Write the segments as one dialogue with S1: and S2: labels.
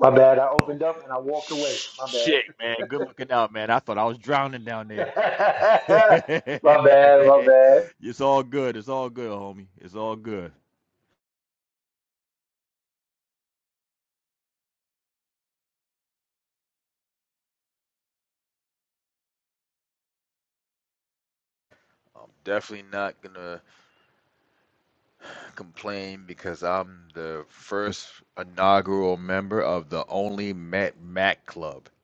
S1: My bad. I
S2: Oh
S1: opened up and I walked away. My bad.
S2: shit, man. Good looking out, man. I thought I was drowning down there. it's
S1: my bad. My bad.
S2: all good. It's all good, homie. It's all good. I'm definitely not gonna complain because I'm the first inaugural member of the Only Matt Mac Club.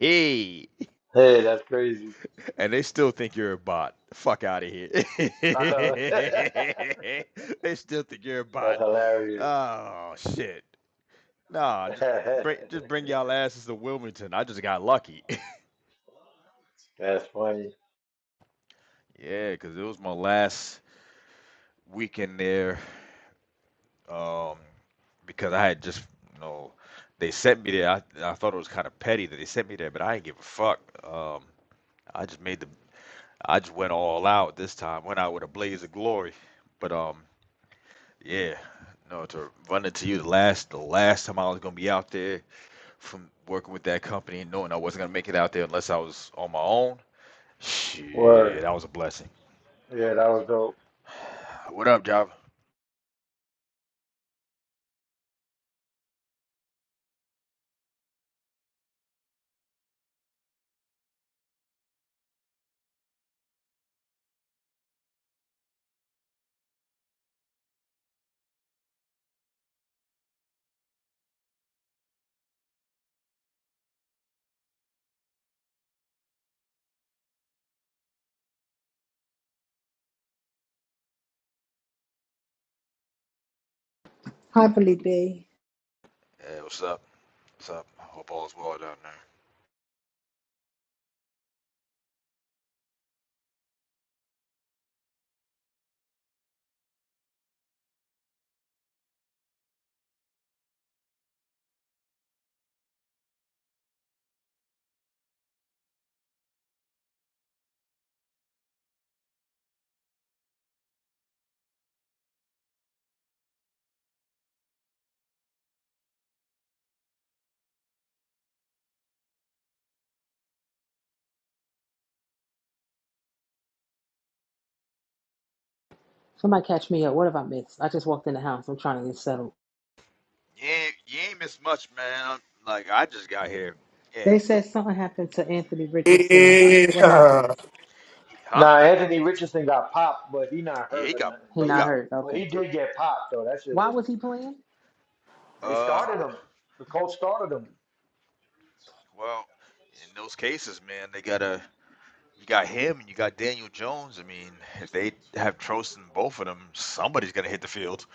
S2: Hey,
S1: Hey, that's crazy.
S2: and they still think you're a bot. Fuck out of here.
S1: I
S2: they
S1: know. that's
S2: still think you're a bot.
S1: hilarious.
S2: Oh shit. Nah, just
S1: that's
S2: bring just bring y'all asses to Wilmington. I just got lucky.
S1: funny.
S2: Yeah, 'cause it was my last weekend there. Um, because I had just, you know, they sent me there. I, I thought it was kind of petty that they sent me there, but I didn't give a fuck. Um, I just made the, I just went all out this time. Went out with a blaze of glory. But um, yeah, no, to run into you the last, the last time I was gonna be out there from working with that company, and knowing I wasn't gonna make it out there unless I was on my own. Shit,
S1: Word.
S2: that was a blessing.
S1: Yeah, that was dope.
S2: What up, Java?
S3: Hi, Felipe.
S2: Hey, what's up? What's up? I hope all's well down there.
S3: Somebody catch me up. What have I missed? I just walked in the house. I'm trying to get settled.
S2: You ain't, you ain't missed much, man. I'm, like I just got here,
S3: They
S2: and
S3: said something happened to Anthony Richardson. What
S4: Yeah,
S3: happened?
S2: he- huh?
S1: Nah, Anthony Richardson got popped, but he not
S2: Yeah,
S1: hurt
S2: he
S1: or
S2: got
S1: nothing.
S3: He
S1: But
S2: he
S3: not
S1: he,
S2: got
S3: hurt.
S1: but
S3: Okay.
S1: he did get popped though. That shit
S3: Why
S1: was.
S3: was he playing?
S1: They
S2: uh
S1: started him. The coach started him.
S2: well, in those cases, man, they gotta you got him and you got Daniel Jones. I mean, if they have trust in both of them, somebody's gonna hit the field.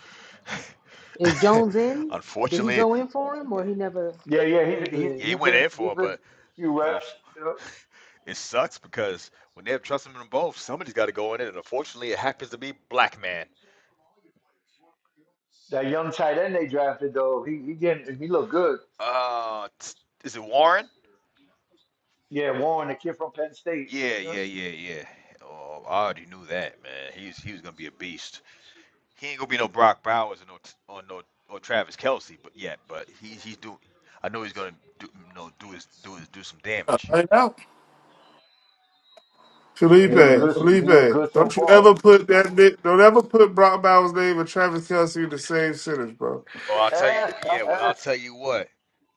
S3: Is Jones in? Did he
S2: Unfortunately,
S3: go in for him or he never?
S1: Yeah, yeah.
S3: He
S1: He, he,
S3: did.
S2: yeah, he
S1: he's
S2: went
S1: been
S2: in
S1: he's
S2: for him,
S1: been a
S2: but
S1: few reps.
S2: unf
S1: Yep.
S2: It sucks because when they have trust in them both, somebody's got to go in it, and unfortunately, it happens to be black man.
S1: That young tight end they drafted though, he he getting he looked good.
S2: Uh, t- is it Warren?
S1: Yeah, Warren, the kid from Penn State.
S2: Yeah,
S1: Yeah.
S2: yeah, yeah, yeah. Oh, I already knew that, man. He's he was gonna be a beast. He ain't gonna be no Brock Bowers or no t- or no or Travis Kelsey, but yet, but he he's doing. I know he's gonna do you know do his do his do some damage.
S4: I know.
S1: He looked
S5: Felipe,
S1: good. He looked good
S5: Felipe,
S1: so
S5: don't you
S1: far.
S5: ever put that ni- don't ever put Brock Bowers' name and Travis Kelsey in the same sentence, bro.
S2: Oh, I'll tell you. Yeah, well, I'll tell you what.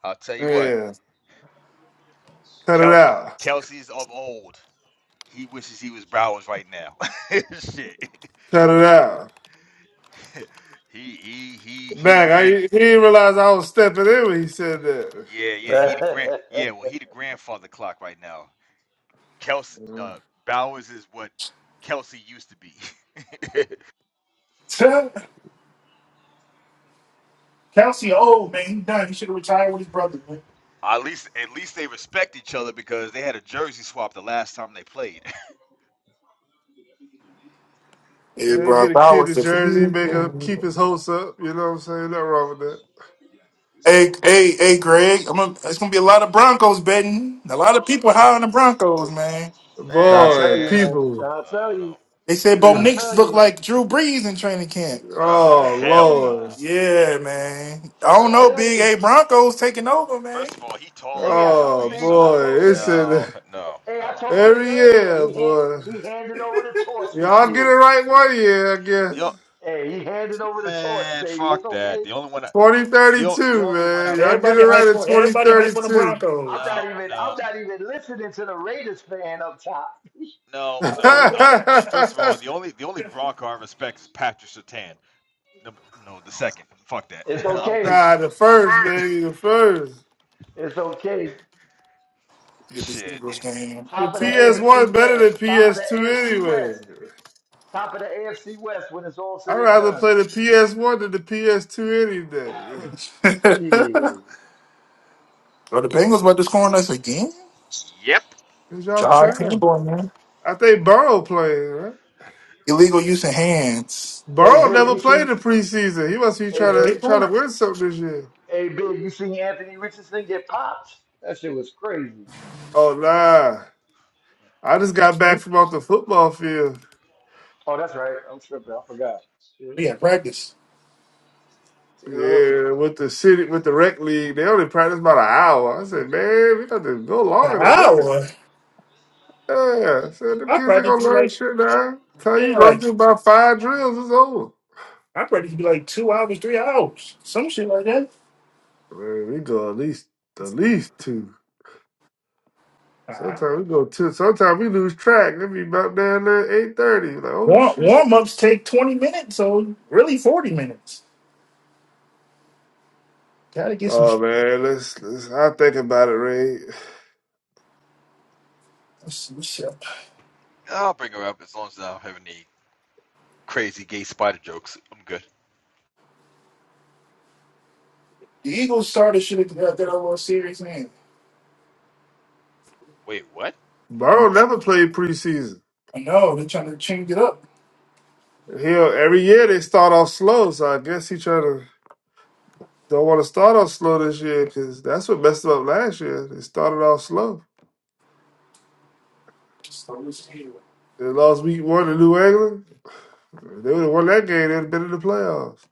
S2: I'll tell you what.
S5: Yeah. Cut it
S2: Kel-
S5: out.
S2: Kelsey's of old. He wishes he was Bowers right now. Shit.
S5: Cut it out.
S2: He he he he the
S5: Back, I he
S2: grand
S5: didn't realize I was stepping in when he said that.
S2: yeah, yeah, he the grand yeah, well he the grandfather clock right now. Kelsey uh Bowers is what Kelsey used to be.
S4: Kelsey, old man, he done. He should have retired with his brother, man.
S2: at least at least they respect each other because they had a jersey swap the last time they played.
S4: Yeah,
S5: Yeah,
S4: bro,
S5: get a kid to
S4: Bowers. if-
S5: Jersey, make him keep his hopes up, you know what I'm saying? Nothing wrong with that.
S4: Hey, hey, hey, Greg. I'm gonna, it's gonna be a lot of Broncos betting. A lot of people high on the Broncos, man.
S1: Trying to
S5: Boy,
S1: tell you,
S2: Man,
S1: man.
S5: people.
S1: Trying
S2: I
S1: to tell
S2: don't
S1: you.
S2: know.
S4: They said Bo
S1: Trying
S5: Yeah.
S1: to
S4: Nix
S1: tell
S4: looked
S1: you.
S4: like Drew Brees in training camp.
S2: Oh
S1: Trying
S5: Oh
S1: to tell
S2: hell
S1: you.
S5: Lord.
S2: no.
S4: Yeah, man. I
S2: First of
S1: Trying
S4: don't
S1: to
S2: all
S4: know,
S1: tell
S4: Big
S1: you.
S4: A Broncos taking over, man.
S2: first of all, he taller
S1: Hey,
S2: than
S1: I
S2: Drew
S1: told
S5: Oh
S2: Brees,
S1: Big. I
S2: so
S5: boy.
S1: told
S5: It's
S1: Big.
S5: in
S2: no, no,
S1: Hey, I
S2: no.
S1: told Big
S5: every
S1: earlier.
S5: year,
S1: He hand,
S5: boy.
S1: he handed over the torch this
S5: Y'all get it
S1: year.
S5: right one year, I guess.
S2: The o-
S1: Hey, he handed over the torch,
S2: man,
S1: baby. It's
S2: fuck that.
S1: okay.
S2: The only one I, the o- the
S5: 2032,
S2: only one I
S5: man. Y'all
S2: res-
S5: get it
S4: Everybody
S5: right
S4: hype
S5: at
S4: on everybody hype on the
S5: 2032.
S1: I'm
S4: Broncos.
S1: not
S2: No,
S1: even
S2: no,
S1: I'm not even listening to the Raiders fan up top.
S2: no,
S1: I'm
S2: no.
S1: not,
S2: I,
S1: e-
S2: first of all, the only the only Bronco I respect is Patrick Sertan. No, no, the second. Fuck that.
S1: it's
S2: I'm the,
S1: okay.
S5: nah, the first, baby, the first.
S1: It's okay.
S4: Get this
S2: shit.
S4: Eagles game.
S5: The
S1: Top of the AFC
S5: PS1 better
S1: West.
S5: than
S1: Top of the
S5: PS2
S1: AFC
S5: anyway.
S1: West. Top of the AFC West when it's all
S5: I'd
S1: said and
S5: rather
S1: done.
S5: play the PS1 than the PS2 any day.
S4: Are
S1: Shit.
S4: the Bengals about to score on us again?
S2: Yep.
S5: Cause y'all
S4: John
S5: trying.
S4: Campbell, man.
S5: I think Burrow playing, right?
S4: Illegal use of hands.
S1: Hey
S5: Burrow
S1: big,
S5: never
S1: you
S5: played
S1: see
S5: the preseason. He must be trying
S1: hey,
S4: Well,
S1: B-
S4: they
S5: to trying
S4: playing.
S5: to win something this year.
S1: hey big, you seen Anthony Richardson get popped? That shit was crazy.
S5: Oh nah. I just got back
S4: We
S5: from off the football field.
S1: Oh, that's right. I'm tripping. I forgot.
S4: we had practice
S5: Yeah, with the city, with the rec league, they only practice about an hour. I said, man, we got to go
S4: an
S5: longer than that.
S4: hour.
S5: Yeah, I said them
S4: I
S5: kids ain't
S4: practice
S5: gonna
S4: be
S5: learn
S4: like
S5: shit now. Tell you
S4: yeah,
S5: run
S4: like
S5: through about five drills, it's over.
S4: I practice be like two hours, three hours, some shit like that.
S5: Man, we go at least at least two.
S4: Uh,
S5: Sometimes we go two. Sometimes we lose track. It be about down there eight thirty. Like oh
S4: warm
S5: shit.
S4: warm ups take twenty minutes, so really forty minutes. Gotta get some.
S5: Oh
S4: shit.
S5: man, let's let's. I think about it, Ray.
S4: Let's see what's up.
S2: I'll bring her up as long as I don't have any crazy gay spider jokes. I'm good.
S4: The Eagles started shit at that that little series, man.
S2: Wait, what?
S5: Burrow never played preseason.
S4: I know they're trying to change it up.
S5: He'll every year they start off slow, so I guess he trying to. Don't want to start off slow this year because that's what messed them up last year. They started off slow.
S4: Start with the Eagles.
S5: They lost week one to New England. If They would have won that game. They'd have been in the playoffs.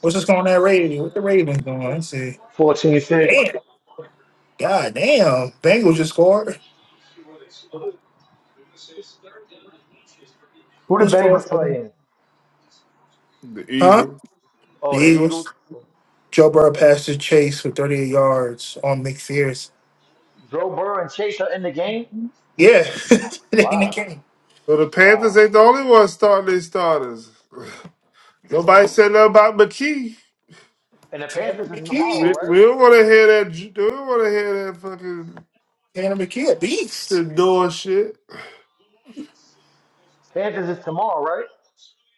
S4: What's just going on that radio? What the Ravens doing? Let's see.
S1: Fourteen six.
S4: Damn. God damn. Bengals just scored.
S1: Who the
S4: Who's going
S1: Bengals
S4: for them?
S1: playing?
S5: The
S4: Huh?
S5: Eagles.
S4: The
S1: Oh, the Eagles.
S4: Eagles. Joe Burrow passed to Chase for 38 yards on McPherson.
S1: Joe Burrow and Chase are in the game.
S4: Yeah, they in the
S1: Wow,
S4: game.
S5: So the Panthers
S1: wow.
S5: ain't the only ones starting their starters. Nobody said nothing about McKee.
S1: And the
S4: Tanner
S1: Panthers is
S5: We,
S1: tomorrow,
S4: McKee.
S1: right?
S5: we don't want to hear that. ju- We don't want to hear that fucking
S4: Tanner McKee, a beast.
S5: Shador shit.
S1: Panthers is tomorrow, right?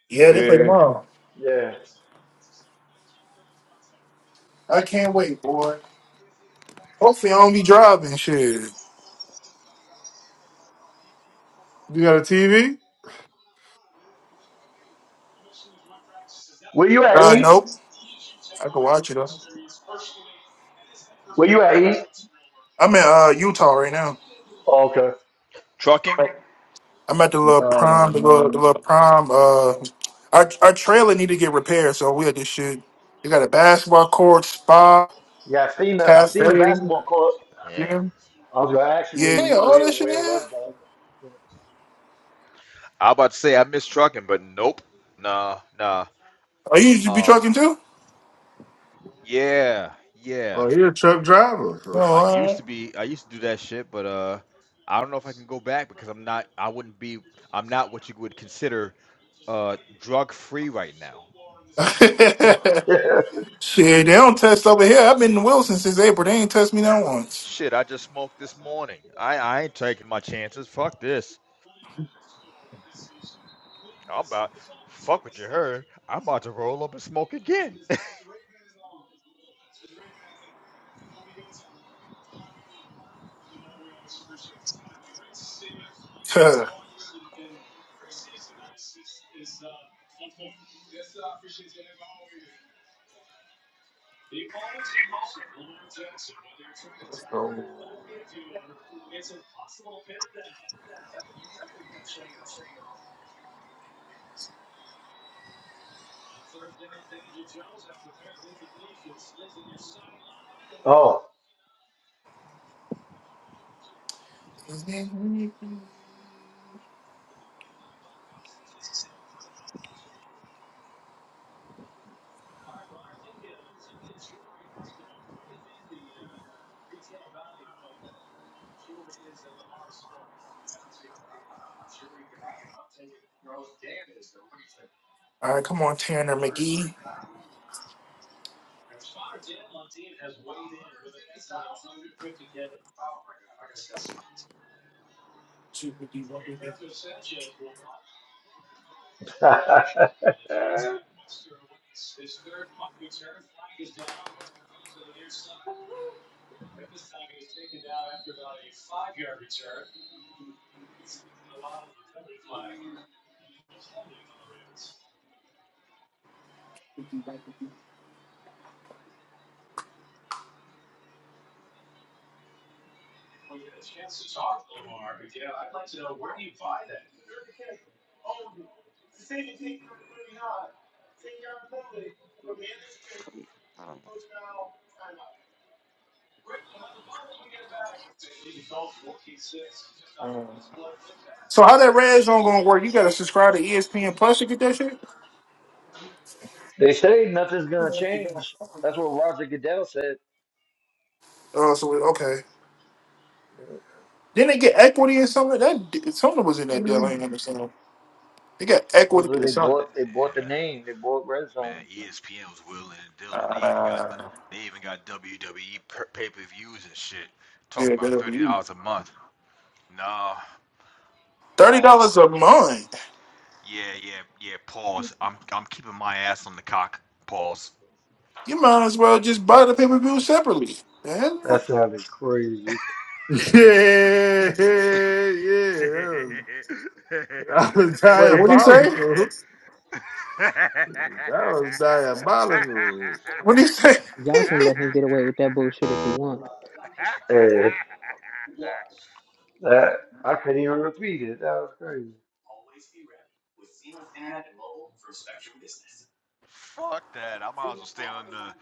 S4: Yeah, they play
S5: Yeah.
S4: tomorrow.
S1: Yeah.
S4: I can't wait, boy. Hopefully, I don't be driving. Shit.
S5: You got a TV?
S1: Where you at,
S4: Uh,
S1: E?
S4: nope. I can watch it though.
S1: Where you at, E?
S4: I'm in uh Utah right now.
S1: Oh, okay.
S2: Trucking?
S4: I'm at the little prime, the little, the little prime. Uh, our our trailer need to get repaired, so we had this shit. We got a basketball court, spa,
S1: Yeah, I seen the I seen the
S4: cafe,
S1: basketball court
S2: Yeah.
S4: gym.
S1: I was gonna ask you where
S4: Yeah,
S1: you
S4: all
S1: where
S4: that shit in
S1: where
S4: here.
S1: was that?
S2: I was about to say I miss trucking, but nope. Nah, nah.
S4: Oh, you used to be
S2: Um,
S4: trucking too?
S2: yeah, yeah.
S5: Oh, he a truck driver.
S4: Oh,
S2: I
S4: all
S2: used to
S4: right.
S2: be. I used to do that shit, but uh, I don't know if I can go back because I'm not. I wouldn't be. I'm not what you would consider uh drug free right now.
S4: shit, they don't test over here. I've been in Wilson since April. They ain't test me not once.
S2: Shit, I just smoked this morning. I I ain't taking my chances. Fuck this. I'm about fuck what you heard. I'm about to roll up and smoke again.
S4: all
S1: sideline.
S4: right, come on, Tanner McGee. So
S1: Oh.
S4: how that red zone gonna work? You gotta subscribe to ESPN Plus to get that shit.
S1: They say nothing's gonna change. That's what Roger Goodell said.
S4: Oh, so okay. Then they get equity or something. That something was in that deal. I ain't understand. They got equity or
S1: Supposedly they
S2: Man,
S4: something.
S1: bought they bought the
S2: yeah,
S1: name. They bought Red
S2: man,
S1: Zone.
S2: ESPN was willing and dealing. They even got
S4: Uh,
S2: they even got WWE per- pay-per-views and shit.
S4: yeah,
S2: Talking about thirty
S4: WWE.
S2: dollars a month. Nah,
S4: Thirty dollars
S2: pause.
S4: a month.
S2: Yeah, yeah, yeah. Pause. I'm I'm keeping my ass on the cock. Pause.
S4: You might as well just buy the pay per view separately. Man.
S1: That sounded crazy.
S5: yeah, yeah. That was, that was
S4: Wait, what do you say?
S5: diabolical. That was diabolical.
S4: What do you say?
S3: Y'all can let him get away with that bullshit if he want.
S1: Eh, that I couldn't even repeat it. That was crazy.
S2: Fuck that. I might as well stay on the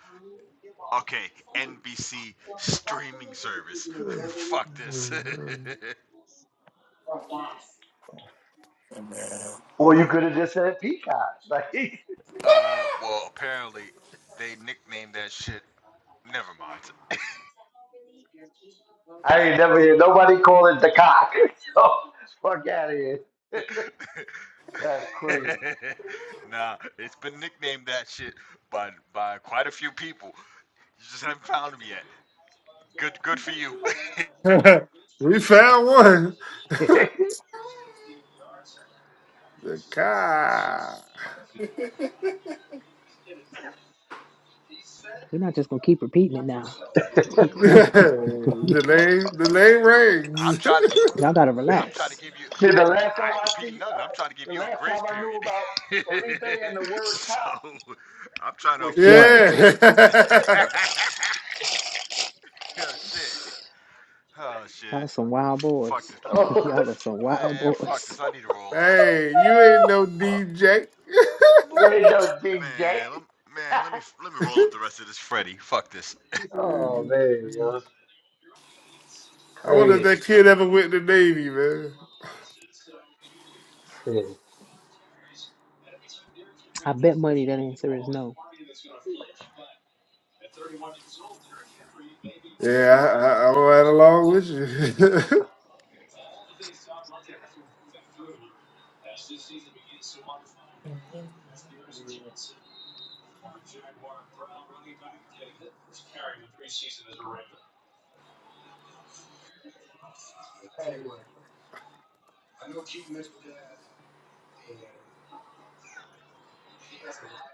S2: okay, NBC streaming service. Fuck this.
S4: Man.
S1: Or you could have just said Peacock.
S2: uh well apparently they nicknamed that shit never mind.
S1: Like I ain't never hear nobody call it the cock. So fuck out of here. That's crazy.
S2: nah, it's been nicknamed that shit by by quite a few people. You just haven't found them yet. Good, good for you.
S5: we found one. The car.
S3: We're not just gonna keep repeating it now.
S5: the name, the name
S2: I'm
S5: rings.
S2: trying to get.
S3: y'all gotta
S2: I'm trying to
S3: relax.
S2: give you.
S1: See, the last time
S2: I ain't
S1: I
S2: repeating
S1: see, uh,
S2: nothing. I'm trying to give
S1: the
S2: you a
S1: last time
S2: grace
S1: I knew about
S2: period.
S1: Felipe and the word
S2: so
S1: top
S2: I'm trying to
S1: was
S2: avoid
S3: Yo,
S2: it.
S1: champion.
S5: yeah.
S2: oh shit. Oh
S3: y'all
S2: shit.
S3: some wild
S2: Fuck
S3: boys.
S2: this. Let me.
S1: Oh,
S3: y'all are some wild
S2: Man, fuck
S3: boys.
S2: this. I need to roll up.
S5: hey, you ain't no
S2: Ma-
S5: DJ.
S1: yeah, he does DJ.
S2: Man, lem- man, let me let me roll up the rest of this Freddy. Fuck this.
S1: Oh man, yo,
S5: I wonder if that
S1: crazy.
S5: kid ever went to the Navy, man.
S1: shit.
S3: I bet money that answer is no.
S5: Yeah, I, I, I'm right along with you.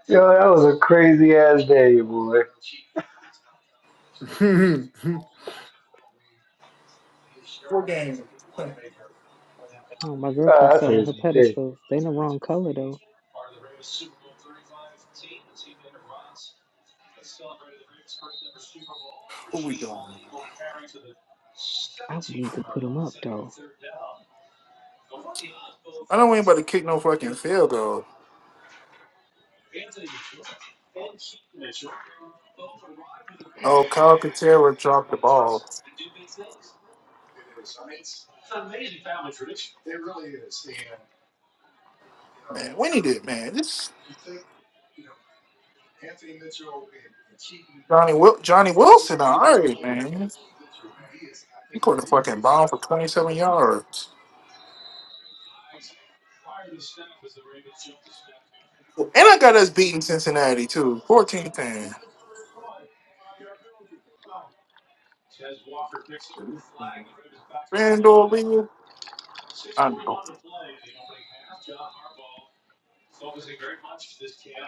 S1: Yo, that was a crazy ass day, boy.
S4: What game?
S3: Oh, my
S1: Ah,
S3: girlfriend's
S1: that's
S3: selling
S1: a
S3: her
S1: dick.
S3: pedestals. They the wrong color though.
S4: What we doing?
S3: I would need to put them up though.
S4: I don't want anybody to kick no fucking field goal. Oh, Kyle Katerra dropped the ball. Man, we need it, man. This Johnny Wil- Johnny Wilson, all right, man. He caught a fucking bomb for 27 yards. And I got us beating Cincinnati, too. 14 10. Randall Lee. I know.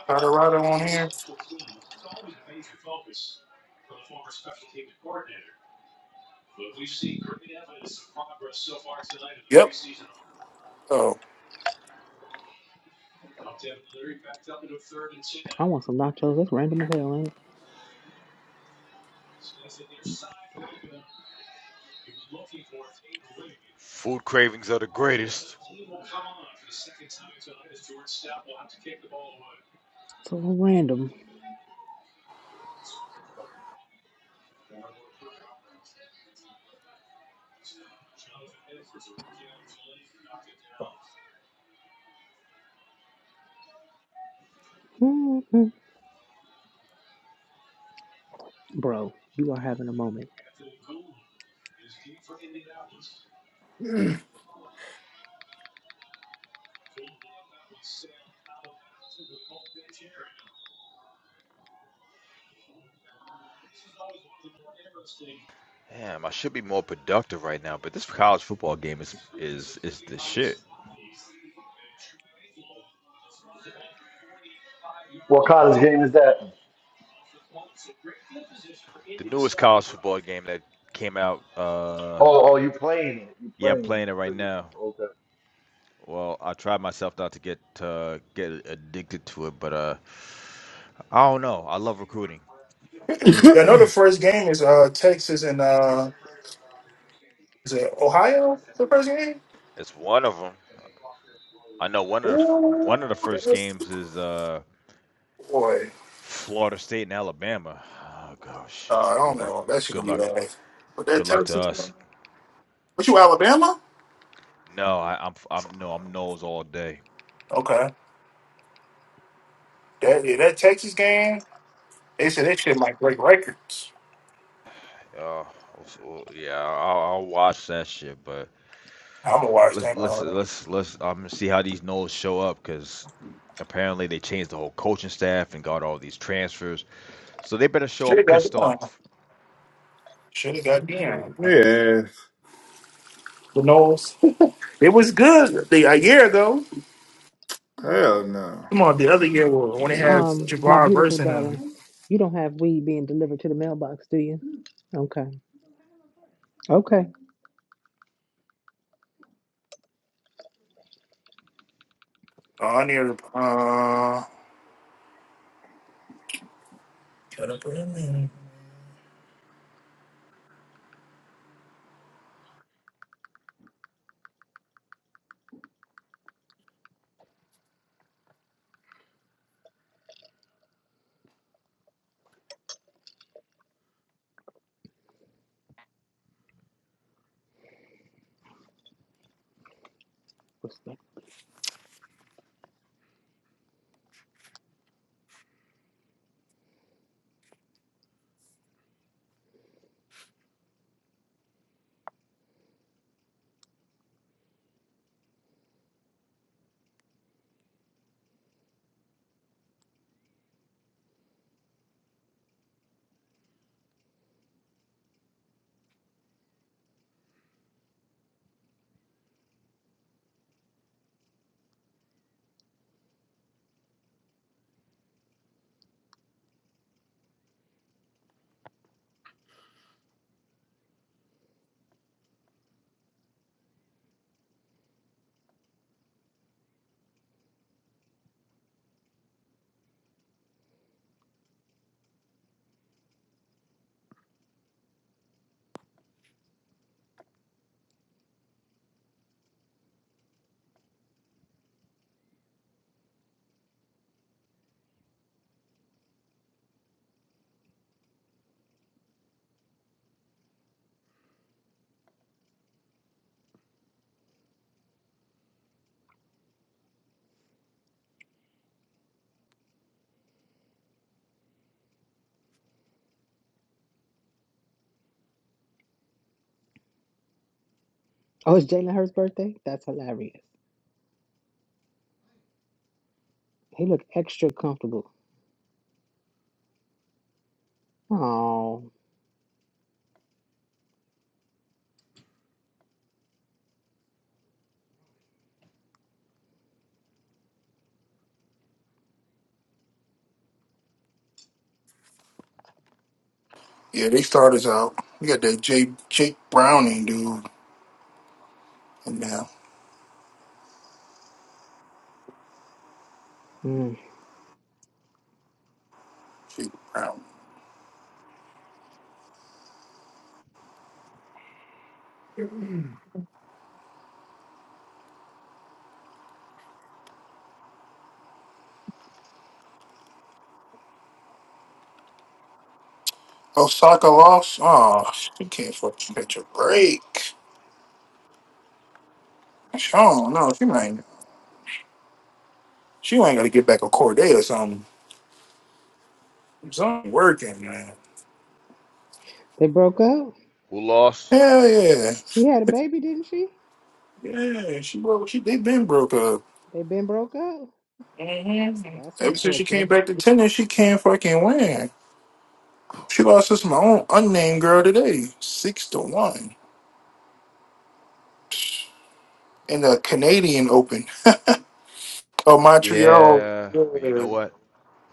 S4: Colorado on here. Yep. Oh,
S3: I want some nachos. That's random as hell, ain't it?
S2: Food cravings are the greatest.
S3: It's a little random. hmm Bro, you are having a moment.
S2: Damn, I should be more productive right now, but this college football game is is is the shit.
S1: What college game is that?
S2: The newest college football game that came out. Uh,
S1: Oh, oh, you playing it? You
S2: yeah, I'm
S1: playing it?
S2: playing it
S1: I
S2: right
S1: thought you
S2: now.
S1: was- Okay.
S2: Well, I tried myself not to get uh, get addicted to it, but uh, I don't know. I love recruiting.
S4: yeah. I know the first game is uh Texas and uh is it Ohio? The first game.
S2: It's one of them. I know one of the f-
S4: Ooh,
S2: one of the first
S4: that's
S2: games is uh,
S4: boy.
S2: Florida State and Alabama. Oh god,
S4: Uh,
S2: shit.
S4: I
S2: Good
S4: don't
S2: luck.
S4: know. That shit
S2: Good
S4: gonna be
S2: luck.
S4: bad. But that
S2: Good luck to
S4: Texas.
S2: us.
S4: What you Alabama?
S2: No, I, I'm I'm no, I'm nose all day.
S4: Okay. That yeah, that Texas game. They said that shit might break records.
S2: Uh, so, yeah, I'll, I'll watch that shit, but
S4: I'm gonna watch
S2: let's
S4: that.
S2: let's let's let's um see how these nodes show up because apparently they changed the whole coaching staff and got all these transfers, so they better show
S4: Should
S2: up
S4: have got
S2: pissed
S4: down.
S2: off.
S4: Should have got down, man.
S5: yeah,
S4: Who knows? It was good the, a year ago.
S5: hell
S4: Come on, the other year was when they had
S5: no.
S3: Um, my
S4: Jabbar
S3: beautiful
S4: versus
S3: daughter,
S4: him.
S3: you don't have weed being delivered to the mailbox, do you? Okay. Okay.
S4: Oh, I need to. Uh, Gotta put him in.
S3: Respect. Oh, it's Jalen Hurt's birthday? That's hilarious. He looked extra comfortable. Oh.
S4: yeah, they starters out. We got that Jake Jake Browning dude in now
S3: Mm.
S4: Jake Browning. Osaka lost. Oh, she can't fucking catch a break. She, oh no, she might. She ain't got to get back a Corday or something. Something working, man.
S3: They broke up?
S2: Who lost?
S4: Hell yeah,
S3: She had a baby, didn't she?
S4: yeah. She broke. She they been broke up.
S3: They been broke up?
S4: Mhm.
S3: That's
S4: Ever since she came
S3: unfortunate.
S4: back to tennis, she can't fucking win. She lost to some own unnamed girl today, six to one. in the Canadian Open. oh, Montreal.
S2: Yeah, but you
S4: yeah,
S2: know what?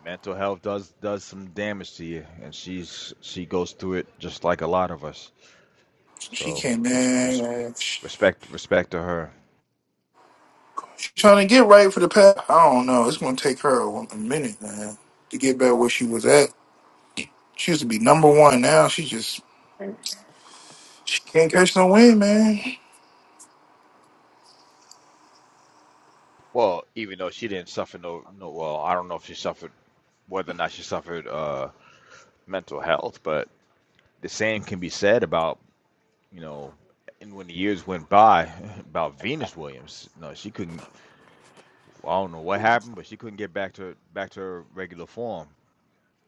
S2: Mental health does does some damage to you, and she's she goes through it just like a lot of us.
S4: She
S2: So
S4: came
S2: res,
S4: in.
S2: res,
S4: Man. She-
S2: respect respect to her.
S4: She's trying to get right for the past. I don't know. It's going to take her a, a minute, man, to get back where she was at. She used to be number one. Now she just she can't catch no wind, man.
S2: Well, even though she didn't suffer no no well, I don't know if she suffered whether or not she suffered. Uh, mental health, but the same can be said about, you know, and when the years went by, about Venus Williams. No, she couldn't. I don't know what happened, but she couldn't get back to back to her regular form.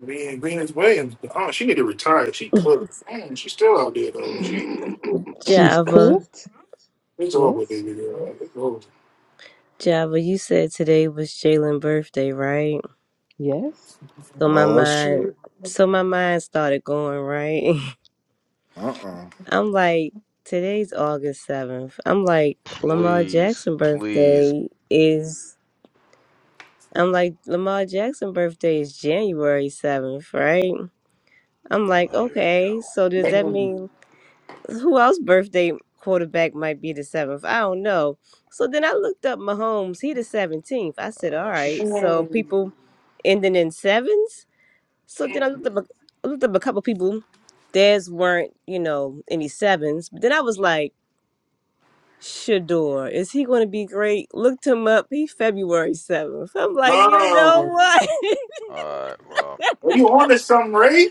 S4: Venus, Venus Williams, oh, she need to retire. She clear. Man, she's still out there though. She
S3: She's
S6: Java,
S3: cooked.
S4: it's over,
S3: Yes.
S4: baby girl. It's
S6: Java, you said today was Jalen's birthday, right?
S3: Yes.
S6: So my
S5: Oh
S6: mind,
S5: shit.
S6: so my mind started going, right?
S5: Uh uh
S6: I'm like, today's August 7th. I'm like, Lamar
S2: Please,
S6: Jackson
S2: please.
S6: birthday is, I'm like, Lamar Jackson birthday is January 7th, right? I'm like,
S2: Oh, here we
S6: okay,
S2: go.
S6: so does that
S4: over.
S6: mean who else birthday quarterback might be the seventh? I don't know. So then I looked up Mahomes. He the seventeenth. I said, all
S2: Oh
S6: right.
S2: shit.
S6: So people ending in sevens. So then I looked up. A, I looked up a couple people. Theirs weren't, you know, any sevens. But then I was like, Shador, is he going to be great? Looked him up. He February seventh. I'm like, you know
S4: No,
S6: what?
S2: All right. Well.
S4: are you on to something, Ray?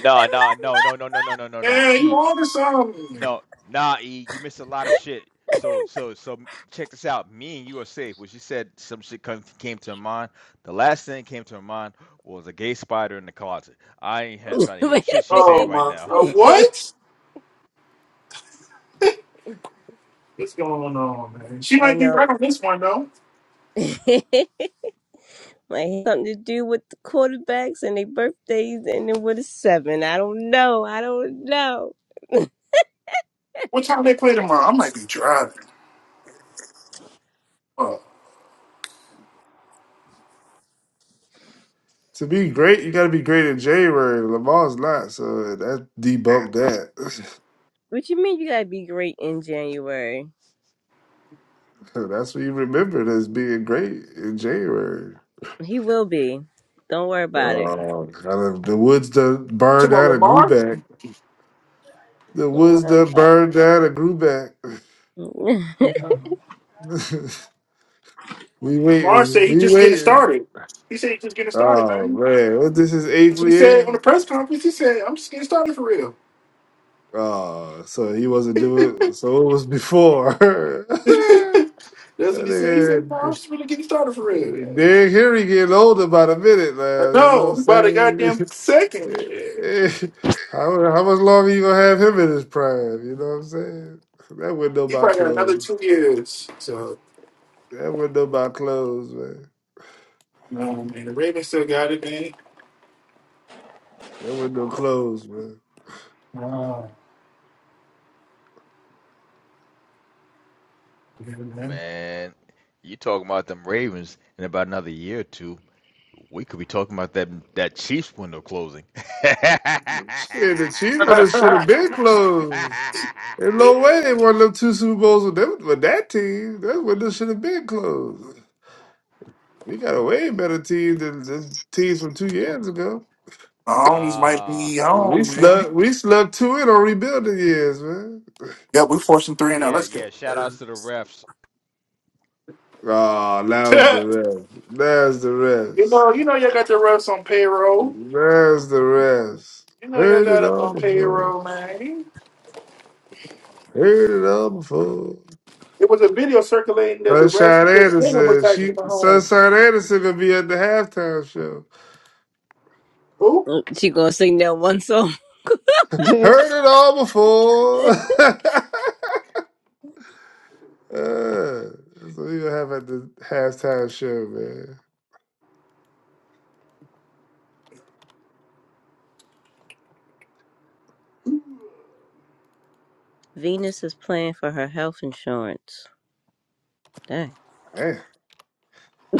S2: No, no, no, no, no, no, no, no, no, no.
S4: Yeah, you
S2: E
S4: ordered something.
S2: No, nah, E, you missed a lot of shit. So, so, so, check this out. Me and you are safe. When she said some shit come, came to her mind, the last thing came to her mind was a gay spider in the closet. I ain't ha- trying to hear
S6: Wait
S2: shit
S6: a
S2: she's saying
S4: Oh
S6: minute.
S2: right
S4: my!
S2: now.
S4: Uh, what? What's going on, man? She
S6: I
S4: might be
S6: know.
S4: right on this one though.
S6: Like something to do with the quarterbacks and their birthdays and ending with a seven. I don't know. I don't know.
S4: What time they play tomorrow? I might be driving. Oh,
S5: To be great, you gotta be great in January. Lamar's not, so that debunked that.
S6: What you mean you gotta be great in January?
S5: That's what you remembered as being great in January.
S6: He will be. Don't worry about it.
S5: Oh, kind of the woods done
S4: you
S5: burned
S4: talking about
S5: out and grew
S4: Lamar?
S5: back. The
S6: Don't
S5: woods
S6: worry
S5: done
S6: about
S5: burned out and grew back.
S6: it.
S5: we
S4: Lamar
S5: waiting.
S4: said he
S5: We
S4: just getting
S5: waiting.
S4: started. He said he just getting started,
S5: Oh
S4: man.
S5: man, what this is eighth
S4: That's what he said
S5: year?
S4: on the press conference. He said, "I'm just getting started for real."
S5: Oh, so he wasn't doing so it was before.
S4: That's what
S5: That
S4: he said. He said, "No,
S5: nigga
S4: "I'm just really getting started for real." Yeah.
S5: Derrick Henry getting older by the minute
S4: I
S5: now. You know
S4: know. I'm about a goddamn
S5: what
S4: second. Yeah.
S5: I'm saying? how how much longer you gonna have him in his prime? You know what I'm saying? That window
S4: He
S5: about
S4: probably got another two
S5: closed.
S4: years. So
S5: That window about closed, man.
S4: no, man. The Ravens still got it, man.
S5: That window closed, man.
S4: Wow. Amen.
S2: Man, you talking about them Ravens in about another year or two. We could be talking about that that Chiefs window closing.
S5: Shit, the Chiefs would have should have been closed. There's no way they won them two Super Bowls with them with that team. That window should have been closed. We got a way better team than the teams from two years ago.
S4: Holmes might
S2: nah,
S4: be
S5: We
S4: home, man.
S5: slept. We slept two in on rebuilding years, man.
S4: Yeah, we forcing three and now.
S2: yeah,
S4: Let's go.
S2: yeah. Shout outs
S4: Bird.
S2: to the refs.
S5: Oh, now's the rest. Now's the
S4: you
S5: rest.
S4: know, you know, y'all got the refs on payroll.
S5: Now's the rest.
S4: You know, y'all
S5: Heard it
S4: got them
S5: all
S4: on
S5: before.
S4: payroll, man.
S5: Heard it all before.
S4: It was a video circulating that the refs
S5: Sunshine
S4: during dinner were
S5: Anderson.
S4: taking them
S5: She
S4: home.
S5: Sunshine Anderson gonna be at the halftime show.
S4: Who?
S6: she gonna sing that one song.
S3: Yeah.
S5: Heard it all before. uh, that's what you have at the halftime show, man.
S6: Venus is playing for her health insurance. Dang.
S5: Man,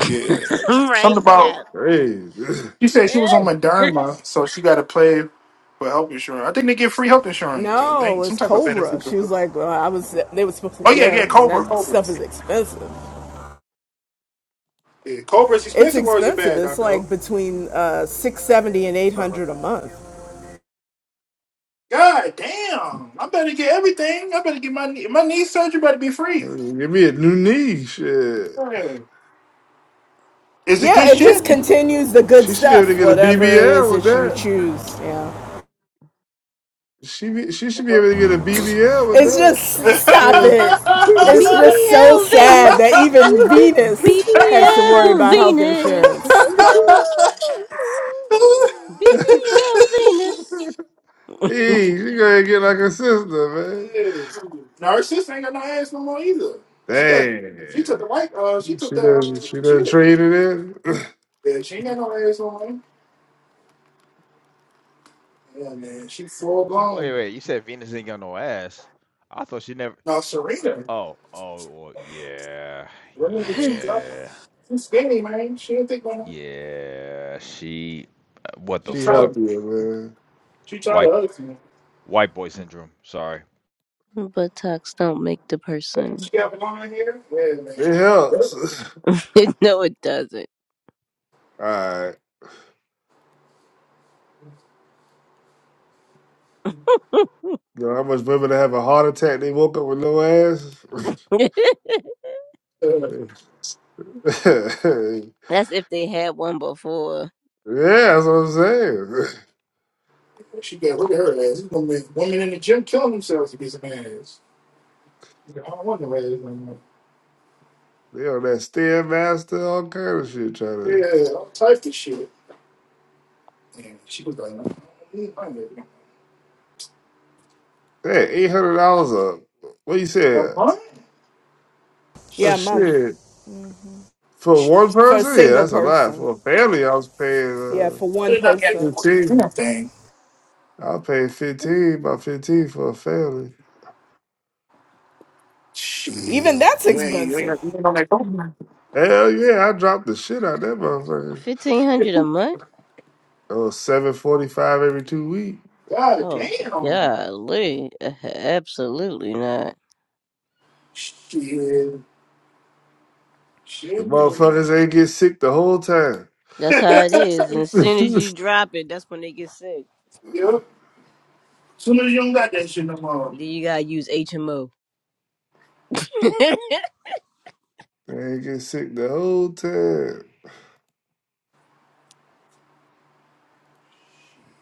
S4: Yeah,
S5: that's
S6: right?
S4: something
S6: Yeah.
S4: about.
S5: crazy.
S4: She said she was on Moderna, so she got to play for health insurance. I think they get free health insurance. I
S7: No,
S4: think some
S7: it's
S4: type of
S7: Cobra.
S4: benefit.
S7: She was like, well, I was. They were supposed
S4: Oh
S7: to.
S4: yeah,
S7: Yeah,
S4: yeah,
S7: and
S4: Cobra,
S7: that
S4: Cobra.
S7: stuff is expensive.
S4: Yeah, Cobra's
S7: It's
S4: expensive or is it
S7: expensive.
S4: bad,
S7: It's
S4: Doctor O.
S7: like between uh, six hundred seventy dollars and eight
S4: Uh,
S7: hundred dollars a month.
S4: God damn! I better get everything. I better get my knee- my knee surgery. Better be free.
S5: Give me a new knee, shit.
S4: Hey. Is it
S7: Yeah,
S4: good
S7: it just
S4: shit?
S7: continues the good
S5: She should be able to
S7: stuff,
S5: get a
S7: whatever it is
S5: BBL with
S7: that you
S5: that.
S7: choose. Yeah,
S5: She be, she should be
S4: Okay.
S5: able to get a BBL with
S7: it's
S5: that.
S7: just stop
S5: Hey,
S7: it. It's just so
S6: BBL
S7: sad that
S6: Venus.
S7: even Venus has to worry
S6: BBL
S7: about health
S6: Venus.
S7: insurance.
S6: BBL Venus.
S5: hey she gonna get like a sister, man.
S4: Narcissist ain't got no ass no more either. She got
S5: Damn,
S4: she took the white uh she took
S5: she
S4: the
S5: doesn't she
S4: uh,
S5: doesn't
S4: shit.
S5: trade it in.
S4: Yeah, she ain't got no ass no more. Yeah man, she full
S2: Wait,
S4: blown.
S2: wait. You said Venus ain't got no ass. I thought she never.
S4: No Serena.
S2: Oh, oh, well, yeah,
S4: Well, if she tired,
S2: yeah,
S4: she's skinny, man. She don't think about it.
S2: yeah. She, uh, what
S4: She
S2: the
S5: she
S4: tired
S2: fuck?
S4: of,
S5: healthier, man.
S4: she tired
S2: White,
S4: of us, man.
S2: white boy syndrome. Sorry.
S6: Buttocks don't make the
S4: Man,
S6: person.
S4: she got blonde hair. Yeah, man.
S5: It
S4: She deserve
S5: helps.
S6: no, it doesn't.
S5: All right. You know how much women that have a heart attack? They woke up with no ass.
S4: uh,
S5: yeah,
S6: That's if they had one before.
S5: that's what I'm saying.
S4: She got look at her ass. It's going women in the gym killing themselves to get some ass. I don't want no ass no more.
S5: They on that Stairmaster, all kind of shit trying to.
S4: Yeah, all types of shit. And she was like, no, I need my nigga.
S5: That eight hundred dollars up. What you
S4: I'm
S5: said?
S4: fine.
S7: Yeah,
S5: Oh
S7: a month
S5: shit. For one
S7: for a
S5: person? Yeah,
S7: single
S5: that's a lot.
S7: person.
S5: For a family, I was paying
S7: Yeah,
S5: uh
S7: for one
S4: Better not get
S7: person.
S4: Do
S5: fifteen.
S4: nothing.
S5: I was paying fifteen, about fifteen for a family.
S4: Shit.
S7: Even that's
S4: You ain't, you
S7: expensive.
S4: ain't, you ain't on that phone.
S5: Hell yeah, I dropped the shit out of that motherfuckers.
S6: Fifteen hundred a month?
S5: Oh, seven forty five every two weeks.
S4: God
S6: Oh
S4: damn.
S6: golly, absolutely not.
S4: Shit.
S5: The
S4: Shit.
S5: motherfuckers ain't get sick the whole time.
S6: That's how it is. as
S5: they
S6: soon as you drop it, that's when they get sick.
S4: yeah. Soon as you don't got that shit no more.
S6: Then you gotta use HMO.
S5: ain't get sick the whole time.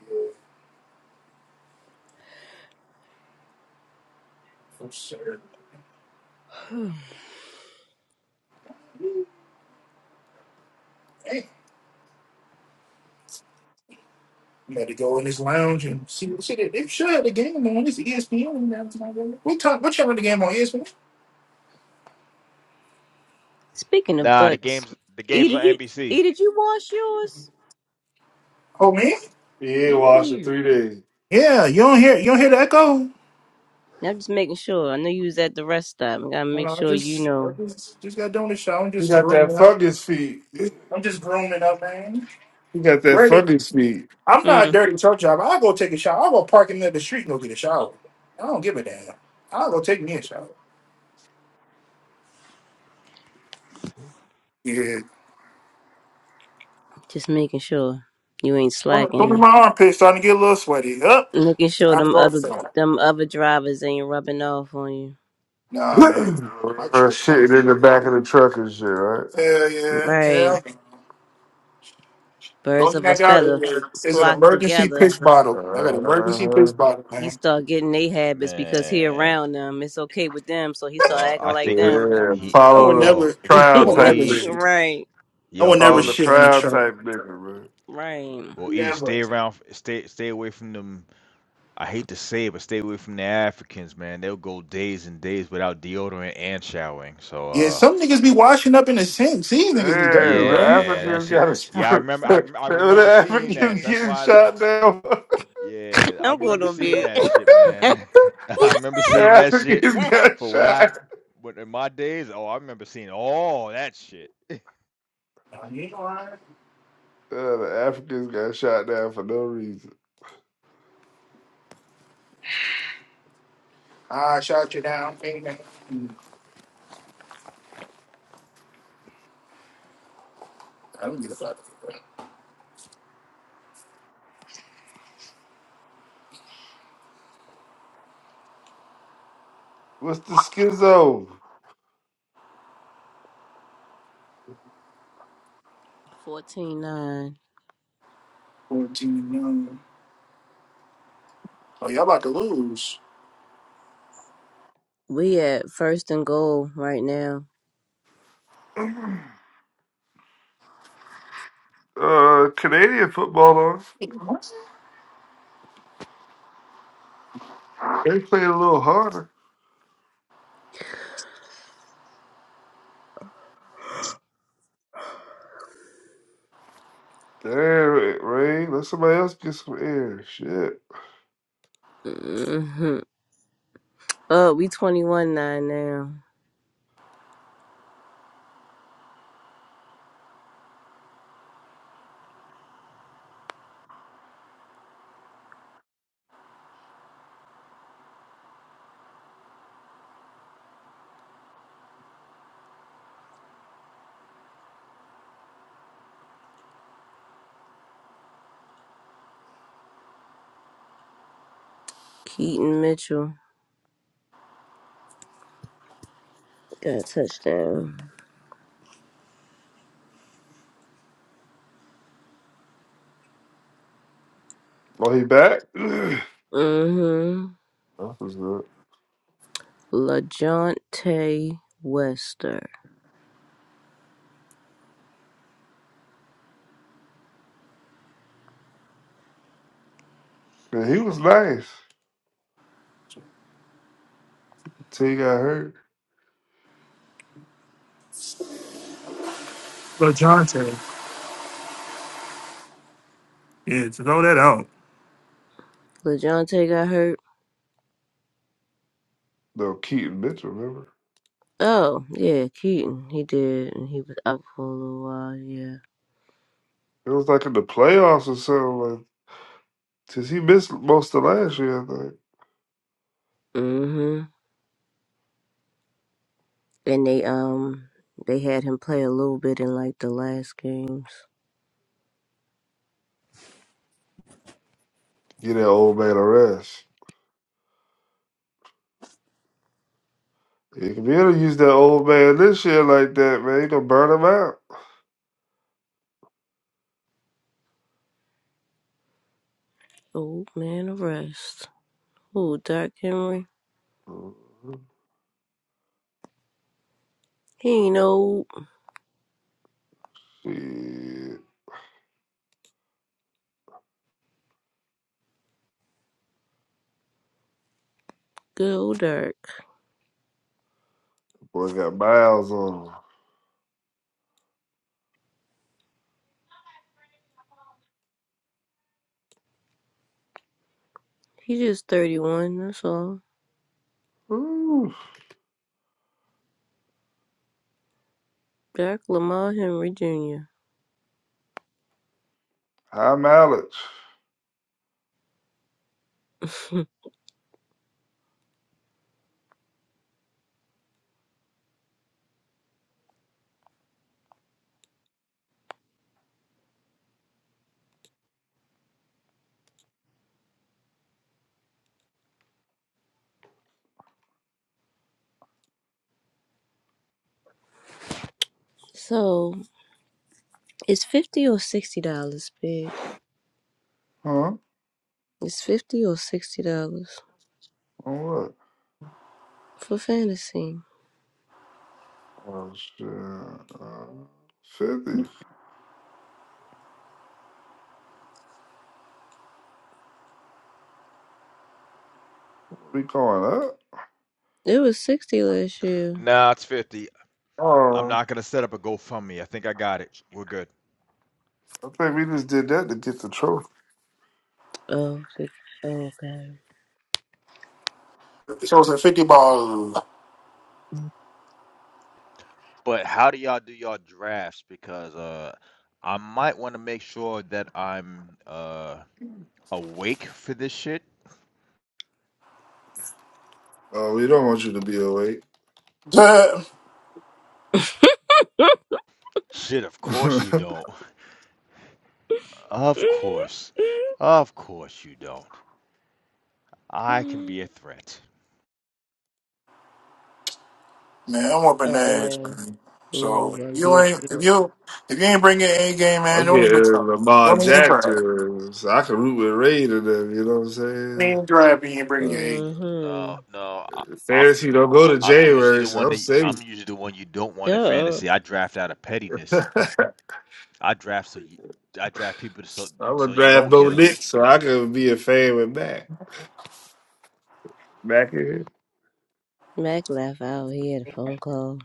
S4: Yeah, for sure. Hey, you had to go in this lounge and see what shit. They sure had the game on. It's ESPN now tonight. baby. We talk. What channel the game on ESPN?
S6: Speaking of
S2: Nah, the
S6: butts,
S2: games, the
S6: E
S2: games on
S6: did you
S2: NBC.
S6: E did you wash yours?
S4: Oh man.
S5: He ain't
S6: Yeah,
S5: washing
S6: you.
S5: three days.
S4: Yeah, you don't hear. You don't hear the echo.
S6: I'm just making sure. I know you was at the rest stop. I gotta
S4: No,
S6: make
S4: no, I
S6: sure you
S4: just, I
S6: know.
S4: just, just got done with the show. I'm
S5: He
S4: just
S5: got that
S4: grooming up.
S5: fungus feet.
S4: I'm just grooming up, man.
S5: You got that
S4: Ready?
S5: fucking speed.
S4: I'm
S6: Mm.
S4: not a dirty truck driver. I'll go take a shower. I'll go park in the middle of the street and go get a shower. I don't give a damn. I'll go take me a shower. Yeah.
S6: Just making sure you ain't
S4: Don't don't be
S6: slacking.
S4: my armpit starting to get a little sweaty. Up,
S6: Making sure
S4: I have to
S6: them
S4: go
S6: other
S4: outside.
S6: them other drivers ain't rubbing off on you.
S4: Nah, man, my
S5: Her
S4: truck
S5: shitting in
S4: clean.
S5: the back of the truck and shit, right?
S4: Hell yeah,
S6: Right.
S4: hell. The
S6: Birds
S4: only thing
S6: of
S4: I
S6: a
S4: got
S6: feather f-
S4: is an
S6: flock
S4: emergency
S6: together.
S4: pitch bottle. I got an emergency
S5: Uh,
S4: pitch bottle,
S6: He
S4: man.
S6: start getting they habits because he
S2: Man.
S6: around them. It's okay with them, so he start
S2: Well,
S6: acting
S2: I
S6: like
S2: think he,
S6: them.
S5: yeah,
S2: he.
S4: I
S6: And
S4: would
S5: follow the
S2: Well,
S4: never, I
S5: crowd
S2: well,
S4: would
S6: um,
S5: type
S4: never
S2: E,
S5: nigga.
S4: shit.
S6: right,
S4: I
S2: yo,
S4: would never
S5: Follow the
S2: E,
S4: shit on a
S5: crowd
S4: truck.
S5: type nigga, man.
S6: right.
S2: well, E,
S4: Never.
S2: stay around, stay, stay away from them I hate to say it, but stay away from the Africans, man. They'll go days and days without deodorant and showering. So,
S4: Yeah,
S2: uh,
S4: some niggas be washing up in the sink. These niggas be dirty,
S5: Damn, when
S4: bro.
S2: yeah, that
S5: Africans
S2: shit.
S5: got a
S2: Yeah, I
S5: sprint.
S2: remember. I, I
S5: when the
S2: remember seeing that.
S5: Africans
S2: So that's
S5: getting
S2: why that.
S5: shot down.
S2: Yeah, I
S6: I'm going
S2: remember
S6: to
S2: seeing
S6: be
S2: that shit, man. I remember
S5: the
S2: seeing that shit
S5: Africans got
S2: for what I,
S5: shot.
S2: what in my days. Oh, I remember seeing all that shit.
S4: Nah, you ain't lying.
S5: Uh, the Africans got shot down for no reason.
S4: I shot you down. ain't that- I don't get about it.
S5: What's the schizo?
S6: fourteen nine.
S4: 14 young. Oh, y'all about to lose.
S6: We at first and goal right now.
S5: Uh, Canadian football on. They played a little harder. Damn, it, Ray, Let somebody else get some air. Shit.
S6: hmm Oh, we twenty one nine now. Keaton Mitchell. Got a touchdown.
S5: Oh, he back? that
S6: Mm-hmm.
S5: was good.
S6: LaJounte Wester.
S5: Man, he was nice until he got hurt.
S4: LaJonte. Yeah, to throw that out.
S6: LaJounte got hurt.
S5: No, Keaton Mitchell, remember?
S6: Oh, yeah, Keaton. He did. And he was out for a little while, yeah.
S5: It was like in the playoffs or something. Like, 'cause he missed most of last year, I think.
S6: Mm-hmm. And they um they had him play a little bit in like the last games.
S5: Get that old man a rest. You can be able to use that old man this year like that, man. You gonna burn him out.
S6: Old man arrest. Oh, Dark Henry.
S5: Mhm.
S6: He ain't old.
S5: Shit.
S6: Good old Dark.
S5: Boy got miles on him.
S6: He just thirty one, that's all.
S5: Ooh,
S6: Dark Lamar Henry Jr.
S5: high mileage.
S6: So It's fifty or sixty dollars, babe.
S5: Huh?
S6: It's fifty or sixty dollars
S5: On what?
S6: for fantasy.
S5: Oh shit. Uh, Fifty. We going up?
S6: It was sixty last year.
S2: Nah, it's fifty. I'm
S5: Oh,
S2: not gonna set up a GoFundMe. I think I got it. We're good.
S5: I think we just did that to get the trophy.
S6: Oh, six- oh, okay.
S4: So it's a 50 ball.
S2: But how do y'all do y'all drafts? Because uh, I might want to make sure that I'm uh awake for this shit.
S5: Oh, we don't want you to be awake.
S4: Duh.
S2: Shit, of course you don't. Of course, of course you don't. I can be a
S6: oh
S2: threat.
S4: Man, I'm whooping ass,
S6: no,
S4: man.
S6: now you
S4: So if
S6: gonna
S4: you
S6: be a
S4: ain't if
S6: threat.
S4: you if you ain't bring your A game, man,
S5: I'm
S4: don't
S5: getting
S4: even try.
S5: Lamar
S4: Don't even drive.
S5: Jackson. So I can root with Ray to them, you know what
S4: Don't
S5: I'm saying?
S4: even drive if you ain't bring your A. game.
S2: No,
S6: Mm-hmm.
S2: no, I, I'm
S5: Fantasy don't go to
S2: I'm usually
S5: January,
S2: the
S5: so
S2: one
S5: I'm
S2: that
S5: safe.
S2: I'm usually the one you don't want in
S6: Sure.
S2: fantasy. I draft out of
S5: I'm
S2: pettiness. I draft so you, I draft people so
S5: gonna
S2: so you
S5: draft
S2: don't
S5: Bo
S2: get them.
S5: Nick, so I can be a fan with Mac. Back in here.
S6: Mac left out. He had a phone call.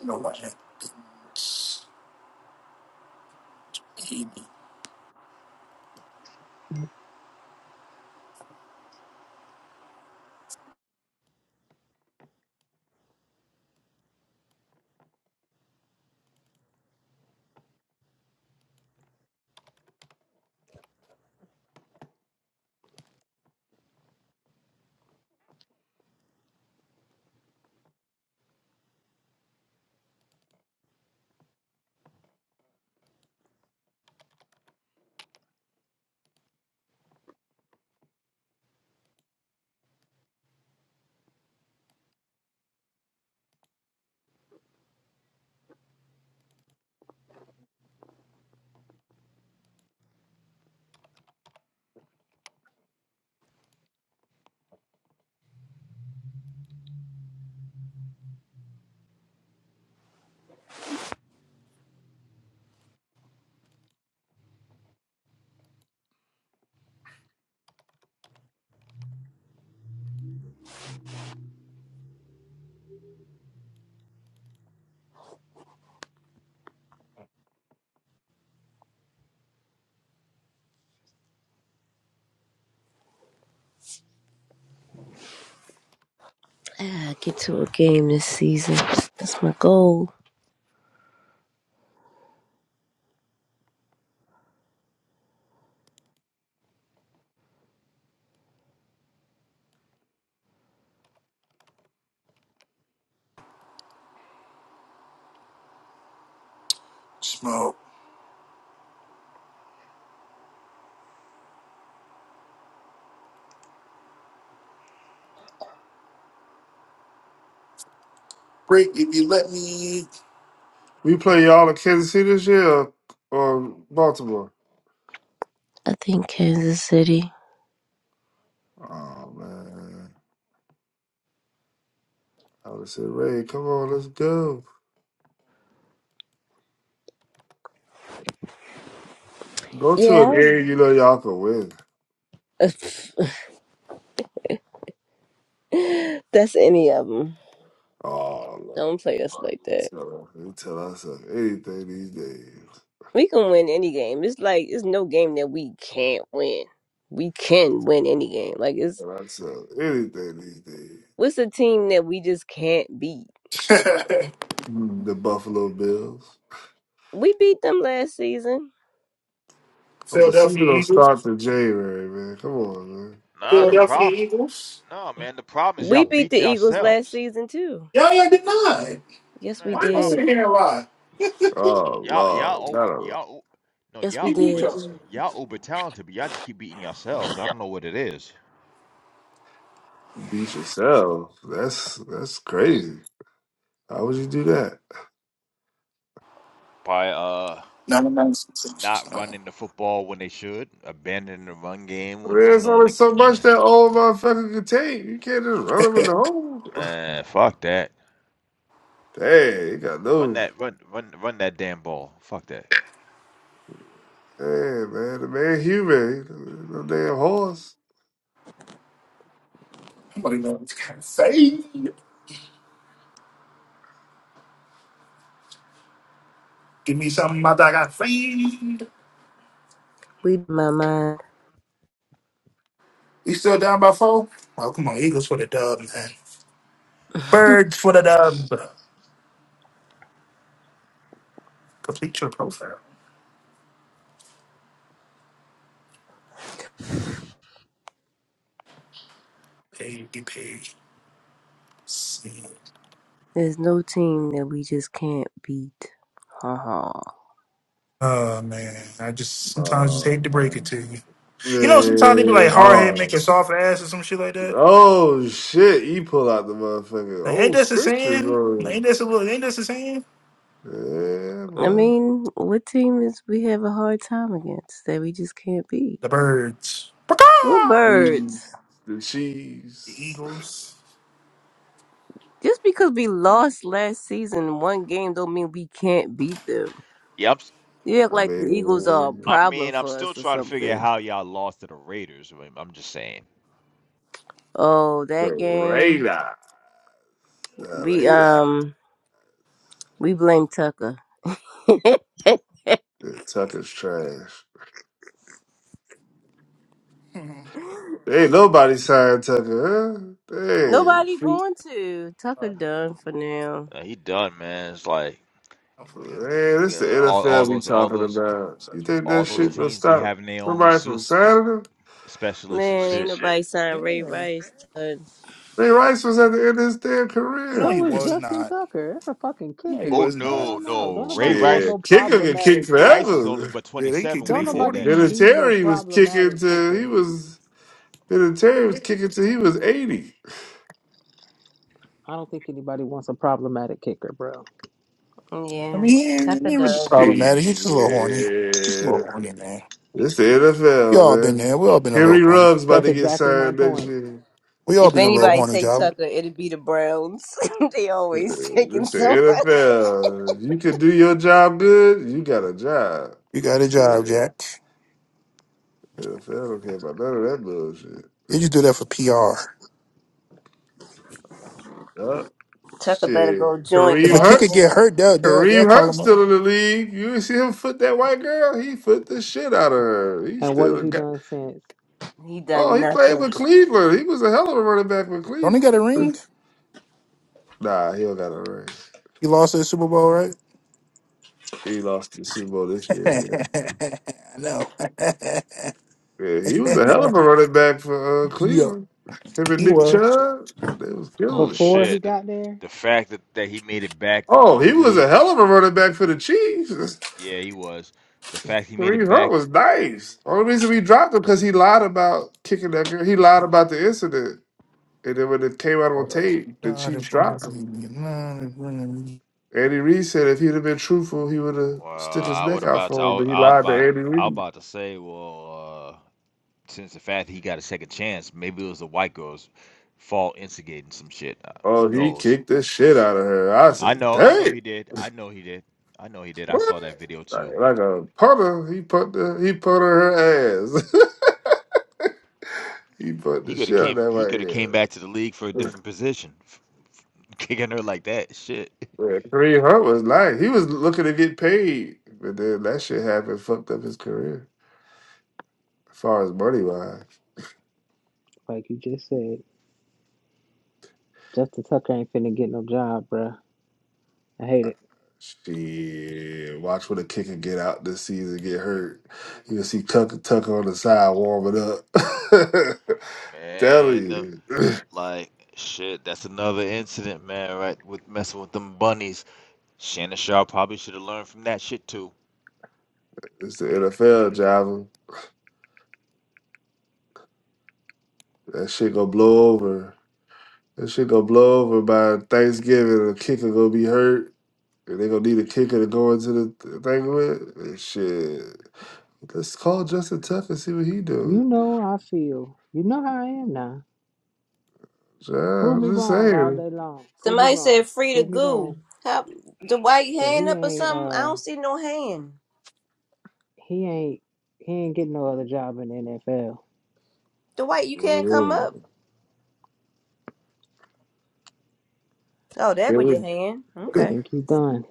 S4: You know what? Eat
S6: Ah, get to a game this season. That's my goal.
S4: Smoke. Break if you let me.
S5: We play y'all in Kansas City this year or, or Baltimore?
S6: I think Kansas City.
S5: Oh man. I would have said, Ray, come on, let's go. Go to a
S6: Yeah.
S5: game you know y'all can win.
S6: That's any of them.
S5: Oh, no.
S6: Don't play us like that.
S5: So, we tell ourselves anything these days.
S6: We can win any game. It's like it's no game that we can't win. We can win any game. Like it's
S5: Tell ourselves anything these days.
S6: what's a team that we just can't beat?
S5: Mm, The Buffalo Bills.
S6: We beat them last season.
S5: Oh, the season
S4: Philadelphia
S5: don't
S4: Eagles.
S5: start till January, man. Come on, man.
S2: Nah, the
S4: Philadelphia
S2: problem.
S4: Eagles.
S2: Nah, man, the problem is y'all
S6: We beat the
S2: beat
S6: Eagles last
S2: yourselves.
S6: season too.
S4: Yeah, yeah, denied.
S6: Yes, we
S2: Man,
S4: Why
S2: the
S4: am I
S2: problem.
S6: did.
S4: sitting here and lie?
S5: Oh
S2: Y'all, y'all,
S5: Lord,
S2: o-
S5: gotta
S2: y'all, o- no,
S6: Yes, we
S4: You
S2: y'all
S4: beat
S2: uber,
S6: did.
S2: t-
S4: your
S2: y'all uber talented, but y'all just keep beating yourselves. I don't know what it is.
S5: beat yourself. That's that's crazy. How would you do that?
S2: By uh,
S4: 99 sensations.
S2: not running the football when they should, abandoning the run game,
S5: Man,
S2: when-
S5: it's
S2: knowing
S5: only
S2: the
S5: so much
S2: yeah.
S5: that old motherfucker can take. You can't just run him in the hole.
S2: man, fuck that.
S5: Dang, you got
S2: Run
S5: no.
S2: that, run, run, run that damn ball. Fuck that.
S5: Hey man, the man human, no damn horse.
S4: Nobody knows what to say. Give me something after I got fiend.
S6: We my mind.
S4: We still down by four? Oh, come on. Eagles for the dub, man. Birds for the dub. Complete your profile. Baby page. See.
S6: There's no team that we just can't beat. Ha ha.
S4: Oh man, I just sometimes just
S5: Oh
S4: hate to break it
S5: man.
S4: to you. You know, sometimes they be
S5: Man,
S4: like hard head make a
S5: horse.
S4: soft ass or some shit like that.
S5: Oh shit, you pull out the motherfucking
S4: Like, ain't
S5: old
S4: this a
S5: scripture,
S4: saying? Like,
S5: bro.
S4: ain't this a little? Ain't this a saying?
S5: Yeah,
S6: I
S5: man.
S6: mean, what team is we have a hard time against that we just can't beat?
S4: The birds,
S6: We're
S4: Pra-caw!
S5: Cheese,
S6: birds.
S5: the
S4: the
S5: cheese.
S4: eagles.
S6: Just because we lost last season one game don't mean we can't beat them.
S2: Yeah, I'm, s-
S6: You act
S5: I
S6: like the Eagles are a
S5: mean,
S2: I
S6: problem
S2: mean, I'm
S6: for
S2: still
S6: us or
S2: trying to figure out
S6: something.
S2: how y'all lost to the Raiders. I mean, I'm just saying,
S6: Oh,
S5: the
S6: that game.
S5: radar, the
S6: We
S5: radar.
S6: um we blame Tucker.
S5: Yeah, Tucker's trash.
S4: Mhm.
S5: Ain't nobody signed Tucker, huh? Dang,
S6: nobody going to. Tucker done for now.
S2: Uh, he done, man. It's like
S4: Hopefully,
S5: Man,
S2: you
S5: this the
S2: know, all, all
S5: NFL we
S2: those, all
S5: talking
S2: those,
S5: about. You think
S2: all
S5: that
S2: those
S5: shit gonna
S2: teams be
S5: stop
S2: having their own
S5: somebody from
S2: masseuse
S5: signing him?
S2: specialists and
S6: Man,
S2: shit.
S6: ain't nobody
S4: yeah.
S6: signed Ray
S4: Yeah.
S6: Rice. Done.
S5: Ray Rice was at the end of his damn
S4: No,
S5: career.
S4: he
S3: so is
S4: was
S3: Justin
S4: not.
S3: Tucker. That's a fucking
S4: No, he
S3: kicker.
S2: Oh
S4: was not.
S3: Hell
S2: no,
S3: no.
S2: no.
S3: Don't
S2: Ray
S3: nobody want
S2: Rice
S3: no
S5: Shit, kicker can kick
S3: problematic kicker.
S2: Rice was only
S5: forever.
S2: but
S4: Yeah, they kicked
S2: 27
S4: to
S2: when
S4: they
S3: Don't
S2: he did
S3: nobody
S4: forty.
S2: that shit.
S3: need no
S5: Vinatieri was kicking
S3: problematic
S5: till
S3: kicker.
S5: he was Vinatieri was kicking till he was eighty.
S3: I don't think anybody wants a problematic kicker, bro.
S4: I
S6: Yeah.
S4: mean, he ain't,
S6: Tucker
S4: he ain't really
S6: done.
S5: Shit,
S4: problematic. He's just a little horny. Just a little horny, man.
S5: this the
S4: you
S5: NFL,
S4: all been
S5: man.
S4: there. We all been a little
S5: Henry
S4: horny.
S5: Ruggs about
S3: That's
S5: to get
S3: exactly my
S5: signed next
S3: point.
S5: year.
S4: We all
S6: If
S4: been a
S3: Shit.
S4: little
S6: anybody
S4: horny,
S6: take
S4: job.
S6: Tucker, it'd be the Browns. they always taking
S5: This the
S6: somebody.
S5: NFL. You can do your job good, you got a job.
S4: You got a job,
S5: Shit.
S4: Jack.
S5: NFL don't care about none of that bullshit.
S4: They just do that for PR.
S5: Yup.
S6: Tucker better
S5: Shit.
S6: go join
S4: If a
S5: Kareem
S4: kicker
S5: Hunt.
S6: Kaepernick.
S4: get hurt, they'll they'll, they'll
S5: Kareem
S4: call
S5: Hunt
S4: him up.
S5: still in the league. You ain't see him foot that white girl? He foot the shit out of her. He
S3: And what
S5: still
S3: has
S5: a
S3: he
S5: guy.
S3: done since?
S6: He
S5: Oh,
S6: done
S5: he played
S6: nothing.
S5: with Cleveland. He was a hell of a running back with
S4: Don't he
S5: Cleveland.
S4: got a ring?
S5: Nah, he don't got a ring.
S4: He lost at the Super Bowl, right?
S5: He lost the Super Bowl this year. yeah.
S4: I know.
S5: Yeah, he was a hell of a running back for uh,
S4: yeah,
S5: Cleveland. Him and
S4: he
S5: Nick
S4: was.
S5: Chubb, they was
S2: Oh
S5: killing
S3: Before
S5: it.
S3: he
S2: shit. The
S3: got there?
S2: the fact that, that he made it back into
S5: Oh,
S2: the
S5: he was
S2: league,
S5: a hell of a running back for the Chiefs.
S2: yeah, he was. The fact he made it
S5: Kareem Hunt
S2: back,
S5: was nice. Only reason we dropped him because he lied about kicking that girl. He lied about the incident, and then when it came out on
S4: Hold up.
S5: tape,
S4: You're
S5: the
S4: not in
S5: Chiefs
S4: front
S5: dropped
S4: of
S5: him.
S4: me. You're not in front of me.
S5: Andy Reid said if he'd have been truthful, he would have
S2: uh,
S5: stiff his
S2: I
S5: neck
S2: would
S5: out
S2: about to, I,
S5: for him,
S2: wa-
S5: but he
S2: I was
S5: lied to
S2: about
S5: Andy
S2: I was
S5: Reid.
S2: about to say, well, uh, since the fact that he got a second chance, maybe it was the white girl's fault instigating some shit. Uh, who
S5: Oh, he
S2: knows?
S5: kicked the shit out of her. I
S2: I
S5: said,
S2: know, I know
S5: "Damn."
S2: he did. I know he did. I know he did. I
S5: What?
S2: saw that video too.
S5: Like, like a putter, he put the he put her ass. he put
S2: He
S5: the
S2: could have
S5: shit on
S2: came.
S5: that
S2: He
S5: right
S2: could have came
S5: here.
S2: back to the league for a different position, kicking her like that. Shit,
S5: Yeah, Kareem Hunt was nice. He was looking to get paid, but then that shit happened, fucked up his career as far as money wise.
S3: Like you just said, Justin Tucker ain't finna get no job, bro. I hate it.
S5: Shit, watch when a kicker get out this season, get hurt. You'll see Tucker Tucker on the side warming up. Telling
S2: man. the-
S5: you,
S2: Like shit. That's another incident, man. Right with messing with them bunnies. Shannon Sharp probably should have learned from that shit too.
S5: it's the NFL, Java. That shit gonna blow over. That shit gonna blow over by Thanksgiving. The kicker gonna be hurt, and they gonna need a kicker to go into the th- thing with. And shit, let's call Justin Tuff and see what he doing.
S3: You know how I feel. You know how I am now.
S5: Yeah,
S3: Prove me
S5: I'm just
S3: wrong all
S5: saying.
S3: day long. Prove me
S6: Somebody
S3: wrong.
S6: said free to
S3: Prove me
S6: goo.
S3: wrong.
S6: How the white
S3: But
S6: hand
S3: he
S6: up or
S3: ain't
S6: something? I
S3: uh
S6: don't see no hand.
S3: he ain't he ain't getting no other job in the NFL.
S6: The white you can't come up. Oh, there go
S5: Henry,
S6: your hand.
S3: I
S6: Okay.
S3: think he's done.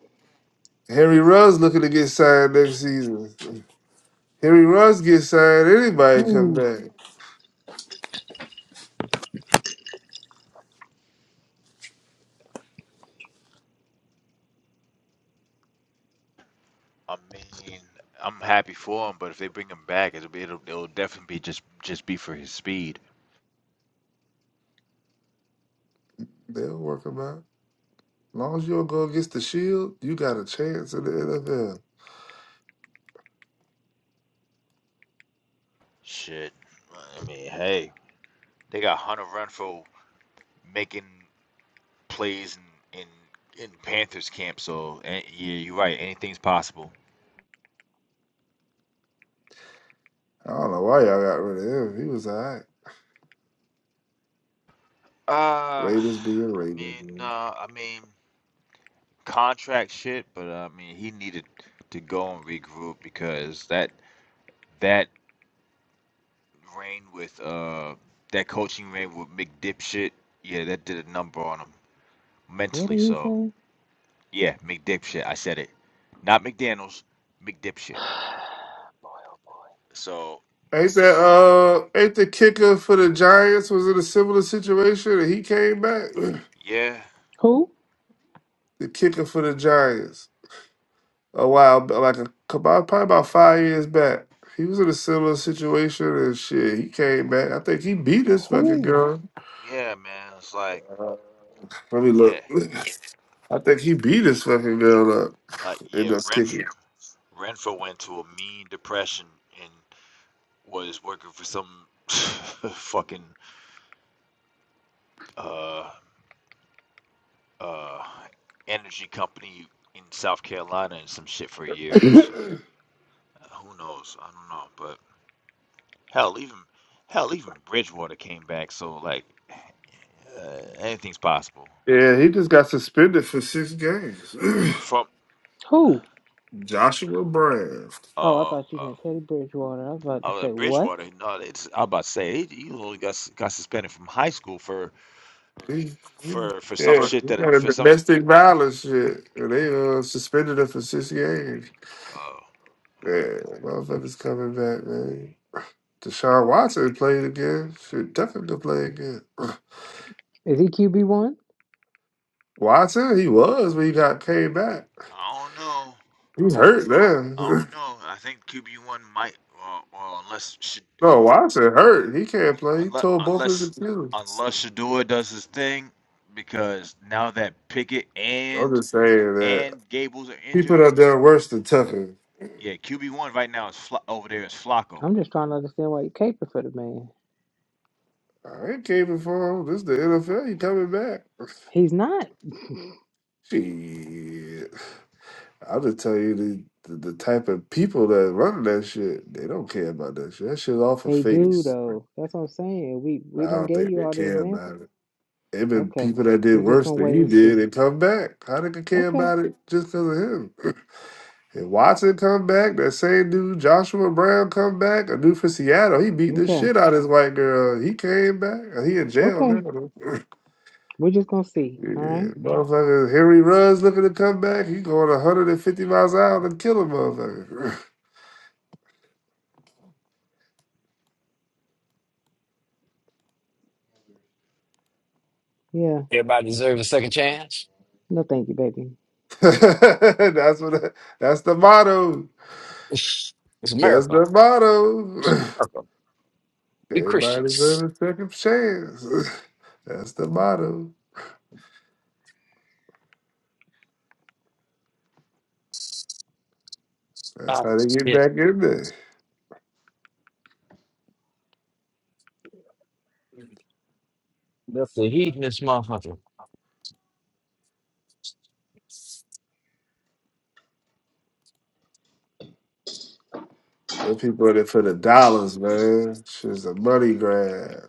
S5: Henry Ruggs looking to get signed next season. Henry Ruggs get signed, anybody come
S3: Ooh.
S5: back,
S2: I mean, I'm happy for him, but if they bring him back, it'll be it'll, it'll definitely be just just be for his speed.
S5: they'll work him out. As long as you don't go against the Shield, you got a chance in the NFL.
S2: Shit. I mean, hey, they got Hunter Renfro making. plays in in, in Panthers camp. So eh, yeah, you're right. Anything's possible.
S5: I don't know why y'all got rid of him. He was all right.
S2: Uh,
S5: Raiders being
S2: I mean,
S5: Raiders.
S2: no, I mean contract shit, but uh, I mean he needed to go and regroup because that that reign with uh that coaching reign with McDip shit, yeah, that did a number on him
S3: What did
S2: mentally.
S3: he
S2: So
S3: say?
S2: yeah, McDip shit. I said it, not McDaniel's, McDip shit.
S3: Boy.
S2: So
S5: They said, uh, ain't the kicker for the Giants was in a similar situation and he came back?
S2: yeah,
S3: Who?
S5: the kicker for the Giants a while, ba- like a couple, probably about five years back. He was in a similar situation and shit. He came back. I think he beat this fucking
S3: Who?
S5: girl.
S2: yeah, man, it's like
S5: Uh, Let me
S2: yeah,
S5: look. I think he beat this fucking girl up
S2: like
S5: in
S2: yeah,
S5: the
S2: Renfro.
S5: kicking.
S2: Renfro went to a mean depression and was working for some fucking uh uh energy company in South Carolina and some shit for a year. So uh, who knows? I don't know. But hell, even hell, even Bridgewater came back. So like, uh, anything's possible.
S5: yeah, he just got suspended for six games.
S2: From
S3: Who?
S5: Joshua Brand.
S3: Oh, I
S2: uh,
S3: thought you
S2: uh
S3: meant Teddy Bridgewater. I was about to
S2: uh,
S3: say, what?
S2: Bridgewater, no, it's, I'm about to say he, he only got got suspended from high school for
S5: He, he,
S2: for for some
S5: yeah,
S2: shit
S5: he
S2: that
S5: got a
S2: for some.
S5: domestic violence shit. And they uh, suspended him for six games.
S2: Oh, right.
S5: Yeah, motherfuckers coming back, man. Deshaun Watson played again. Should definitely play again.
S3: Is he QB one?
S5: Watson, he was when he got came back.
S2: I don't know.
S5: He was hurt
S2: I
S5: man.
S2: don't know. I think QB1 might, uh, well, unless should
S5: no, Watson hurt. He can't play. He
S2: unless
S5: tore both his
S2: unless
S5: Achilles.
S2: unless Shador does his thing, because now that Pickett
S5: I'm
S2: and
S5: just saying that
S2: and Gables are injured,
S5: people out done worse than Tucker.
S2: yeah, QB1 right now is Fla- over there is Flacco.
S3: I'm just trying to understand why you caping for the man.
S5: I ain't caving for him. This the NFL. He coming back.
S3: He's not.
S5: Shit. I'll just tell you the, the the type of people that run that shit, they don't care about that shit. That shit off of
S3: They do
S5: face.
S3: though. That's what I'm saying. We
S5: I
S3: we done
S5: don't
S3: gave
S5: think
S3: you
S5: they
S3: all the
S5: care about
S3: examples.
S5: it. There been
S3: Okay.
S5: people that did
S3: We just
S5: worse
S3: gonna
S5: than
S3: wait
S5: he
S3: and
S5: did
S3: see.
S5: and come back. How they could care
S3: Okay.
S5: about it just because of him? and Watson come back, that same dude, Joshua Brown come back, a dude for Seattle. He beat the
S3: Okay.
S5: shit out of his white girl. He came back. uh, He in jail now.
S3: Okay. We're just gonna see. All
S5: yeah,
S3: right.
S5: motherfucker. Harry Rudd's looking to come back. He going 150 miles an hour and kill a motherfucker.
S3: Yeah.
S8: Everybody deserves a second chance.
S3: No, thank you, baby.
S5: that's what. That's the motto.
S8: It's a
S5: That's
S8: miracle.
S5: the motto.
S8: It's a miracle. We
S5: Everybody
S8: Christians.
S5: deserves a second chance. That's the motto. That's
S8: Oh,
S5: how they get
S8: shit.
S5: back in there.
S8: That's the heathenist motherfucker.
S5: The people in it for the dollars, man. It's a money grab.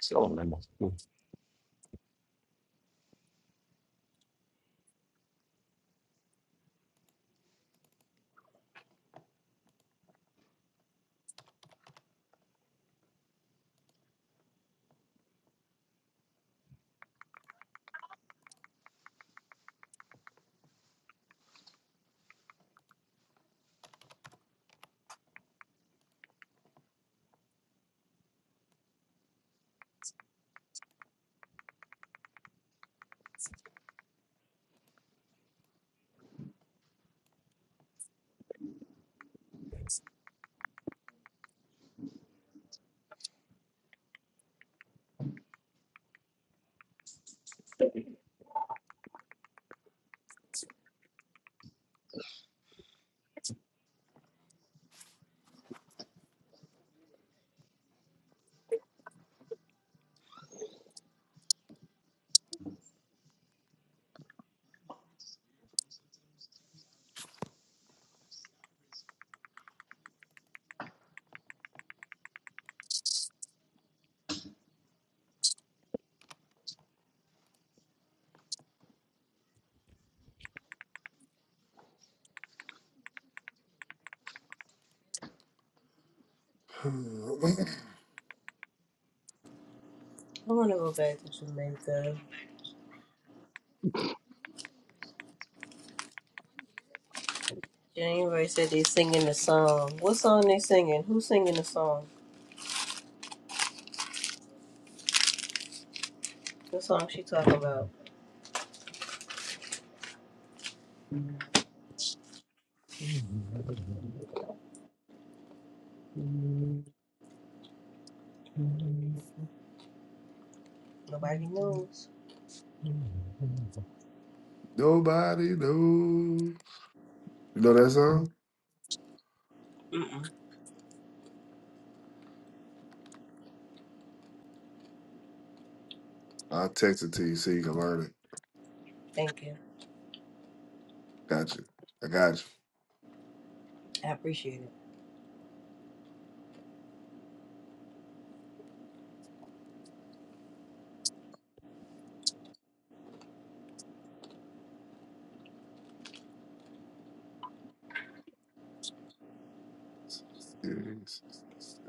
S8: So,
S6: I wanna go back to Jamaica. January said they singing the song. What song they singing? Who's singing the song? What song she talking about? Nobody knows.
S5: Nobody knows. You know that song?
S6: Mm-mm.
S5: I'll text it to you so you can learn it.
S6: Thank you.
S5: Got you. I got
S6: I appreciate it.
S5: you.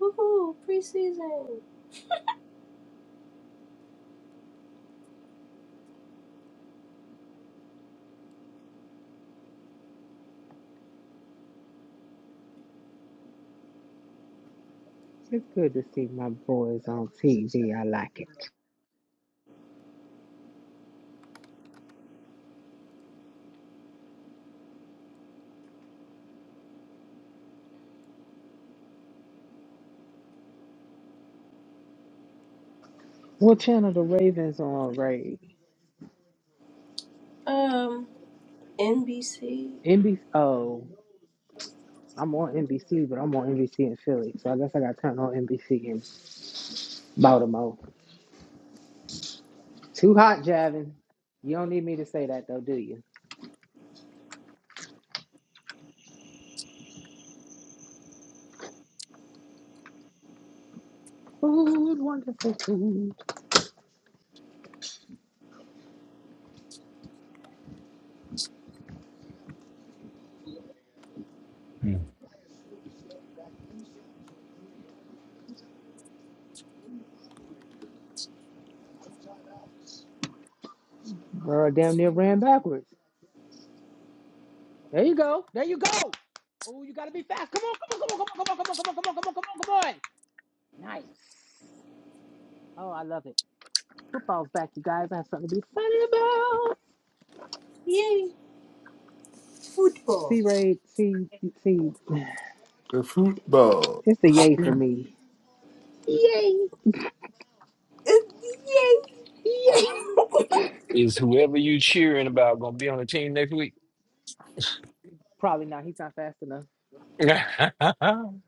S6: Woohoo! Preseason.
S3: It's good to see my boys on TV. I like it. What channel the Ravens on, Ray?
S6: Um, NBC.
S3: NBC. Oh, I'm on NBC, but I'm on NBC in Philly, so I guess I got to turn on NBC in Baltimore. Too hot, Javin. You don't need me to say that though, do you? Food, wonderful food.
S8: man.
S3: Girl, damn near ran backwards. There you go. There you go. Oh, come on, come on, come on. Nice. Oh, I love it. Football's back, you guys. I have something to be funny about.
S6: Yay! Football.
S3: C. Ray, see, see,
S5: The football.
S3: it's the yay for me.
S6: Yay.
S8: Is whoever you cheering about gonna be on the team next week?
S3: Probably not. He's not fast enough.
S8: Damn,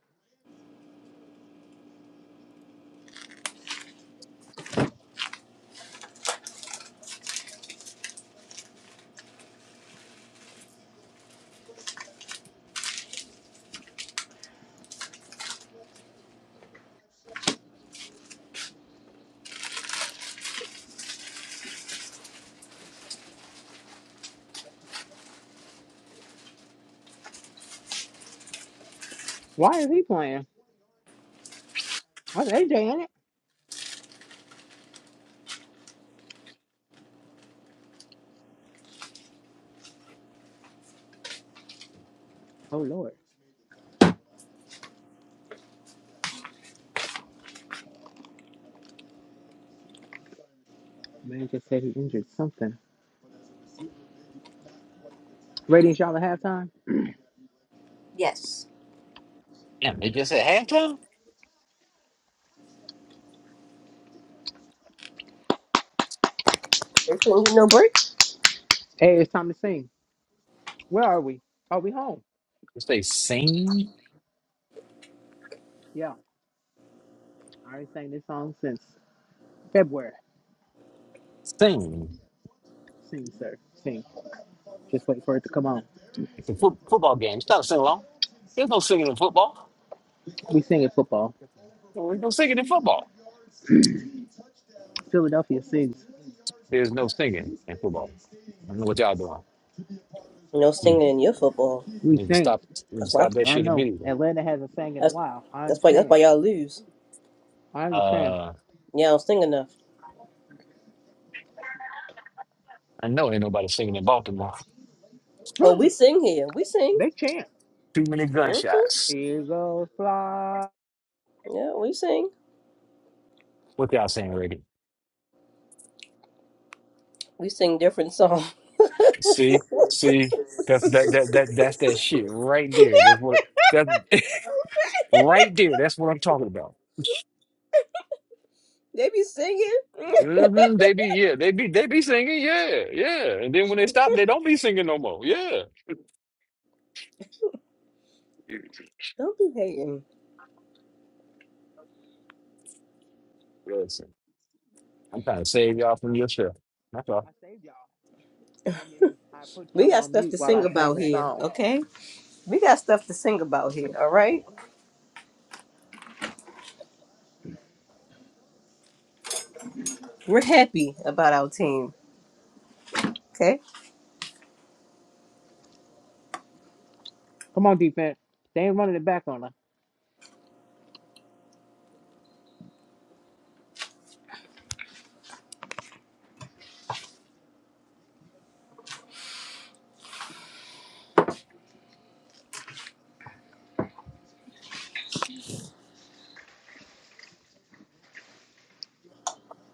S3: Why is he playing? That's AJ in it. Oh, Lord. Man just said he injured something. Ratings, y'all at halftime?
S6: Yes.
S8: they just at halftime.
S6: There's gonna be no break.
S3: Hey, it's time to sing. Where are we? Are we home?
S8: Just they sing,
S3: Yeah. I already sang this song since February.
S8: sing.
S3: Sing, sir. Sing. Just wait for it to come on.
S8: It's a fo- football game. It's not a sing along. There's no singing in football.
S3: We sing at football.
S8: There's no singing in football.
S3: Philadelphia sings.
S8: There's no singing in football. I don't know what y'all doing.
S6: No
S8: You
S6: singing in your football.
S3: We
S8: you need to
S3: sing.
S8: stop. You need to
S6: That's why.
S8: stop that
S3: I
S8: shit
S3: know.
S8: immediately.
S3: Atlanta hasn't sang in a
S6: That's
S3: while. I
S6: that's why. That's
S3: understand.
S6: why y'all lose.
S3: I understand.
S8: Uh,
S6: Y'all don't sing enough.
S8: I know ain't nobody singing in Baltimore.
S6: Oh, we sing here. We sing.
S3: They chant.
S8: Too many
S6: hmm
S8: gunshots.
S3: Eagles fly.
S6: Yeah, we sing.
S8: What y'all saying, Reagan?
S6: We sing different songs.
S8: See, see, that's that that that that's that shit right there. That's what that right there. That's what I'm talking about.
S6: they be singing.
S8: hmm They be yeah, they be they be singing yeah, yeah, and then when they stop, they don't be singing no more. Yeah,
S6: don't be hating.
S8: listen, I'm trying to
S3: Okay.
S8: save y'all from yourself. That's all.
S3: I saved y'all. I didn't even. I put
S6: We
S3: y'all
S6: got
S3: on
S6: stuff
S3: mute
S6: to
S3: while
S6: sing
S3: I sang
S6: about
S3: the
S6: here,
S3: song.
S6: okay? We got stuff to sing about here, all right? We're happy about our team. Okay.
S3: Come on, defense. They ain't running it back on us.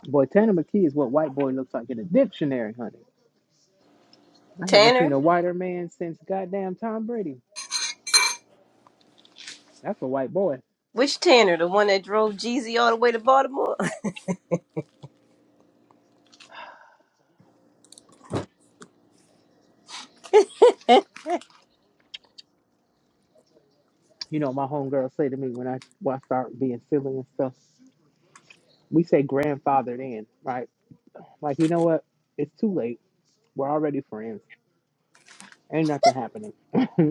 S3: Boy, Tanner McKee is what white boy looks like in a dictionary, honey. I haven't seen
S6: Tanner.
S3: a whiter man since goddamn Tom Brady. That's a white boy.
S6: Which Tanner? The one that drove Jeezy all the way to Baltimore?
S3: You know, my homegirls say to me when I when I start being silly and stuff, we say grandfathered in, right? Like, you know what? It's too late. We're already friends. Ain't nothing happening.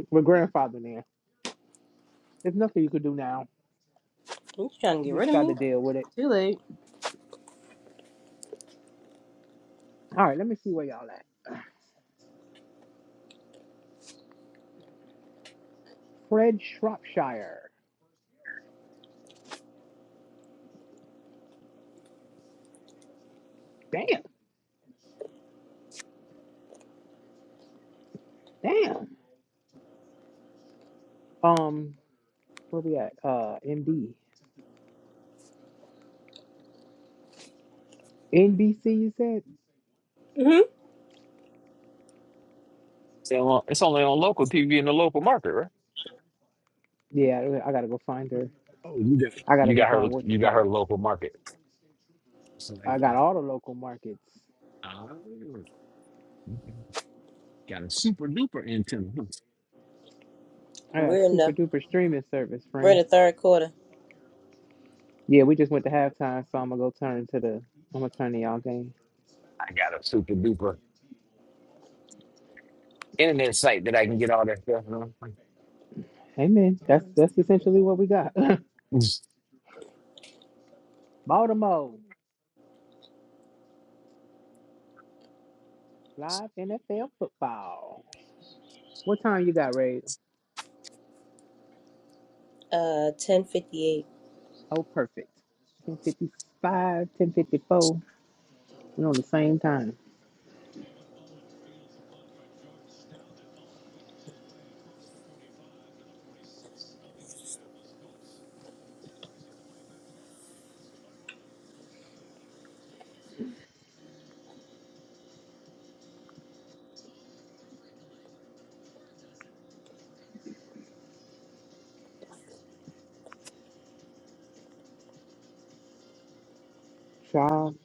S3: We're grandfathered in. There's nothing you could do now
S6: you trying to get
S3: You just
S6: rid of
S3: got to
S6: me?
S3: deal with it.
S6: Too late.
S3: All right, let me see where y'all at. Fred Shropshire. Damn, damn. Um, where we at? Uh, MD. NBC, you said?
S6: hmm
S8: It's only on, it's only on local TV in the local market, right?
S3: Yeah, I gotta go find her.
S8: Oh, you got
S3: I gotta
S8: you
S3: go
S8: got her
S3: find what you
S8: you got
S3: call
S8: her
S3: it.
S8: local market. So,
S3: I got all the local markets.
S8: uh, got a super duper antenna. huh?
S3: I got
S6: We're in
S3: super
S6: the
S3: duper streaming service,
S6: we're in
S3: friend.
S6: the third quarter.
S3: Yeah, we just went to halftime, so I'm gonna go turn to the. I'm gonna turn to y'all game.
S8: I got a super duper internet site that I can get all that stuff on.
S3: Hey man, that's that's essentially what we got.
S8: It's,
S3: Baltimore live NFL football. What time you got, Ray?
S6: Uh ten fifty eight.
S3: Oh, perfect. Ten fifty We're on the same time. Child,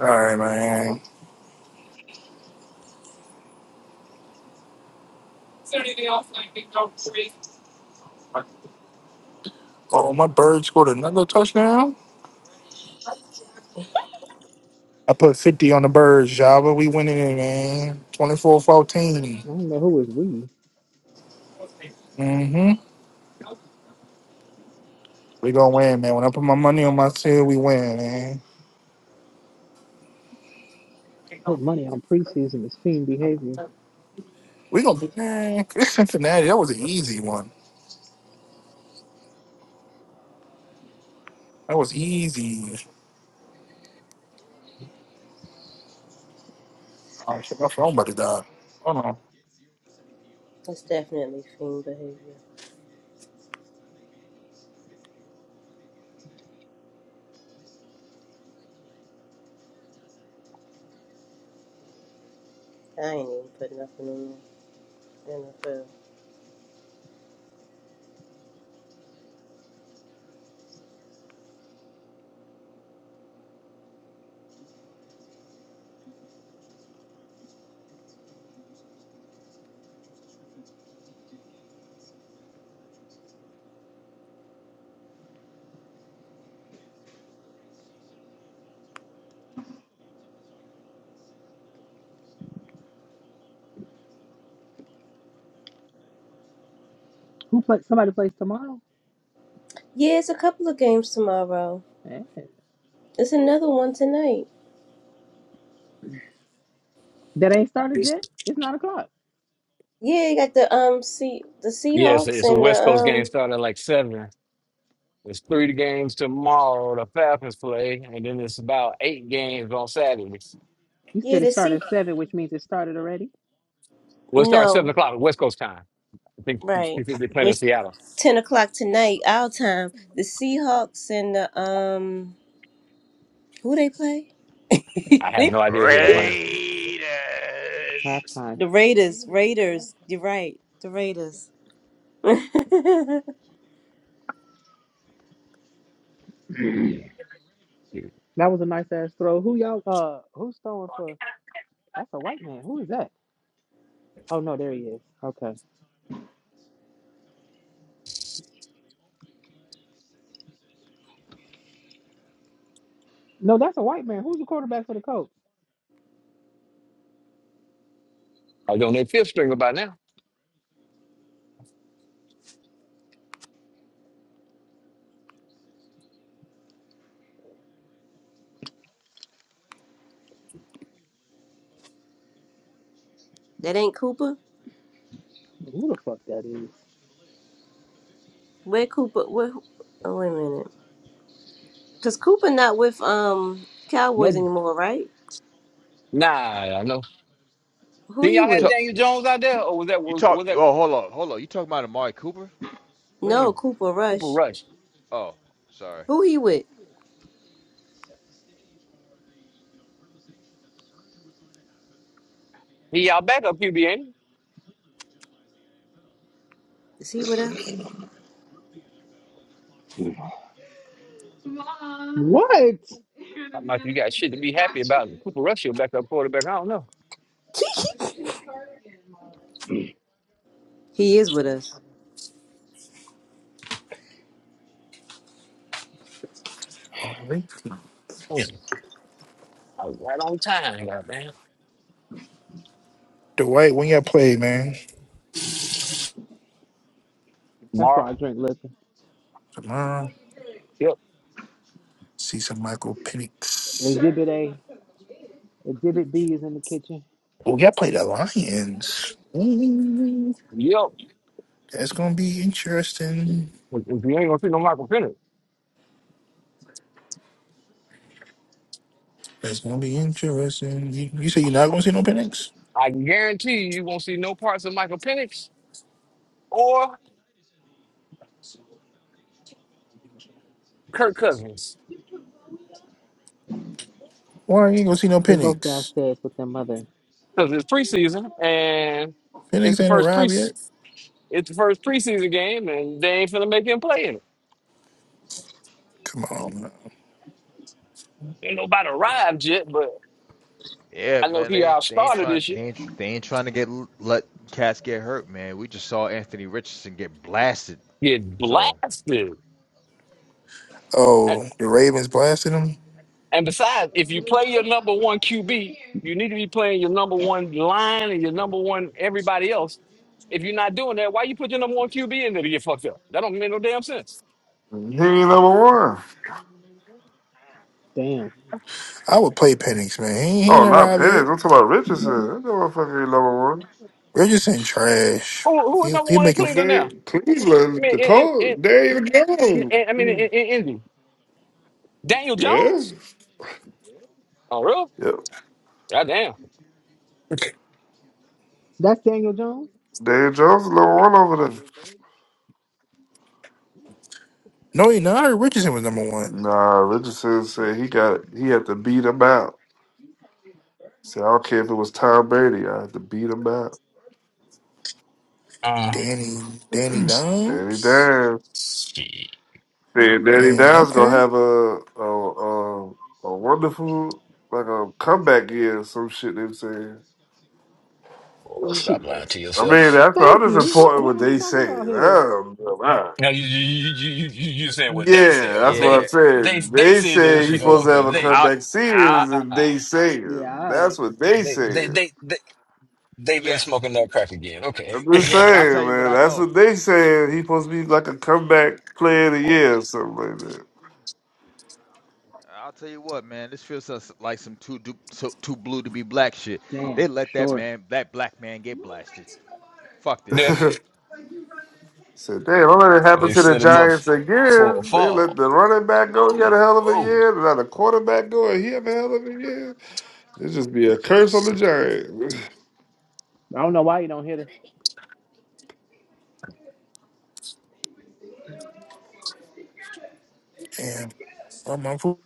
S4: All right, man. Oh, my bird scored another touchdown. I put 50 on the birds, Java, we winning it, man. 24
S3: I don't know who is we.
S4: Mm-hmm. We gonna win, man. When I put my money on my team, we win, man.
S3: Put money on preseason is fiend behavior.
S4: We gonna be man, It's Cincinnati. That was an easy one. That was easy. Oh, shit, my phone about to die. Hold on.
S6: That's definitely fiend behavior. I ain't even put nothing on the NFL.
S3: Who play? Somebody plays tomorrow?
S6: Yeah, it's a couple of games tomorrow.
S3: Eh,
S6: It's another one tonight.
S3: That ain't started
S8: it's-
S3: yet? It's 9 o'clock.
S6: Yeah, you got the um C the
S8: yes,
S6: Seahawks
S8: it's a
S6: and the
S8: West Coast game
S6: um
S8: started at like seven. It's three games tomorrow. The Falcons play, and then it's about eight games on Saturday.
S3: You
S6: yeah
S3: said it
S6: the
S3: started
S6: Sea
S3: at 7, which means it started already?
S8: Well, it starts seven
S6: No.
S8: o'clock West Coast time. I think
S6: Right.
S8: I think they're playing in Seattle.
S6: ten o'clock tonight, our time. The Seahawks and the um, who they play? the
S8: I have no idea who they're playing.
S2: Raiders.
S3: Halftime.
S6: Raiders. Raiders. You're right. The Raiders. that
S8: I
S3: That was a nice ass throw. Who y'all, uh, who's throwing for? That's a white man. Who is that? Oh, no, there he is. Okay. No, that's a white man. Who's the quarterback for the Colts?
S8: was on their fifth string by now.
S6: ain't Cooper.
S3: Who the fuck that is?
S6: Where Cooper? Where? Oh wait a minute. Cause Cooper not with um Cowboys
S8: No,
S6: anymore, right?
S8: nah, I know.
S6: Who
S8: Then
S6: he
S8: y'all
S2: You
S8: had
S6: with?
S2: talk.
S8: Daniel
S2: You, t-
S8: Jones out there, or was that
S2: you
S8: was,
S2: talk.
S8: was that
S2: Oh, hold on, hold on. You talking about Amari Cooper?
S6: No,
S8: mm,
S6: Cooper
S8: Cooper
S6: Rush.
S8: Rush?
S2: Oh, sorry.
S6: Who he with?
S8: He y'all backup QB, ain't he?
S6: Is he with us?
S3: What?
S8: I'm like, you got shit to be happy about. And Cooper Rush, your backup quarterback. I don't know.
S6: he is with us.
S4: All right.
S8: Yeah. I was right on time, goddamn.
S4: Dwight, when y'all play, man?
S3: That's why I
S8: Tomorrow.
S3: drink liquor.
S4: Tomorrow.
S8: Yep.
S4: See some Michael Penix.
S3: Exhibit A, Exhibit B is in the kitchen.
S4: Oh, y'all play the Lions. Ooh,
S8: Yep.
S4: that's gonna be interesting.
S8: If if you ain't gonna see no Michael Penix,
S4: That's gonna be interesting. You, you say you're not gonna see no Penix?
S8: I guarantee you, you won't see no parts of Michael Penix or Kirk Cousins
S4: Why you ain't gonna see no
S3: They both
S4: Penix?
S3: downstairs with their mother.
S8: because it's preseason and it's
S4: Penix
S8: the
S4: ain't
S8: first pre
S4: arrived yet.
S8: it's the first preseason game and they ain't finna make him play in it.
S4: Come on. man.
S8: Ain't nobody arrived yet, but
S2: Yeah,
S8: I know
S2: man,
S8: he
S2: they ain't- they ain't
S8: outstarted
S2: trying
S8: this year.
S2: they ain't they ain't trying to get let cats get hurt, man. We just saw Anthony Richardson get blasted.
S8: Get
S2: So
S8: blasted.
S4: Oh, the Ravens blasted him.
S8: And besides, if you play your number one QB, you need to be playing your number one line and your number one everybody else. If you're not doing that, why you put your number one QB in there to get fucked up? That don't make no damn sense.
S5: He ain't number one.
S3: Damn.
S4: I would play
S8: Who
S4: Penix, man. He, he ain't
S5: Oh, not
S4: arrived
S5: Penix.
S4: yet.
S5: I'm talking about Richardson. That motherfucker ain't number one.
S4: Richardson trash.
S8: who is
S4: He,
S8: number
S4: he
S8: one in
S4: making
S8: Cleveland now?
S5: They
S8: I
S5: Cleveland,
S8: mean,
S5: the
S8: in, in,
S5: Colts, Dave
S8: in, in- I mean, in, in
S5: Jones.
S8: Indy, Daniel
S5: Yeah.
S8: Jones. Oh, really?
S5: Yep.
S8: Goddamn.
S3: That's Daniel Jones?
S5: Dave Jones is number one over there.
S4: no, he not. I heard Richardson was number one.
S5: Nah, Richardson said he got he had to beat him out. Said I don't care if it was Tom Brady, I had to beat him out.
S8: Uh,
S4: Danny, Danny
S5: Danny
S4: Dimes,
S5: Dimes.
S8: shit,
S5: Yeah, Danny
S4: and
S5: Dimes gonna
S4: okay,
S5: have a a, a a wonderful like a comeback year or some shit they saying.
S8: boy, stop
S3: Shit.
S8: lying to
S5: I
S8: yourself.
S5: mean, that's I'm
S3: Thank
S5: just
S3: you. What the
S5: reporting
S3: hell
S5: what
S3: are we
S5: they
S3: talking
S5: say.
S3: about here?
S5: Um,
S8: Now you you you you you you saying what they say?
S5: yeah,
S8: Oh,
S5: that's what I
S8: they
S2: Yeah,
S8: they
S5: said.
S8: they
S5: They
S8: said
S5: say
S3: That's
S8: this, you
S5: he's
S3: what
S8: know?
S2: w-
S3: they
S5: supposed to
S8: Okay,
S5: have a
S3: say.
S8: they
S2: I'll,
S5: comeback
S2: I,
S5: series, and
S8: ah
S5: they
S3: Yeah, all
S5: saying
S8: they
S5: that's
S3: right.
S5: what they
S8: they they
S5: saying.
S8: they they they've been
S2: yeah,
S8: smoking that crack again. Okay,
S5: I'm just
S2: yeah, but I'll tell tell
S5: saying,
S2: you what
S5: man,
S2: I
S5: that's
S2: know.
S5: what they saying. He's supposed to be like a comeback player of the year or something like
S2: I'll tell you what, man. This feels us- like some too du- so- too blue to be black shit. They
S3: Damn,
S2: let that
S3: short.
S2: man that black man get blasted. Fuck this
S8: they
S2: shit.
S5: that. Said, damn, don't let it happen
S8: they
S5: to the
S8: set him up
S5: Giants
S8: for a
S5: again. They let
S8: fall.
S5: the running back go. He had a hell of a
S8: Oh,
S5: year. They let the quarterback go, and he had a hell of a year. It just be a curse on the Giants.
S3: I don't know why you don't hit her.
S4: and I'm on foot.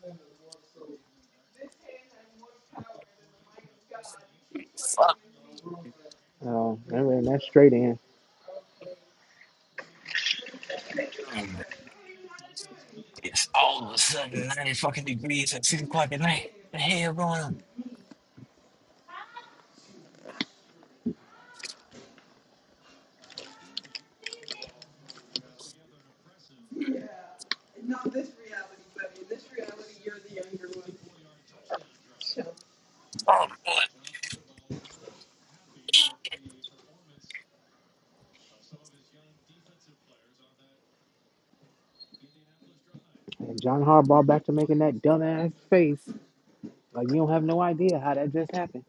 S8: fuck!
S3: Oh, that ran that straight in.
S8: them. It's all of a sudden ninety fucking degrees at six o'clock at night. The hell going on? Oh boy!
S3: And John Harbaugh back to making that dumbass face. Like you don't have no idea how that just happened.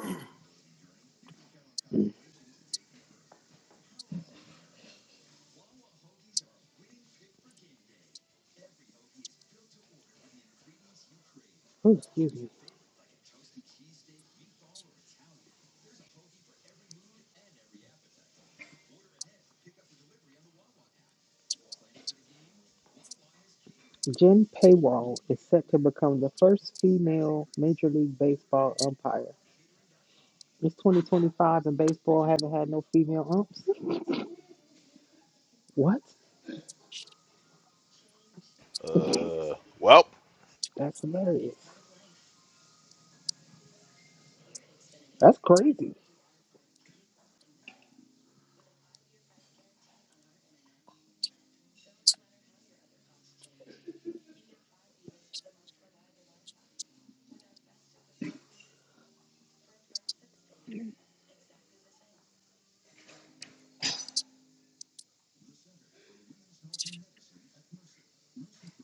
S3: Ooh, excuse me. Jen Paywall is set to become the first female Major League Baseball umpire. It's 2025 and baseball haven't had no female umps. What?
S2: Uh, well,
S3: That's hilarious. That's crazy.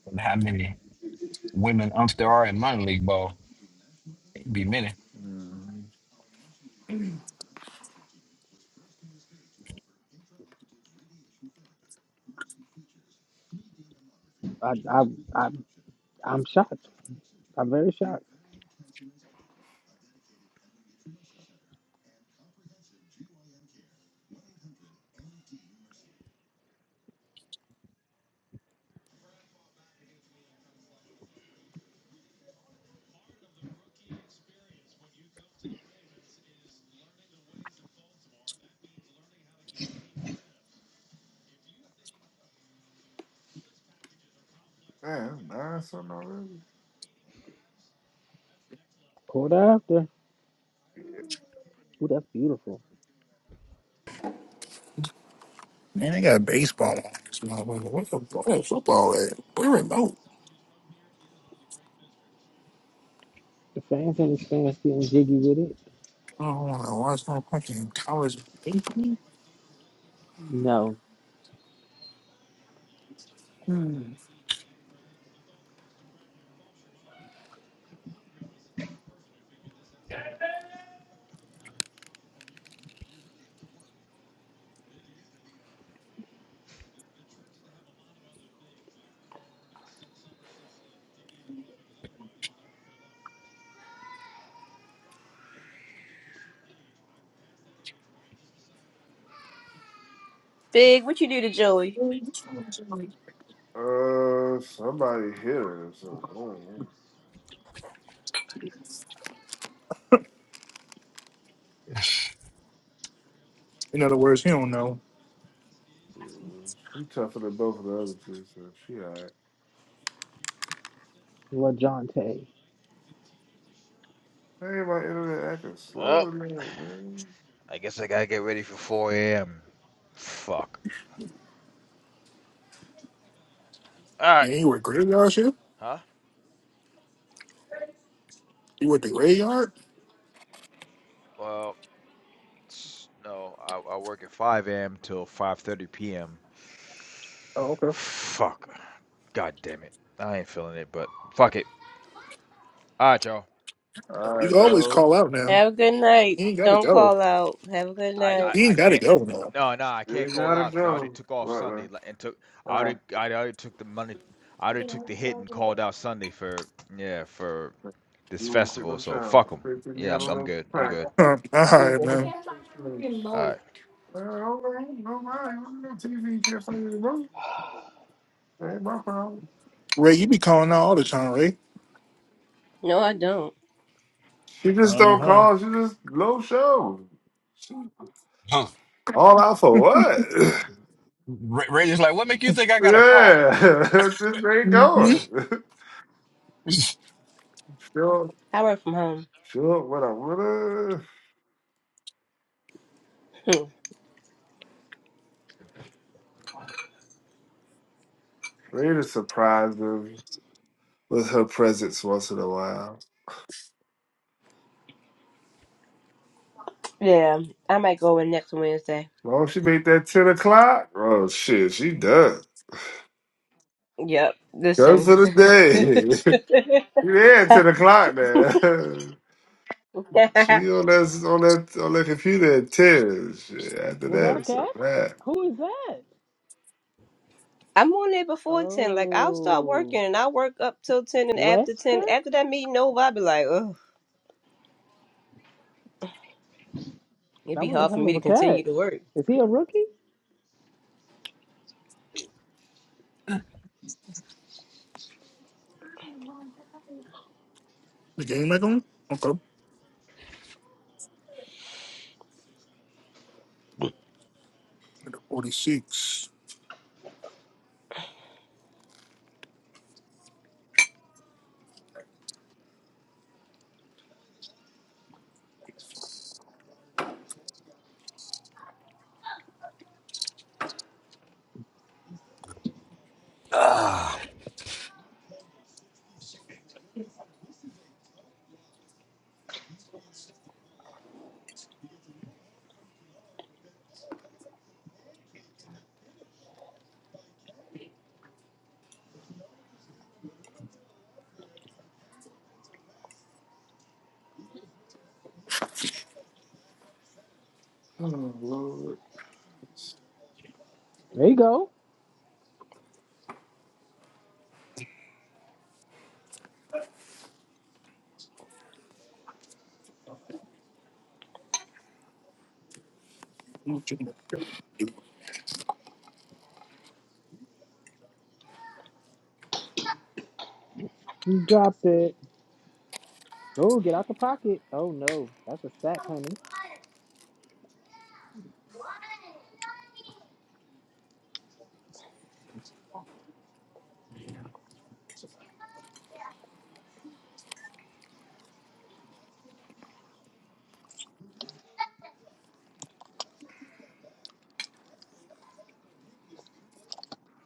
S8: And how many women umps there are in minor league ball? it be many.
S5: Mm,
S3: I, I, I, I'm shocked. I'm very shocked.
S5: Man, nah, something already.
S3: Quarter after. Ooh, that's beautiful.
S4: Man, they got baseball on this motherfucker. What the fuck is football at? We're remote.
S3: The fans and his fans getting jiggy with it.
S4: I don't want to watch no fucking college baseball.
S3: No.
S6: Big, what you do to Joey?
S5: Uh, somebody hit her. So I don't know.
S4: In other words, he don't know.
S5: Yeah, She tougher than both of the other two, so she alright.
S3: Well, John Tay.
S5: Hey, my internet acting slow
S2: well,
S5: tonight, man.
S2: I guess I gotta get ready for 4 a.m. Fuck. all right,
S4: And he regretted last year?
S2: huh?
S4: You with the graveyard?
S2: Well. S- No, I, I work at 5 a.m. till 5:30 p.m.
S4: Oh, okay.
S2: Fuck. God damn it. I ain't feeling it, but fuck it. All right, y'all.
S4: You can
S5: Alright,
S4: always
S5: dog.
S4: call out now.
S6: Have a good night.
S4: You ain't gotta
S6: Don't
S4: go.
S6: call out. Have a good
S2: I,
S6: night.
S2: I,
S4: You
S2: I
S4: ain't gotta
S2: can't.
S4: go now.
S2: No, no, I can't
S5: You
S2: call
S5: gotta
S2: out because I already
S5: go.
S2: took off
S5: What,
S2: Sunday
S5: man?
S2: li- and took. I already,
S5: Alright.
S2: I already took the money. I already took the hit and called out Sunday for, yeah, for this
S5: You pick
S2: festival.
S5: up
S2: So
S5: shower.
S2: fuck them.
S5: First thing you
S2: Yeah,
S5: had
S2: I'm,
S5: on
S2: I'm
S5: those
S2: good. I'm
S5: pack.
S2: good.
S4: Huh, all right,
S5: I
S4: man.
S5: can't find my
S2: All right.
S5: remote. Uh, I don't know. no, I don't know TV. can't find the remote. That ain't my problem.
S4: Ray, you be calling out all the time, Ray.
S6: No, I don't.
S5: She just
S4: Uh
S5: don't
S4: huh.
S5: call. She just low show. All out for what?
S8: I got a call.
S5: yeah, just ain't
S4: Mm-hmm.
S5: going. Sure,
S6: I work from home.
S5: sure. what I wanna.
S6: Hmm.
S5: Ready to surprise them with her presence once in a while.
S6: Yeah, I might go in next Wednesday.
S5: Well, she made that ten o'clock. Oh shit, she done.
S6: Yep.
S5: Done
S6: Listen,
S5: for the day. yeah, at ten o'clock now. she on that on that on that computer at ten. Shit, after
S3: Was that
S5: that,
S3: a
S5: it's a
S3: catch?
S5: wrap.
S3: Who is that?
S6: I'm on there before ten. Like I'll start
S3: Oh,
S6: working and I'll work up till ten, and after ten,
S3: Wester?
S6: after that meeting over, I'll be like, oh, it'd
S3: That
S6: be
S3: was a
S6: hard for
S3: hell
S6: me
S3: of
S6: to
S3: a
S6: continue
S3: catch.
S6: to work.
S3: Is he a rookie?
S4: The game back on? Okay. Forty six.
S5: Oh Lord,
S3: There you go. He dropped it. Oh, get out the pocket. Oh, no. That's a sack, honey.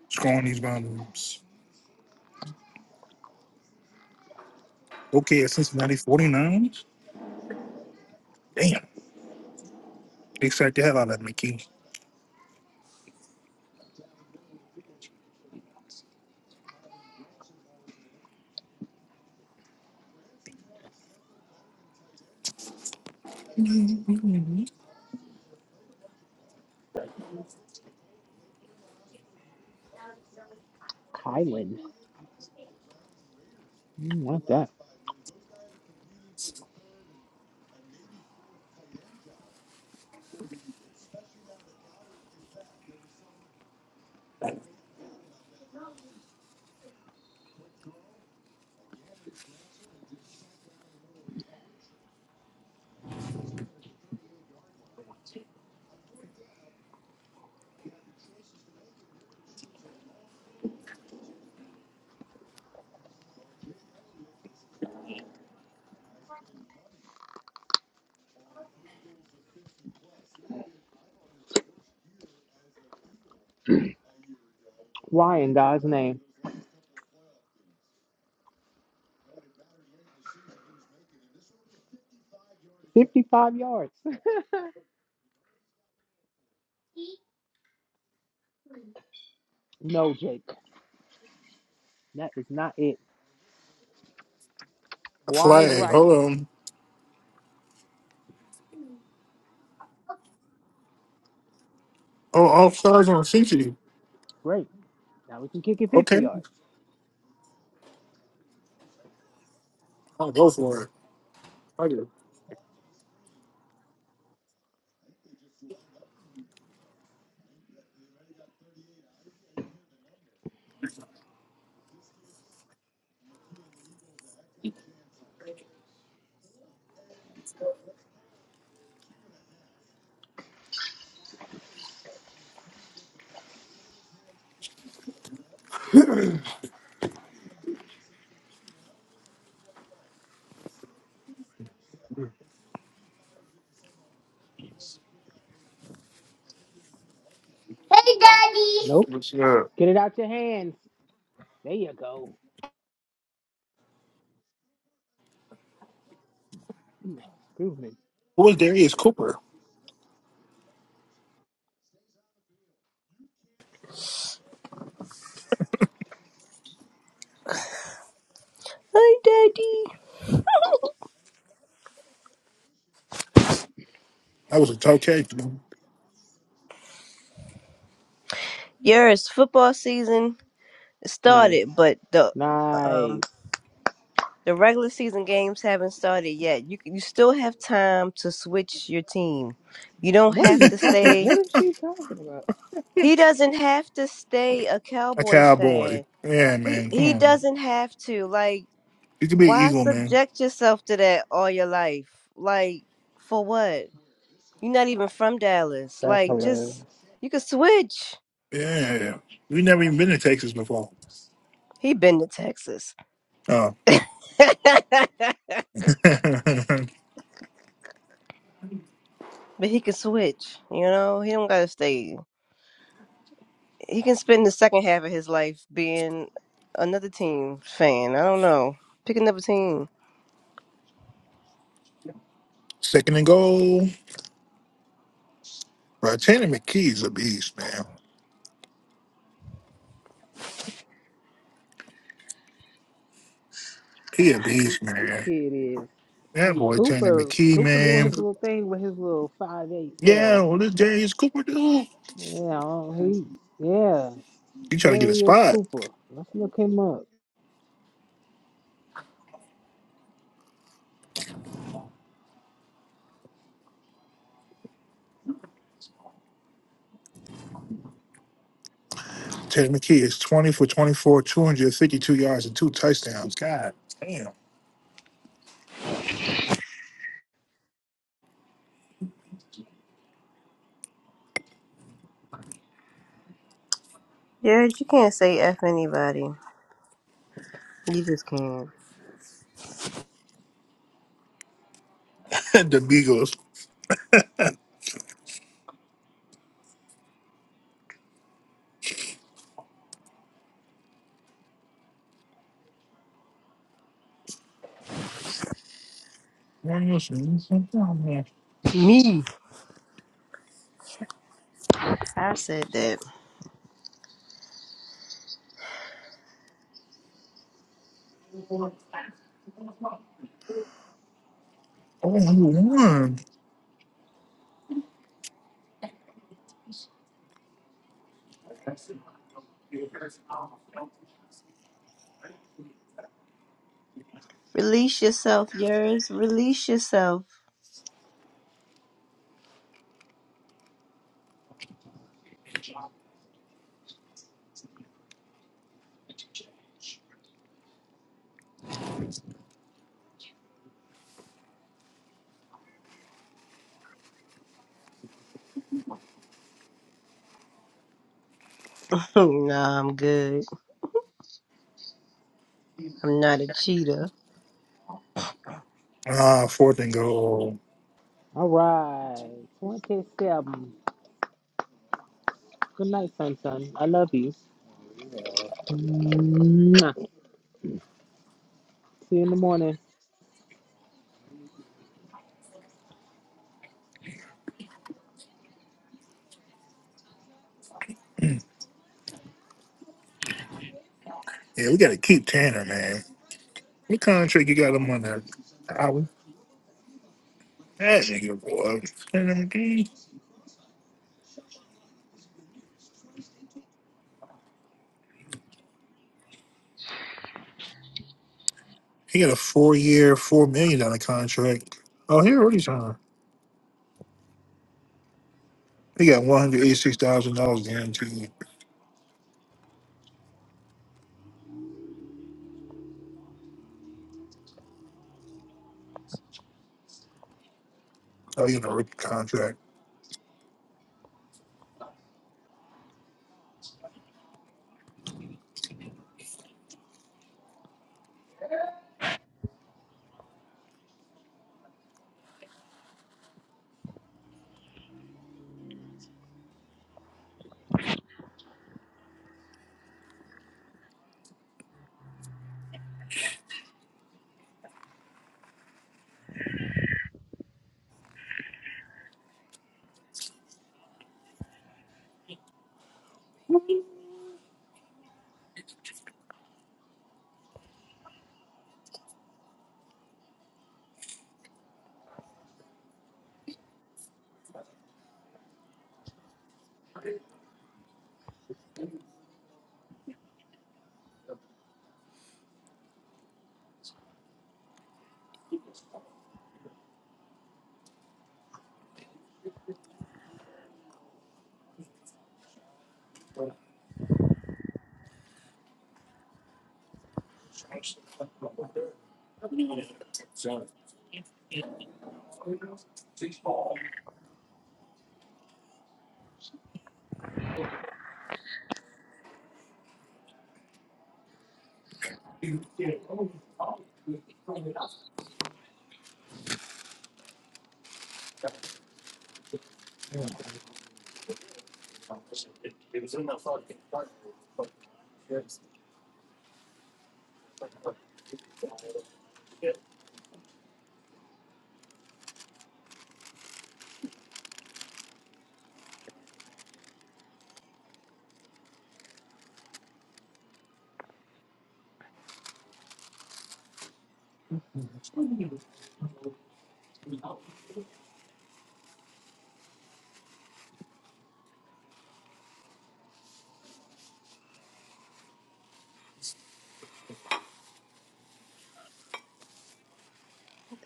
S4: Scoring these bombs. Okay, at Cincinnati 49. Damn. They sacked the hell out of McKinney. Mhm.
S3: Kylan. Mm, What's that? Why in God's name? 55 yards. No, Jake. That is not it. Wide
S4: Flag.
S3: right.
S4: Hold on. Oh, all stars on Cincinnati.
S3: Great. Now we can kick it 50
S4: Okay.
S3: yards.
S4: I'll go for it. Okay.
S3: Nope.
S5: what's up?
S3: Get it out your hands. There you go. Mm, Groove me.
S4: Who was Darius Cooper?
S6: Hi, Daddy.
S4: That was a tough cake, man.
S6: Yes, football season started,
S3: Nice.
S6: but the
S3: Nice.
S6: um the regular season games haven't started yet. You c- you still have time to switch your team. You don't
S3: What are
S6: have
S3: you
S6: to
S3: talking about?
S6: stay.
S3: What is she talking about?
S6: He doesn't have to stay a
S4: a
S6: Cowboys
S4: cowboy.
S6: fan.
S4: Yeah,
S6: He
S4: man. Come
S6: he
S4: on.
S6: doesn't have to. Like,
S4: You could be an
S6: why
S4: eagle, man.
S6: subject yourself to that all your life? Like, for what? You're not even from Dallas.
S3: That's
S6: Like, just
S3: hilarious.
S6: you could switch.
S4: Yeah. We never even been to Texas before.
S6: He been to Texas.
S4: Oh.
S6: but he can switch, you know? He don't gotta stay. He can spend the second half of his life being another team fan. I don't know. Pick another team.
S4: Second and goal. Bro, Tanner McKee's a beast, man. He a beast, man.
S3: Kid is.
S4: That boy Tanner
S3: Cooper
S4: McKee,
S3: Cooper doing
S4: man.
S3: his little thing with his little five eight
S4: Yeah,
S3: self.
S4: well, this James Cooper dude.
S3: Yeah, oh, he yeah.
S4: You trying to
S3: There
S4: get a
S3: he is
S4: spot.
S3: Cooper. Let's look him up.
S4: Tanner McKee is 20 for 24, 252 yards and two touchdowns. God damn.
S6: Yeah, you can't say F anybody. You just can't.
S4: the Beagles.
S6: Me. I said that.
S4: Oh, number one.
S6: Release yourself, yours. Release yourself. nah, I'm good. I'm not a cheater.
S4: Ah, fourth and goal.
S3: All right. 27. Good night, Sunshine. I love you. Mwah. See you in the morning.
S4: Yeah, we gotta keep Tanner, man. What contract you got him on that? Howie? That nigga boy. Tanner McGee. He got a four year, four million dollar contract. Oh, he already signed. He got one hundred eighty six thousand dollars guaranteed. Oh, you know, rookie contract.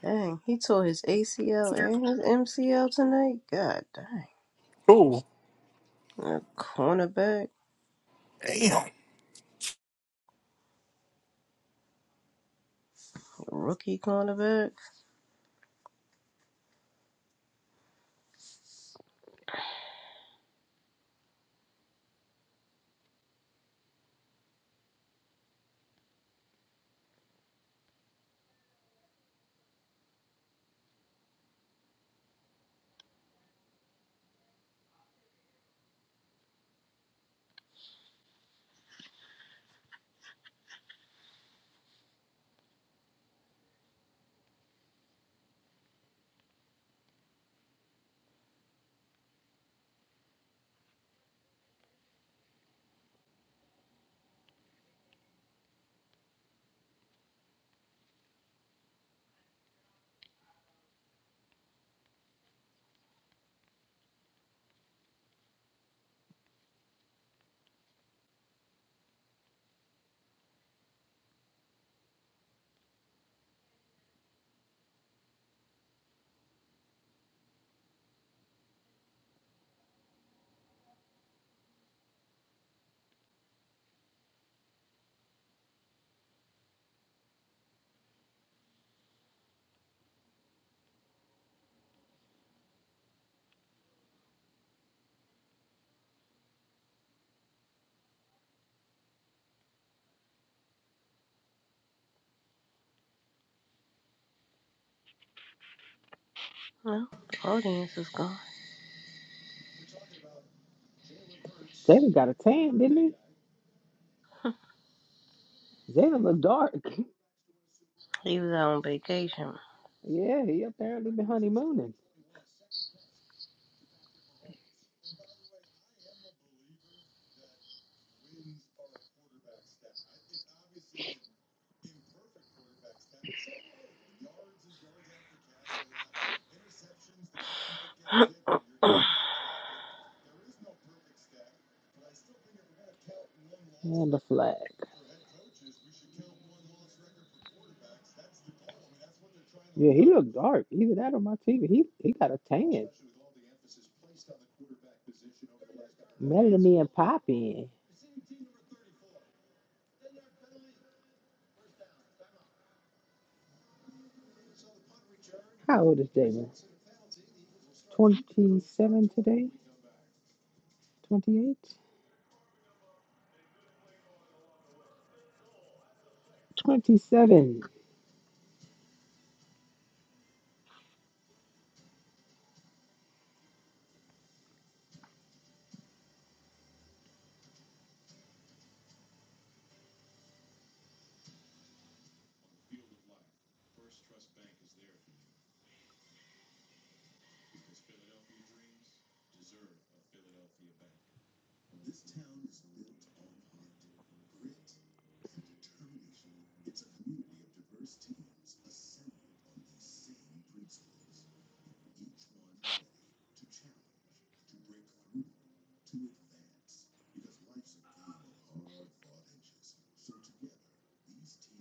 S6: Dang, he tore his ACL and his MCL tonight. God dang.
S4: Cool.
S6: A cornerback,
S4: Damn.
S6: rookie cornerback. No, the audience is gone.
S3: Jada got a tan, didn't he? Jada look dark.
S6: He was out on vacation.
S3: Yeah, he apparently been honeymooning. And the flag. Yeah, he looked dark. Either that or my TV. He he got a tan. Melanie and Poppy. How old is Jada? 27 today? 28? 27.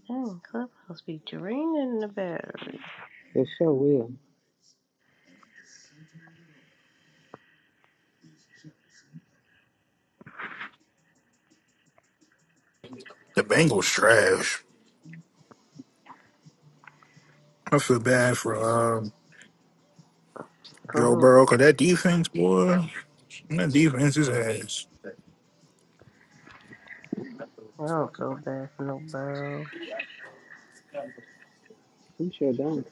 S6: Dang, Clubhouse be draining the battery.
S3: They sure will.
S4: The Bengals trash. I feel bad for um
S6: Go
S4: Joe
S6: ahead.
S4: Burrow, cause that defense, boy, that defense is ass.
S6: I don't feel bad for no burrow.
S3: We sure don't.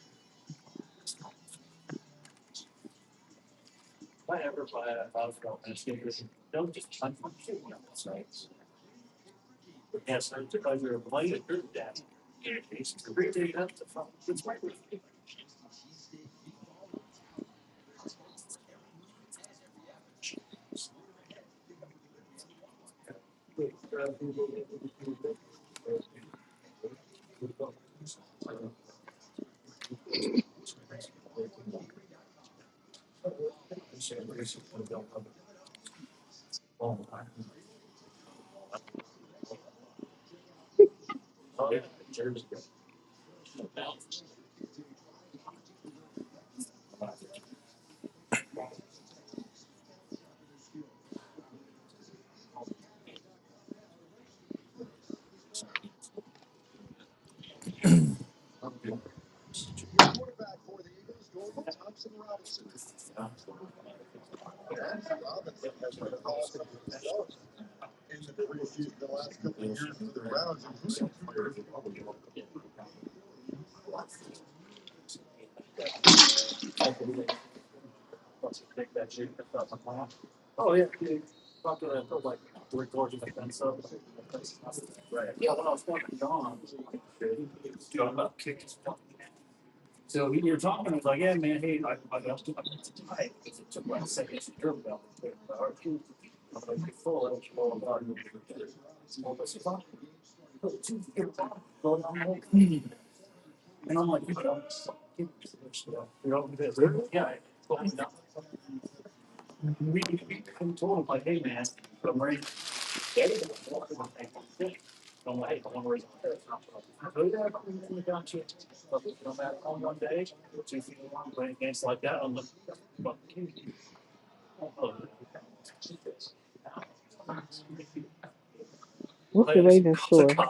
S3: What's the Ravens score?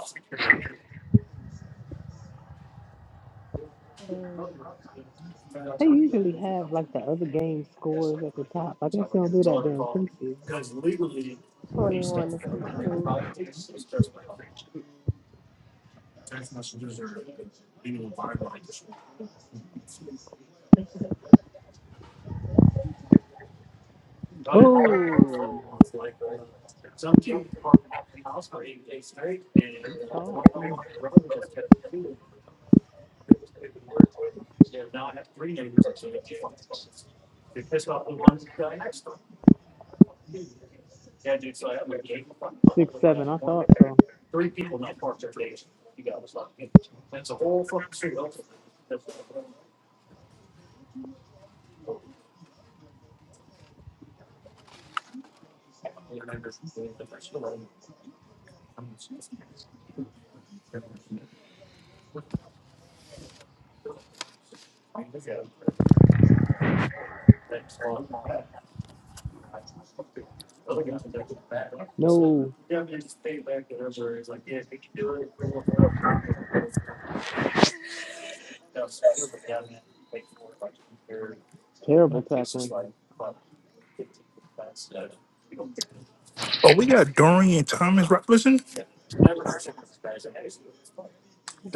S3: They usually have like the other game scores at the top. I guess they don't do that during preseason.
S6: 21 to 15.
S3: Oh, he's tall too. Six seven. I thought so. No, terrible tackling.
S4: Oh, we got Dorian Thomas Robinson.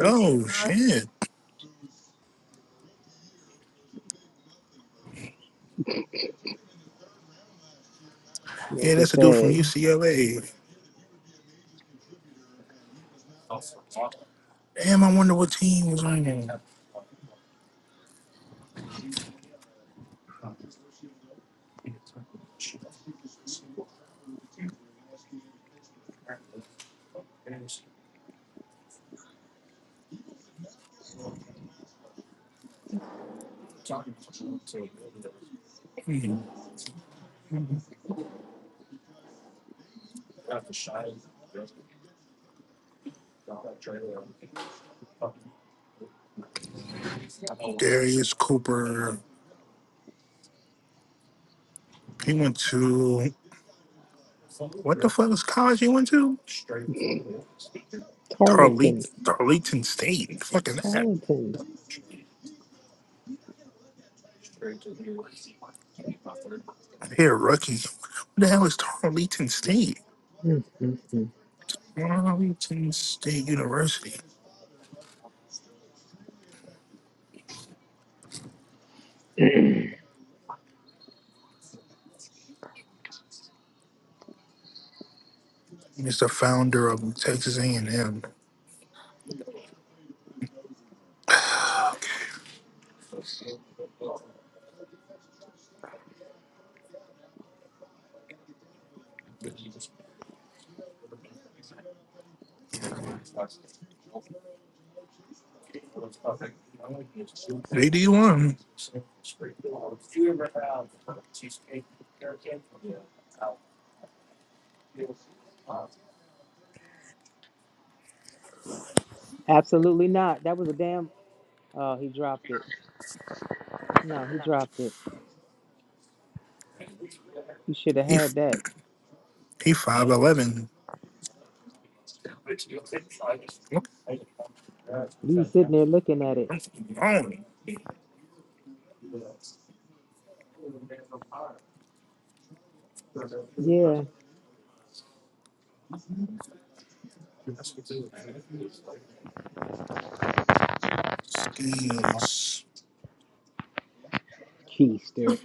S4: Oh shit!
S3: They
S4: Yeah,
S3: just
S4: that's a dude from
S3: said
S4: UCLA. Damn, I wonder what team was on him. Darius Cooper. He went to what the fuck is college he went to?
S3: Tarleton.
S4: Tarleton, Tarleton State. Fucking that.
S3: Tarleton.
S4: Here, rookie. What the hell is Tarleton State?
S3: Mm-mm-mm.
S4: Tarleton State University. He's the founder of Texas A&M. They D1.
S3: Absolutely not. That was a damn. Oh, he dropped it. No, he dropped it. You should have
S4: He
S3: had that.
S4: he five eleven.
S3: You was sitting there looking at it.
S4: Lonely.
S3: Yeah,
S4: Skills.
S3: keister.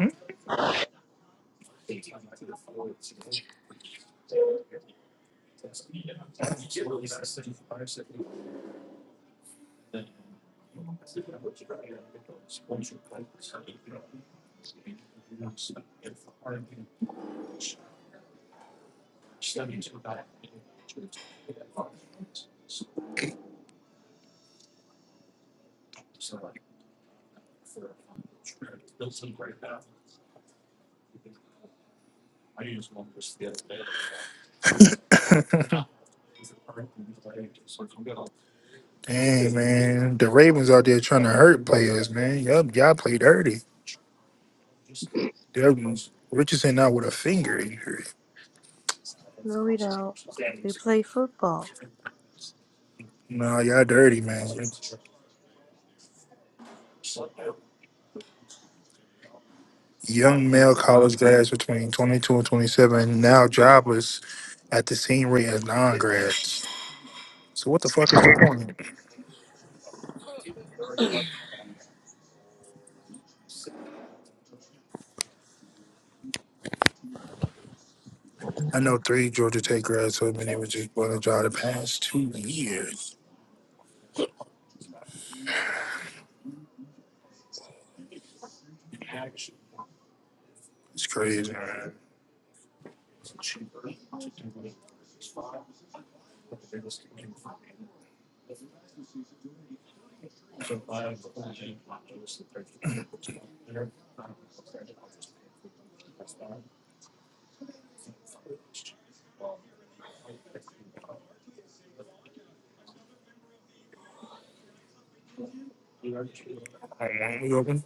S4: Hmm? Dang, man. The Ravens out there trying to hurt players, man. Y'all, y'all play dirty. Y'all- Richardson out with a finger injury.
S6: No, we don't. We play football.
S4: No, y'all dirty, man. Young male college grads between 22 and 27 now jobless at the same rate as non-grads. So what the fuck is the point? I know three Georgia Tech grads who have been able to get a job the past two years. It's crazy. Alright, you open?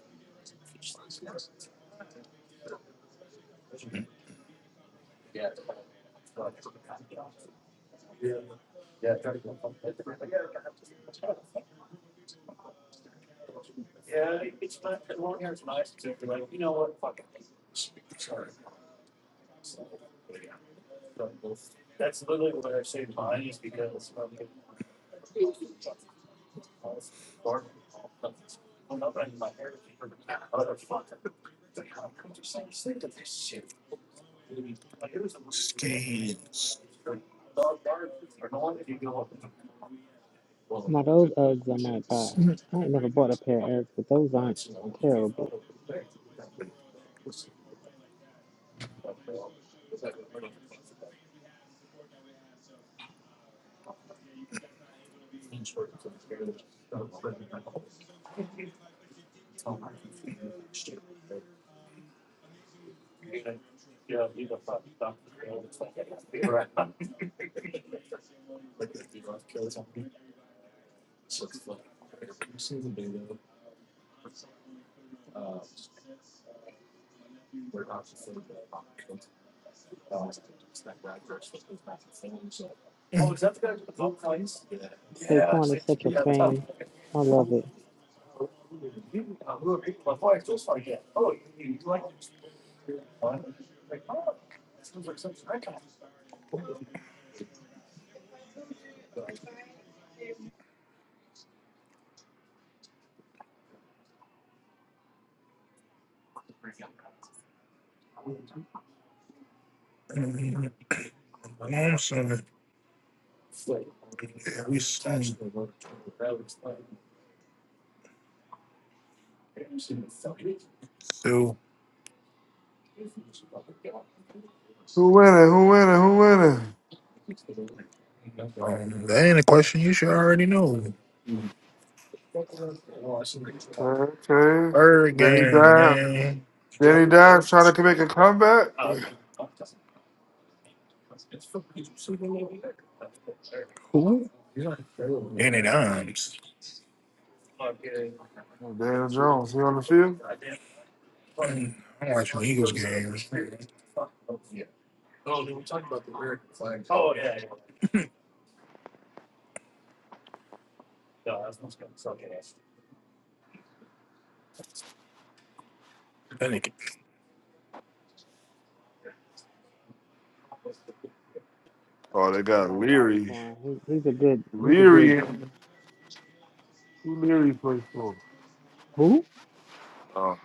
S4: Skins.
S3: Now those Uggs I might buy.
S4: Mhm.
S3: I ain't never bought a pair of Uggs, but those aren't terrible. Saquon is such a fan. I love it.
S4: I'm sorry. Yeah, we seen. So,
S5: Who winning? Who winning? Who winning?
S4: um, that ain't a question you should already know.
S5: Okay, okay.
S4: Bird
S5: Danny
S4: game,
S5: Dimes.
S4: man.
S5: Danny Dimes trying to make a comeback. Oh,
S4: Who? Danny Dimes.
S5: Daniel Jones, he on the field?
S4: Mm, I'm watching Eagles games. That nigga,
S5: Oh, they
S3: I
S5: got
S3: like
S5: Leary.
S3: Saquon. He, he's a good. He's a good.
S5: Leary. Who Leary play for?
S3: Who?
S5: Oh,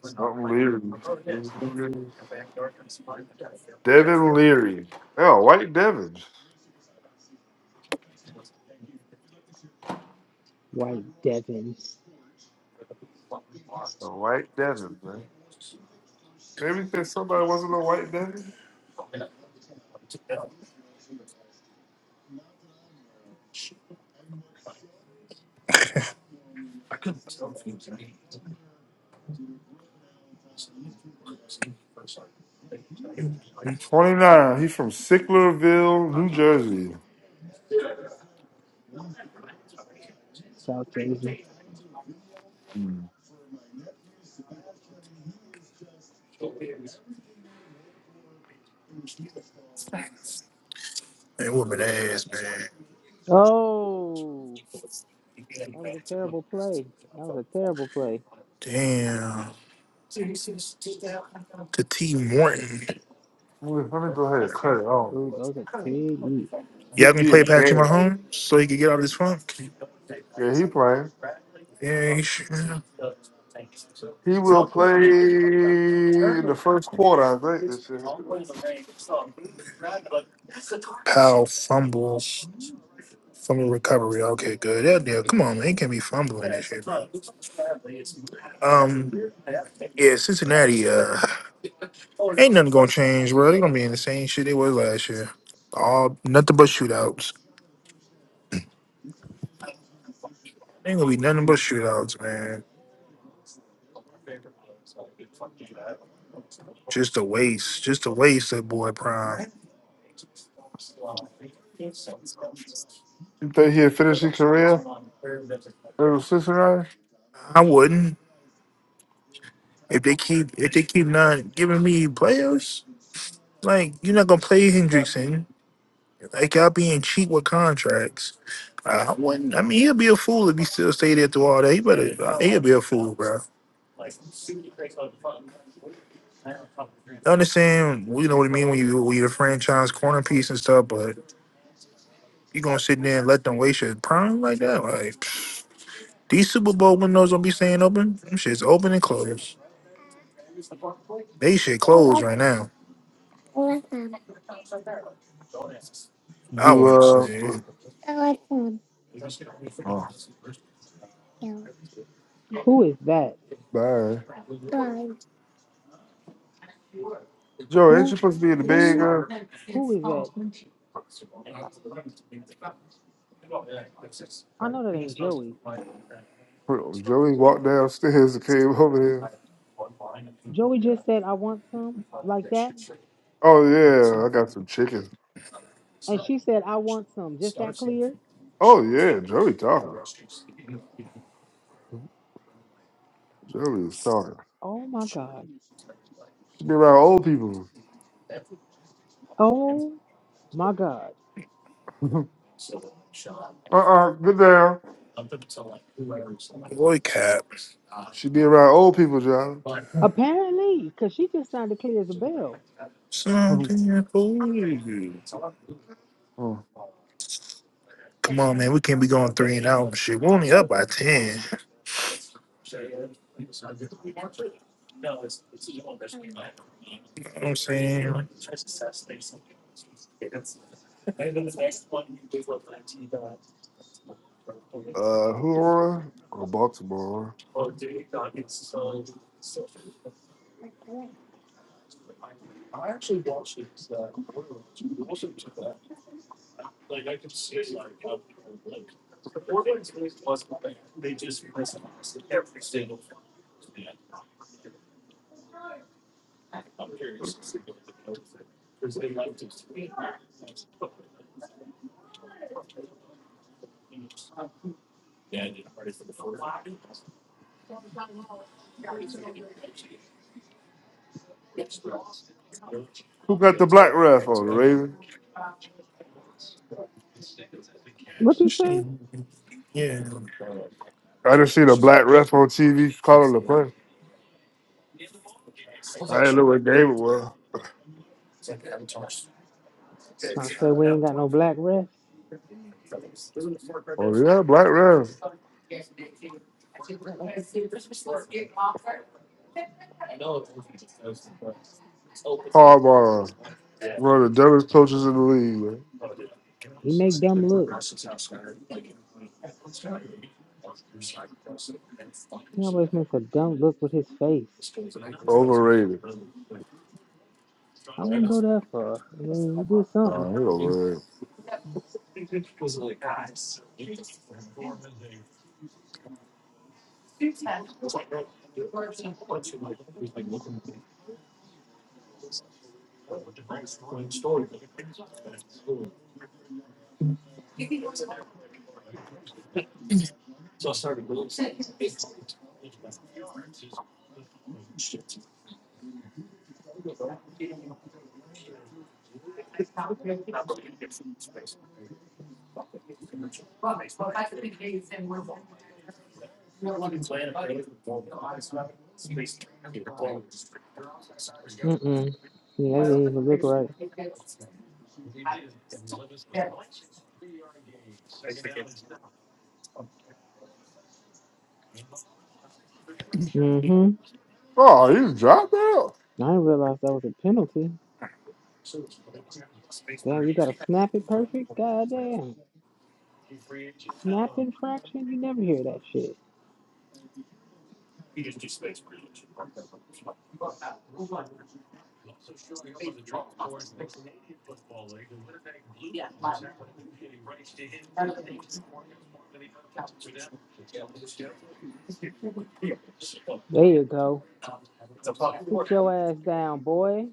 S5: something Leary. Who's Leary? Devin Leary. Oh, White Devin.
S3: White Devins,
S5: A white Devin, man. Maybe since somebody wasn't a white Devin? He's 29. He's from Sicklerville, New Jersey.
S3: South Jersey.
S5: Hmm.
S4: that woman ass, man.
S3: Oh, that was a terrible play. That was a terrible play.
S4: Damn. To T Morton.
S5: Let me let me go ahead and cut it off.
S3: Ooh, those are pretty.
S4: You
S5: Get
S4: gonna
S5: me
S4: play
S5: a
S4: Patrick
S5: game.
S4: Mahomes so he can get out of this funk.
S5: Yeah, he playing.
S4: Yeah, he should. yeah.
S5: He will play in the first quarter, I think. This year.
S4: Powell fumbles. Fumble recovery. Okay, good. Yeah, yeah. Come on, man. He can't be fumbling that shit, Um, yeah, Cincinnati. Uh, ain't nothing gonna change, bro. They gonna be in the same shit they was last year. All nothing but shootouts. Ain't gonna be nothing but shootouts, man. Just a waste. Just a waste that boy Prime.
S5: You think he'll finish his career? Little sister, right?
S4: I wouldn't. If they keep if they keep not giving me players, like you're not gonna play Hendrickson. Like y'all being cheap with contracts. I wouldn't I mean he'll be a fool if he still stay there through all that. He better he'll be a fool, bro. I understand you know what I mean when you when you're a franchise corner piece and stuff, but you gonna sit there and let them waste your prime like that? Like these Super Bowl windows don't be staying open. Them shit's open and closed. They should close right now. I
S5: Do
S4: wouldn't
S5: uh,
S4: say.
S5: oh,
S3: Who is that?
S5: bye. Joey, ain't you
S3: Who?
S5: supposed to be in the bed,
S3: Who?
S5: girl?
S3: Who is that? I know that ain't Joey.
S5: Joey walked downstairs and came over here.
S3: Joey just said, "I want some," like that,
S5: Oh yeah, I got some chicken.
S3: and she said, "I want some," just that clear.
S5: Oh yeah, Joey talking. Joey is talking.
S3: Oh my God.
S5: She be around old people.
S3: Oh my God.
S5: uh uh get down.
S4: Boy, cap.
S5: She be around old people, John.
S3: Apparently, because she just sounded clear as a bell.
S5: uh,
S4: Something I told you. Come on, man. We can't be going three and out and shit. We're only up by 10. You know what I'm saying?
S5: who are? Or Baltimore. Who got the black ref on the Raven?
S3: What you say?
S4: Yeah.
S5: I just seen a black ref on TV calling the play. I didn't know what game it was.
S3: Trying to say we ain't got no black refs.
S5: Oh yeah, black ref. Harbaugh, one of the dumbest coaches in the league. Man.
S3: He make dumb looks. He always makes a dumb look with his face.
S5: Overrated.
S3: I wouldn't go that far. I mean, he did something.
S5: Oh, he overrated.
S3: Mm-mm. Yeah, that didn't even look right. Mm-hmm.
S5: Oh, you dropped out.
S3: I didn't realize that was a penalty. Damn, you got to snap it perfect? God damn. Snap infraction? You never hear that shit. There you go. Sit your ass down, boy.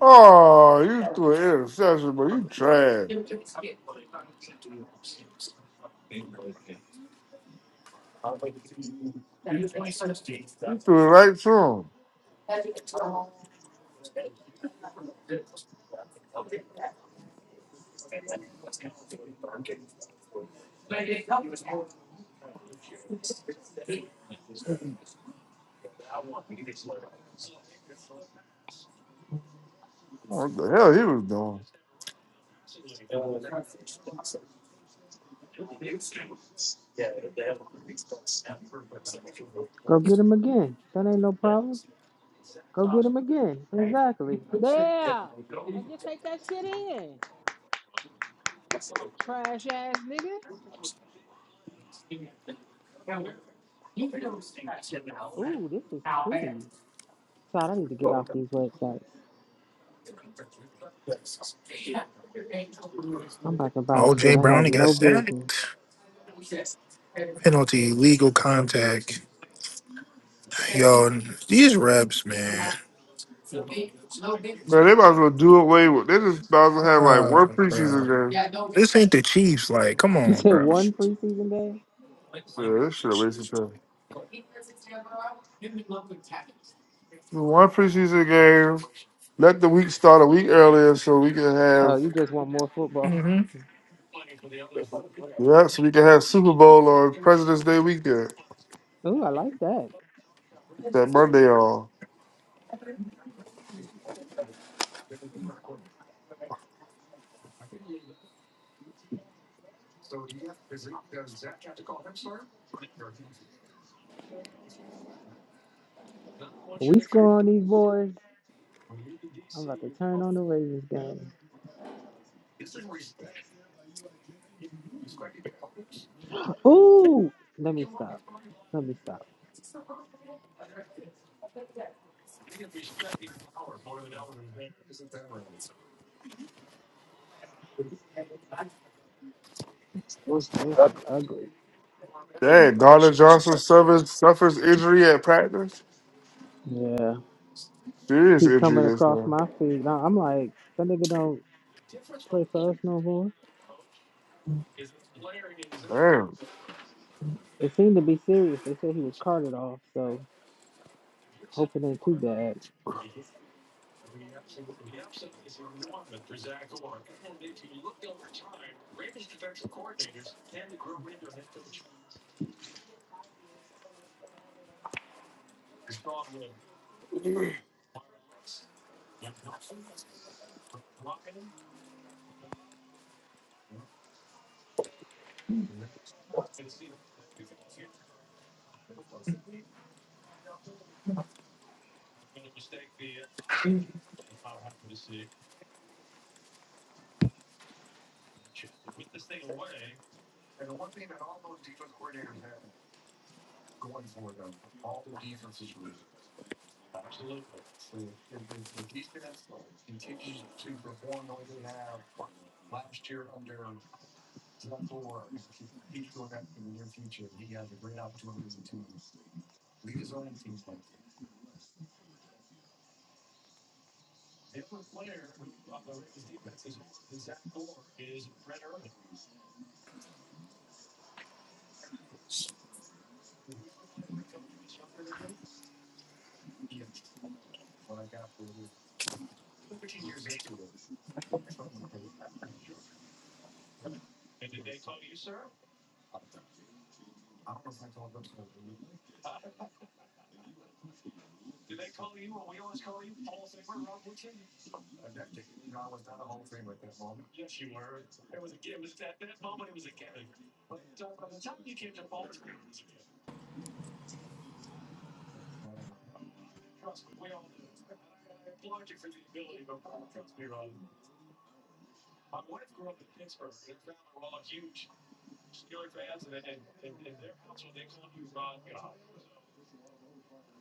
S5: Oh, you threw an interception, but you trash. You threw it right to him. What the hell he was doing?
S3: Go get him again. That ain't no problem. Go get him again. Exactly. Yeah. And just take that shit in. Trash ass nigga. Ooh, this is pretty. Todd, I need to get off these websites. I'm about to buy shit.
S4: OJ
S3: I have
S4: Brownie got
S3: no business.
S4: sacked. Penalty, legal contact. Yo, these reps, man.
S5: Man, they might as well do away with. They just might as well have like
S4: Uh,
S5: one preseason
S4: bro.
S5: game.
S4: This ain't the Chiefs. Like, come
S3: You
S4: on,
S3: said
S4: bro.
S3: one preseason game?
S5: Yeah, this shit a waste of time. The One preseason game. Let the week start a week earlier so we can
S3: Oh,
S5: have
S3: you just want more football.
S4: Mm-hmm.
S5: yeah, so we can have Super Bowl on President's Day weekend.
S3: Ooh, I like that.
S5: That Monday on.
S3: We score on these boys. I'm about to turn on the Ravens game. Ooh, let me stop. Let me stop. Those are ugly.
S5: Dang, Garner Johnson suffers suffers injury at practice.
S3: Yeah.
S5: Serious
S3: keep coming
S5: injury this
S3: across
S5: now.
S3: my feed. I- I'm like, that nigga don't play for us no more.
S5: Damn.
S3: It seemed to be serious. They said he was carted off, so hope it ain't too bad.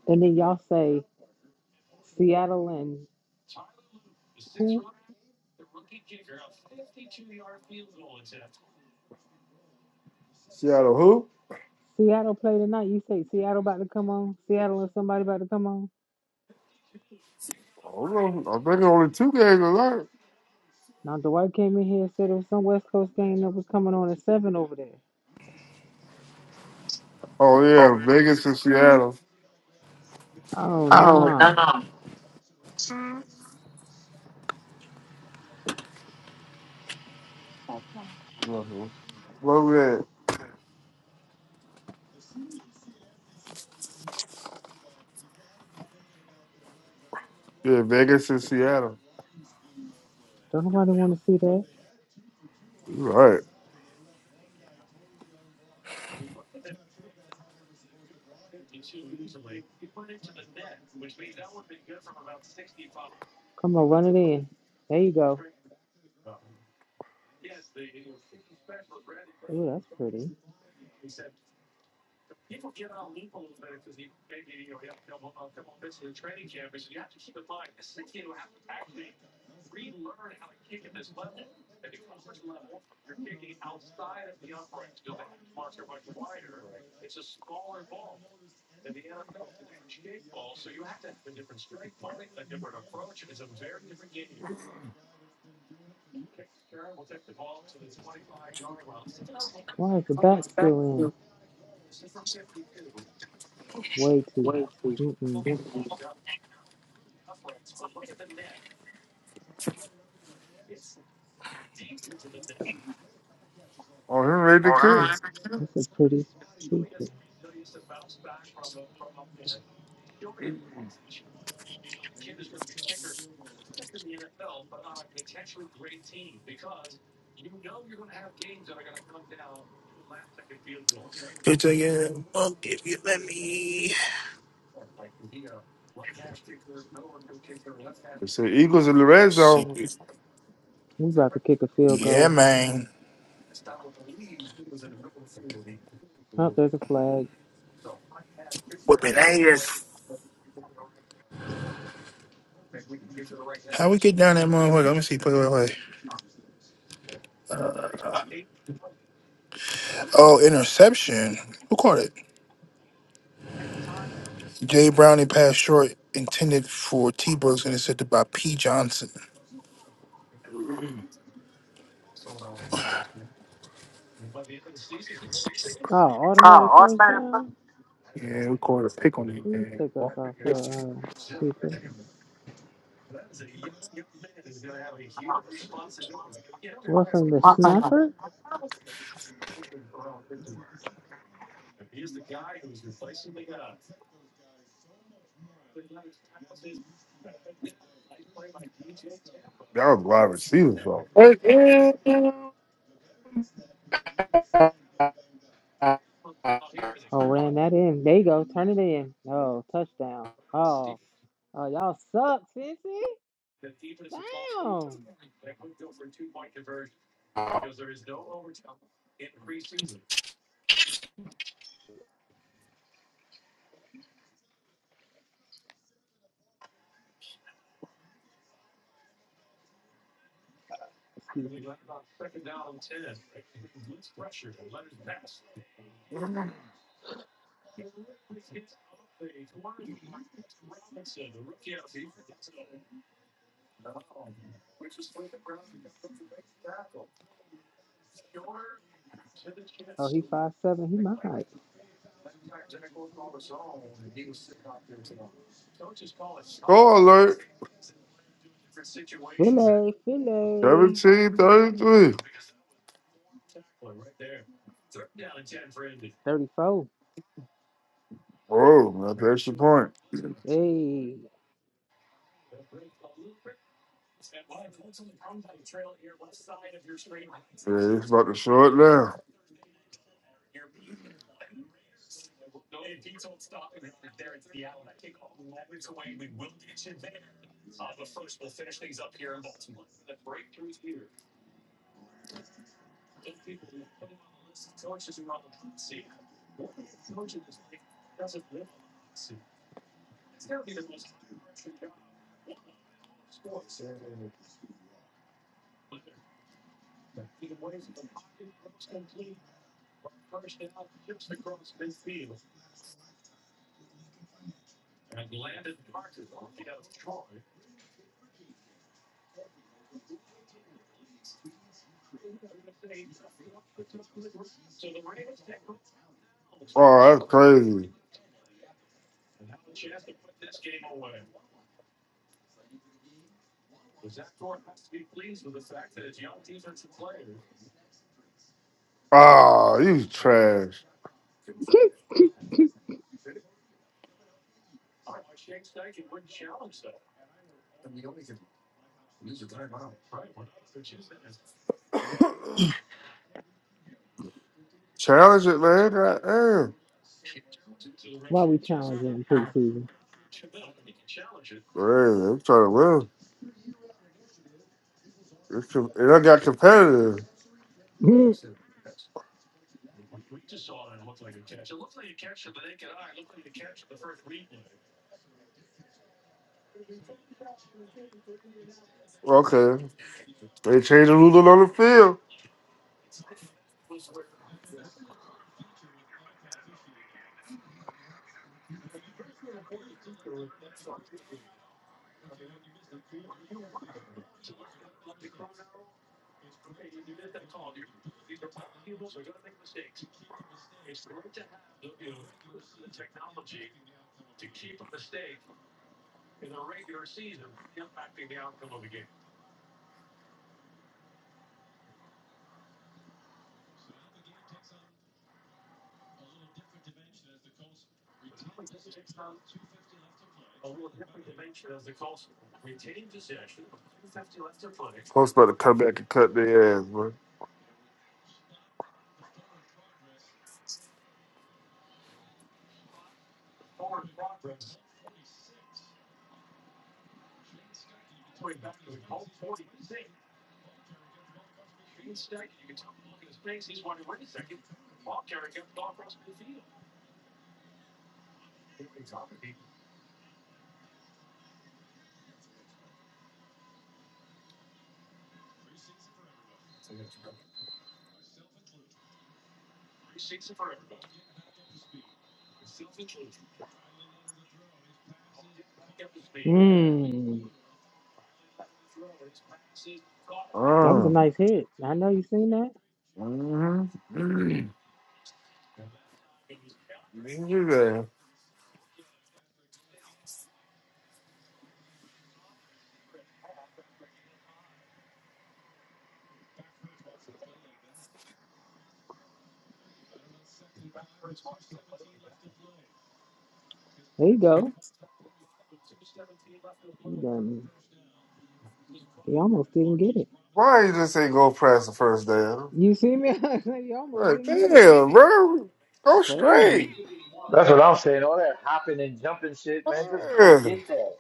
S3: And then y'all say Seattle and who?
S5: Seattle who?
S3: Seattle play tonight. You say Seattle about to come on. Seattle and somebody about to come on.
S5: I don't know. I think only two games left.
S3: Now Dwight came in here and said it was some West Coast game that was coming on at seven over there.
S5: Oh yeah, Vegas and Seattle.
S3: Oh nah,
S5: Mm-hmm. What was that? Yeah, Vegas and Seattle.
S3: don't nobody want to see that.
S5: Right.
S3: Come on, run it in. There you go. Ooh, that's pretty. Why is the back still in? Way too. Mm-mm.
S5: Oh, him ready the cook?
S3: Ooh, That's a pretty speaker.
S4: It's like, yeah, fuck if you let me.
S5: They said Eagles in the red
S4: See,
S5: zone.
S3: We about to kick a field
S4: yeah,
S3: goal.
S4: man.
S3: Oh, there's a flag.
S4: Whipping ass. How we get down that motherfucker? Let me see. Play, play, play. Oh, interception. Who caught it? Jay Brownie passed short, intended for T Brooks, and intercepted by P Johnson.
S3: Oh, automatic first down.
S4: Yeah, we caught a pick on you,
S3: Please
S4: man.
S3: take us off your uh, speaker. Roughing the snapper.
S5: That was wide receiver fault.
S3: Oh, ran that in. There you go. Turn it in. Oh, touchdown. Oh, oh, y'all suck, Cincy. Down. Excuse me. Oh, he five seven. He my height.
S5: Score alert.
S3: Filet, filet.
S5: 17 33.
S3: 34.
S5: Oh, that's the extra point. Yeah,
S3: Hey.
S5: it's about to short down. Oh, that's crazy. Oh, you trash. Challenge it, man. God damn.
S3: Why we challenging preseason?
S5: Man, I'm trying to win. It's com- and I got competitive.
S3: Mm.
S5: Okay. They changed the rules on the field. Supposed about to come back and cut their ass, man.
S3: mm. That was a
S5: Oh.
S3: nice hit. I know you seen that.
S5: Mm-hmm.
S3: There you go. You got me. He almost didn't get it.
S5: Why you just ain't go press the first day?
S3: You see me? I said he almost
S5: Like,
S3: didn't get it.
S5: damn, bro. Go straight.
S3: Crazy.
S1: That's what I'm saying. All that hopping and jumping shit, man. Just go
S5: Yeah,
S1: get that.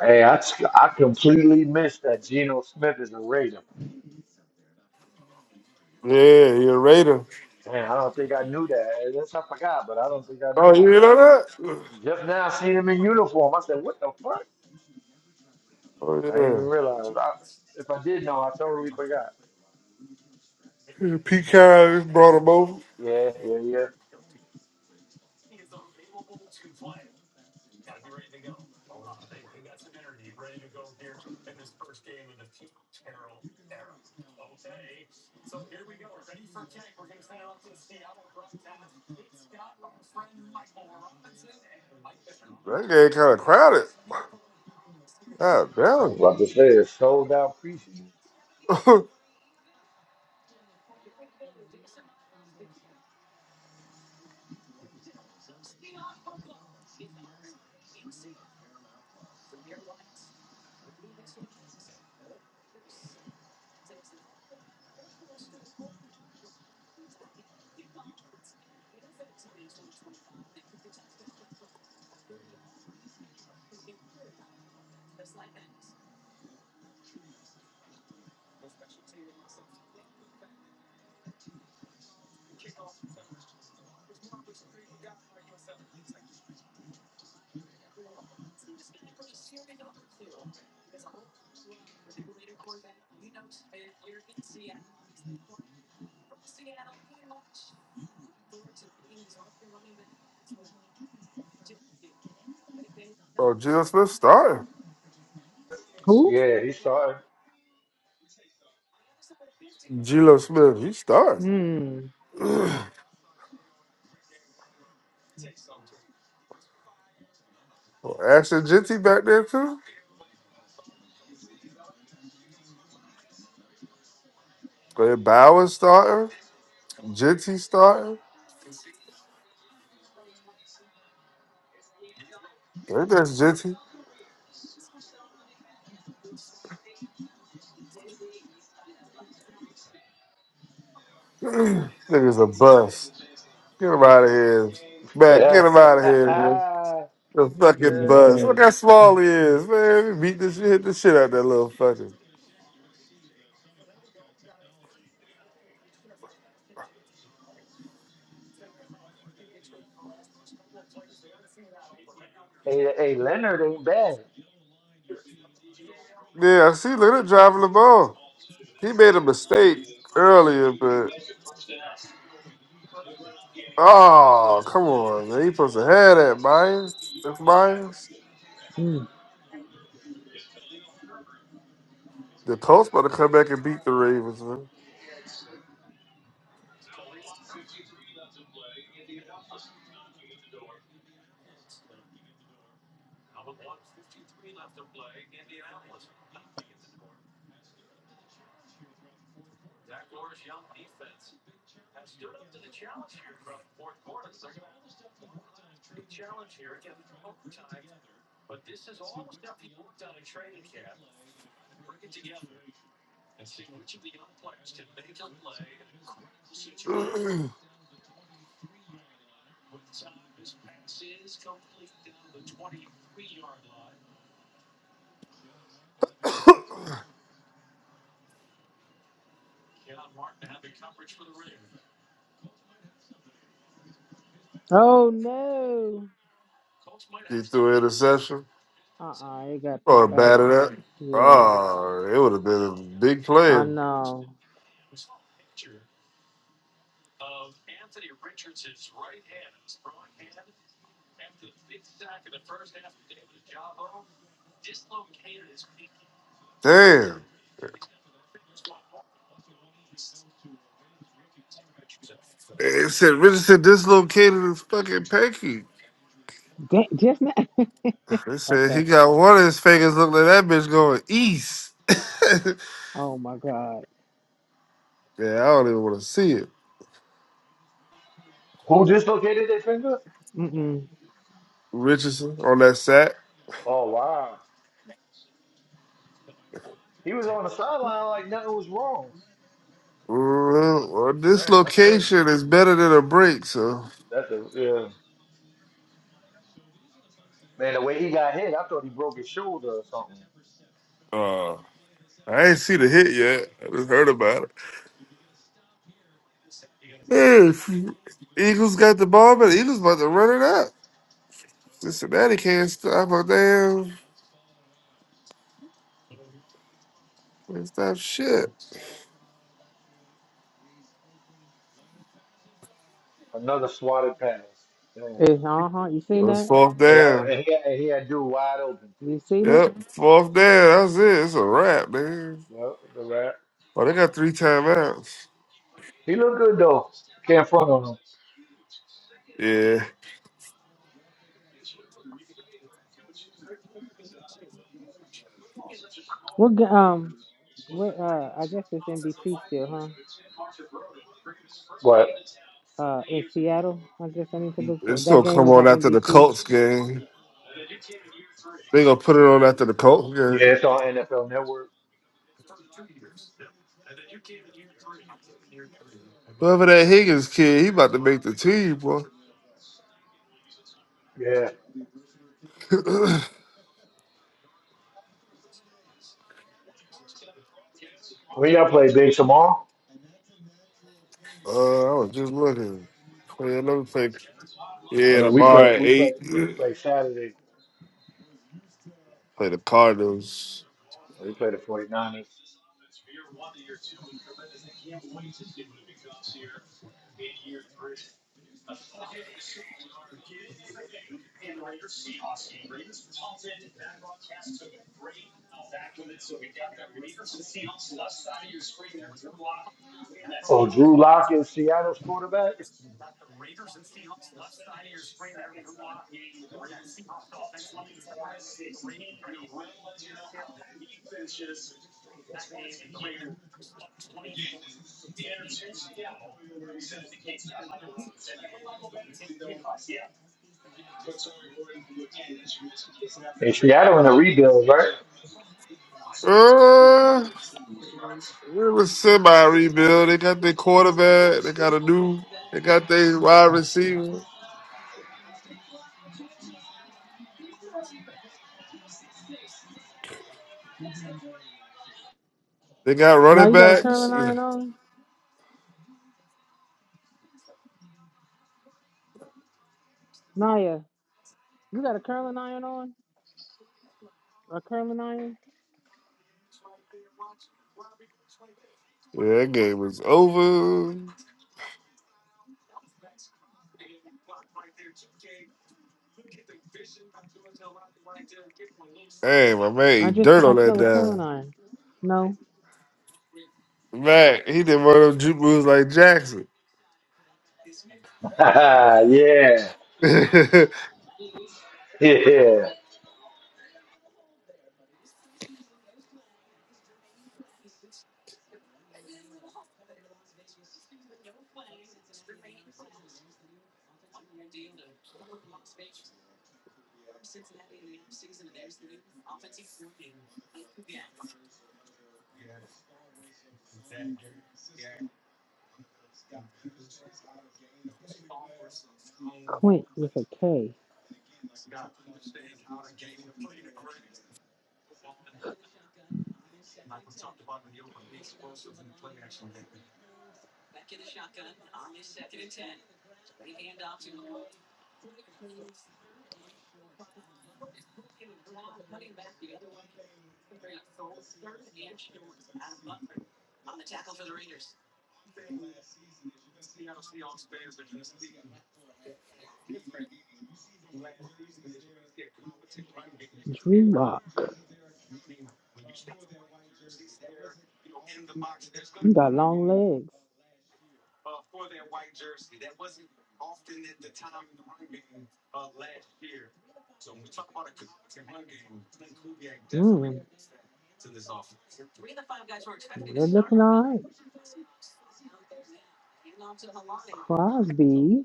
S1: Hey, I, I completely missed that Geno Smith is a Raider.
S5: yeah you're a Raider.
S1: Man, I don't think I knew that. Eh, That's I forgot, but I don't think I knew
S5: Oh,
S1: that.
S5: you know that?
S1: Just now, seen him in uniform, I said, "What the fuck?"
S5: Oh,
S1: I didn't even
S5: yeah.
S1: realize. I, if I did know, I totally forgot.
S5: Yeah, Pete Carroll just brought him over.
S1: Yeah, yeah, yeah.
S5: That game kind of crowded. God
S1: I was
S5: damn.
S1: about to say it's sold out preseason.
S5: oh, Geno Smith starting.
S3: Who?
S1: Yeah, he started.
S5: Geno Smith, he's starting.
S3: Hmm.
S5: Well, Ash and Jinty back there too. But Bowers starting, Jinty starting. Ain't that this Jinty. Niggas a bust. Get him out of here, Matt.
S1: Yeah.
S5: Get him out of here, man. The
S3: He's
S5: fucking
S3: a
S5: bust. Look
S1: yeah.
S5: how
S3: bust.
S5: small he is, man. We beat the shit, hit the shit out that little fucker.
S1: Hey, hey, Leonard ain't bad.
S5: Yeah, I see. Look at him driving the ball. He made a mistake earlier, but oh, come on, man. He supposed to have that, Myers. That's Myers.
S3: Mm.
S5: The Colts about to come back and beat the Ravens, man. and see which of the young players can make a play in a critical situation.
S3: Oh no.
S5: Colts might he actually threw an interception
S3: Uh uh it got
S5: or
S3: picked. Uh,
S5: batted up.
S3: yeah.
S5: Oh, it would have been a big
S3: I
S5: play.
S3: know.
S5: Damn. They said Richardson dislocated his fucking pinky.
S3: Da- just now.
S5: They said he
S3: okay.
S5: got one of his fingers look like that bitch going east. yeah,
S3: Oh my God.
S5: I don't even want to see it.
S1: Who dislocated their finger?
S3: Mm-mm.
S5: Richardson on that sack.
S1: Oh wow, he was on the sideline like nothing was wrong.
S5: Well, well, this
S1: Man, that's crazy.
S5: location is better than a break, so
S1: That's a yeah. Man, the way he got hit, I thought he broke his shoulder or something.
S5: uh, I ain't see the hit yet. I just heard about it. Hey, Eagles got the ball, but the Eagles about to run it up. Cincinnati can't stop a damn, can't stop shit.
S1: Another swatted pass. Man.
S3: It's uh huh. You
S5: It
S3: seen
S5: was
S3: that?
S5: fourth
S1: Yeah,
S5: down.
S1: and he, had- and he had dude wide open
S3: You
S1: too.
S3: seen it?
S5: Yep, fourth down. That's it. It's a wrap, man.
S1: Yep, the rat.
S5: Oh, they got three timeouts.
S1: He looked good though. Can't front on him.
S5: Yeah,
S3: We're g- um, we uh. I guess it's NBC still, huh?
S1: But
S3: Uh, in Seattle. I guess I need to look for
S5: it's
S3: that
S5: gonna
S3: game
S5: come
S3: is
S5: on
S3: on
S5: after the
S3: NBC.
S5: Colts game. They gonna put it on after the Colts game.
S1: yeah, it's on NFL Network.
S5: Whoever that Higgins kid, he about to make the team, boy.
S1: Yeah.
S5: uh,
S1: When y'all play big tomorrow?
S5: I was just looking. Play another play.
S1: Oh
S5: Yeah,
S1: no, we play
S5: tomorrow at
S1: we play
S5: eight.
S1: we play Saturday.
S5: play the Cardinals.
S1: We play the 49ers. Oh, Drew Lock is Seattle's quarterback? Hey, Seattle in a rebuild, right?
S5: Uh, it was semi rebuild. They got their quarterback. They got a new. They got their wide receiver. They got
S3: Now
S5: running
S3: you got a
S5: backs.
S3: curling
S5: Yeah,
S3: iron on, Naya. You got a curling iron on? A curling iron?
S5: that game was over. Hey, my man, he
S3: I just
S5: dirt
S3: I
S5: on that
S3: smell a curling
S5: down.
S3: iron. No,
S5: Man, he did one of them juke moves like Jackson.
S1: yeah. Yeah.
S3: Clint with a K. Drew Lock. You got long legs. Mm, they're looking all right. Crosby.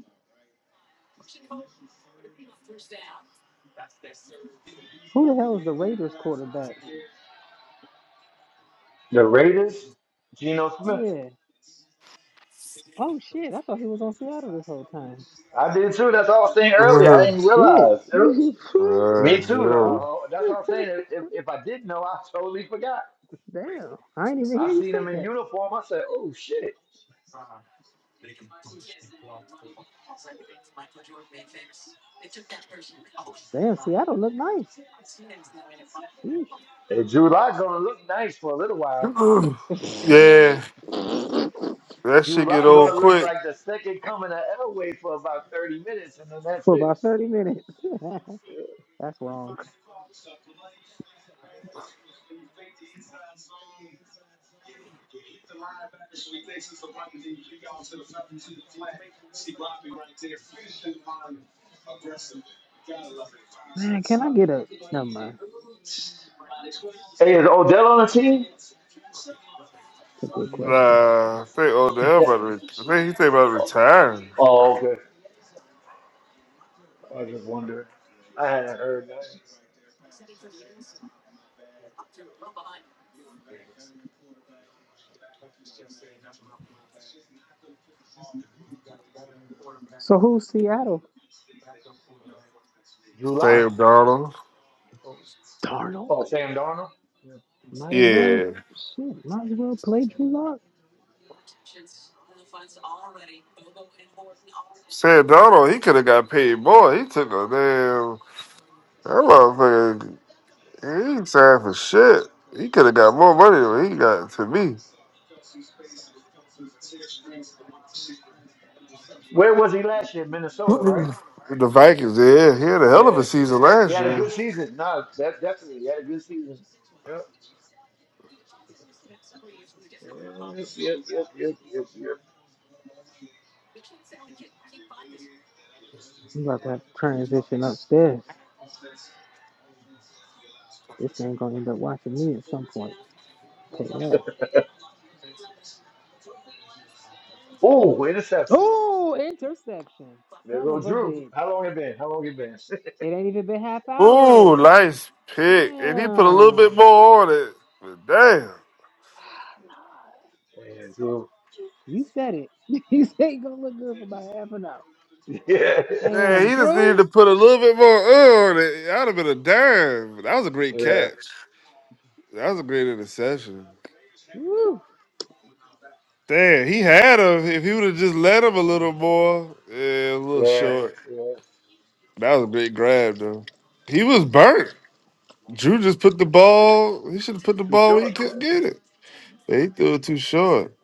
S3: Who the hell is the Raiders quarterback?
S1: The Raiders? Geno Smith.
S3: Yeah. Oh shit. I thought he was on Seattle this whole time.
S1: I did too. That's what I was saying earlier. I didn't
S3: Shit.
S1: realize. Me
S5: Uh,
S1: too.
S3: Oops.
S1: Though. Uh, That's what I'm saying. If, if, if I didn't know, I totally forgot.
S3: Damn. I didn't even
S1: I
S3: hear you
S1: seen
S3: say
S1: him in
S3: that.
S1: uniform. I said, "Oh shit!"
S3: Damn, Seattle looked nice. Sheesh.
S1: And Drew Lock gonna look nice for a little
S5: yeah.
S1: while.
S5: yeah, that
S1: Drew
S5: shit get
S1: Lock gonna
S5: old
S1: look
S5: quick.
S1: like the second coming of Elway for about thirty minutes, and then that's
S3: For
S1: it.
S3: about 30 minutes. That's wrong. Man, can I get a never mind.
S1: Hey, is Odell on the team?
S3: That's a good question.
S5: Nah, I think Odell about to. Re- I think he think about retiring.
S1: oh, okay. I hadn't heard nothing.
S3: So who's Seattle?
S1: Drew Lock?
S5: Sam Donald.
S1: Oh,
S3: Darnold?
S1: oh, Sam Darnold? Yeah.
S3: Might as well,
S5: Yeah,
S3: shit, might as well play Drew Lock.
S5: Sam Donald. He could have got paid more. He took a damn. That motherfucker, he ain't signed for shit. He could have got more money than he got to me.
S1: Where was he last year? Minnesota, right?
S5: the Vikings, yeah, he had a hell of a
S1: Yeah, yeah.
S5: season
S1: He
S5: last
S1: had a good
S5: year.
S1: season. No, that definitely he had a good season. Yep. Yep, yep, yep, yep, yep. yep.
S3: I'm about to have to transition upstairs. This game gonna end up watching me at some point. Take that.
S1: Ooh, interception.
S3: Oh, interception.
S1: There
S3: Son of
S1: goes
S3: a
S1: Drew.
S3: bitch.
S1: How long it been? How long it been?
S3: It ain't even been half
S5: Ooh,
S3: hour.
S5: nice pick. If he put a little bit
S3: Damn.
S5: more on it, but damn.
S1: yeah, Drew.
S3: You said it. you said you gonna look good for about half an hour.
S1: Yeah.
S5: Man,
S3: Damn,
S5: he just needed to
S3: Drew.
S5: put a little bit more on it. I'd have been a dime. That was a great
S1: Yeah,
S5: catch. That was a great interception.
S3: Woo.
S5: Damn, he had him. If he would have just let him a little more, yeah, a little
S1: yeah,
S5: short.
S1: yeah.
S5: That was a great grab, though. He was burnt. Drew just put the ball. He should have put the
S1: Too
S5: ball where
S1: short.
S5: he
S1: Yeah.
S5: couldn't get it. They threw it too short.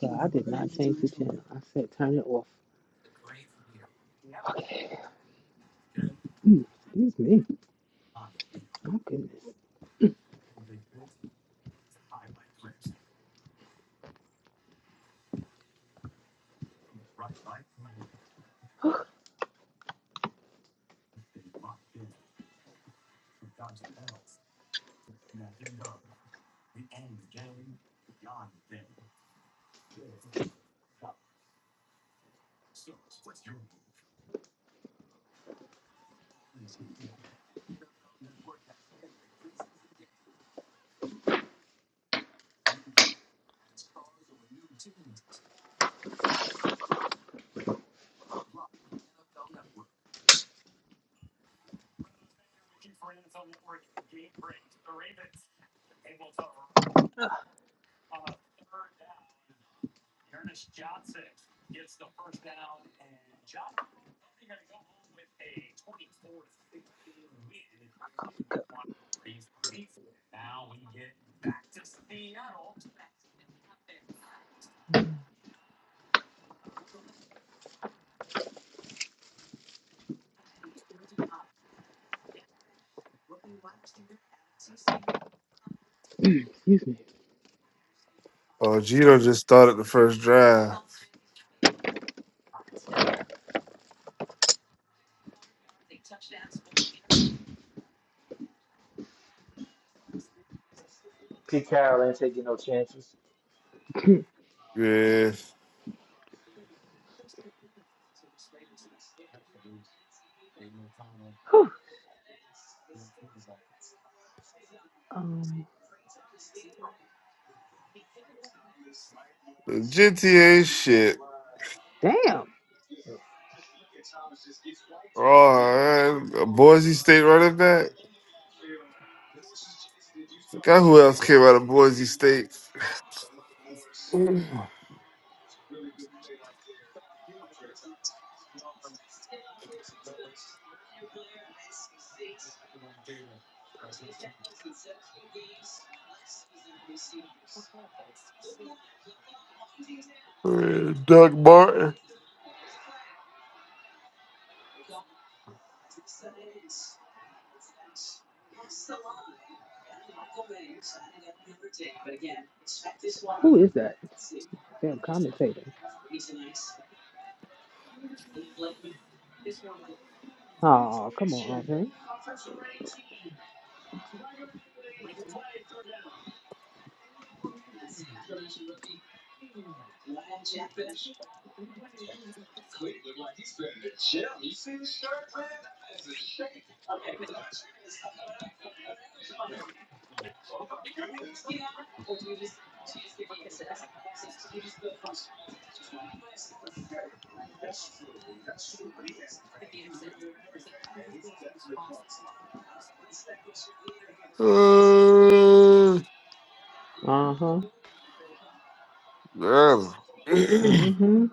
S3: So I did not change the channel. I said turn it off. Okay. Mm, Excuse me. Oh goodness. Excuse me.
S5: Oh, Gino just started the first drive.
S1: Pete Carroll ain't taking no chances.
S5: Yeah,
S3: Um,
S5: GTA shit.
S3: damn,
S5: Oh, man. A Boise State running back. Forgot who else came out of Boise State. Uh, Doug Martin.
S3: who is that? Damn commentator. Oh, come on, offense.
S5: Uh,
S3: Uh huh.
S5: man.
S3: Mm hmm.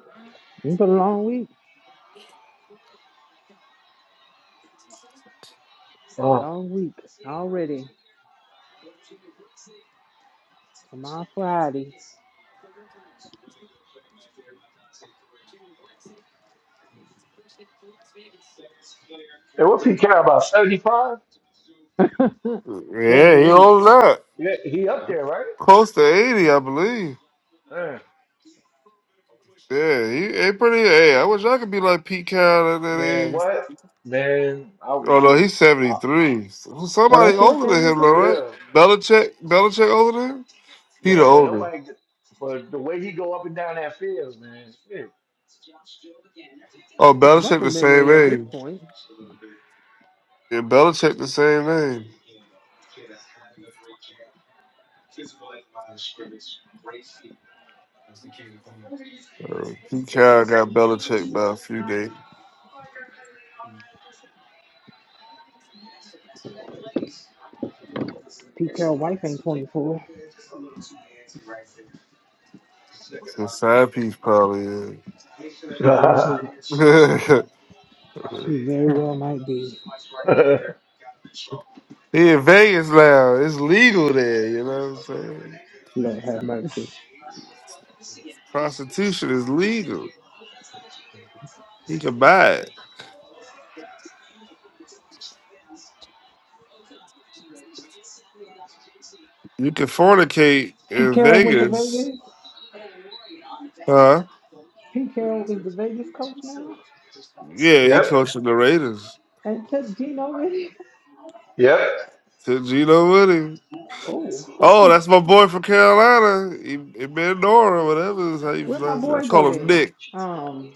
S3: It's been a long week.
S1: Oh.
S3: Long week already. Tomorrow, Friday.
S1: And what Pete Carroll about? 75?
S5: yeah, he
S3: 78.
S5: holds up
S1: Yeah, he up there, right?
S5: Close to 80, I believe.
S1: Uh,
S5: Yeah, he, he pretty. Hey, I wish I could be like Pete Carroll. at that
S1: man,
S5: age.
S1: what? Man, I,
S5: oh no, he's seventy
S1: I
S5: three.
S3: Oh,
S5: Somebody
S3: that's
S1: uh,
S3: it,
S5: older than him, though,
S1: yeah,
S3: 73?
S5: right? Belichick, Belichick older than him. He the
S1: man, but
S5: older.
S1: nobody, but the way he go up and down that field, man. shit.
S5: Oh,
S3: It's
S5: Belichick
S3: muscle
S5: the same
S3: memory at this
S5: age.
S3: point.
S5: Yeah, Belichick the same age. Uh, Pete Carroll got Belichick by a few days.
S3: Pete Carroll wife ain't 24.
S5: His side piece probably.
S3: She might be.
S5: Yeah.
S3: She very well might be.
S5: he in Vegas now. It's legal there. You know what I'm saying?
S3: Lord have mercy.
S5: Prostitution is legal. He can buy it. You can fornicate
S3: Pete
S5: in
S3: Carroll went to
S5: Vegas,
S3: Vegas.
S5: huh?
S3: Pete Carroll is the Vegas coach now.
S5: Yeah, he coaching the Raiders.
S3: And took Gino with him.
S5: To Gino Woody.
S3: Oh.
S5: Oh, that's my boy from Carolina. He, he Nora, whatever is how you
S3: Where my
S5: pronounce it. I
S3: boy go
S5: call him
S3: then?
S5: Nick.
S3: Um,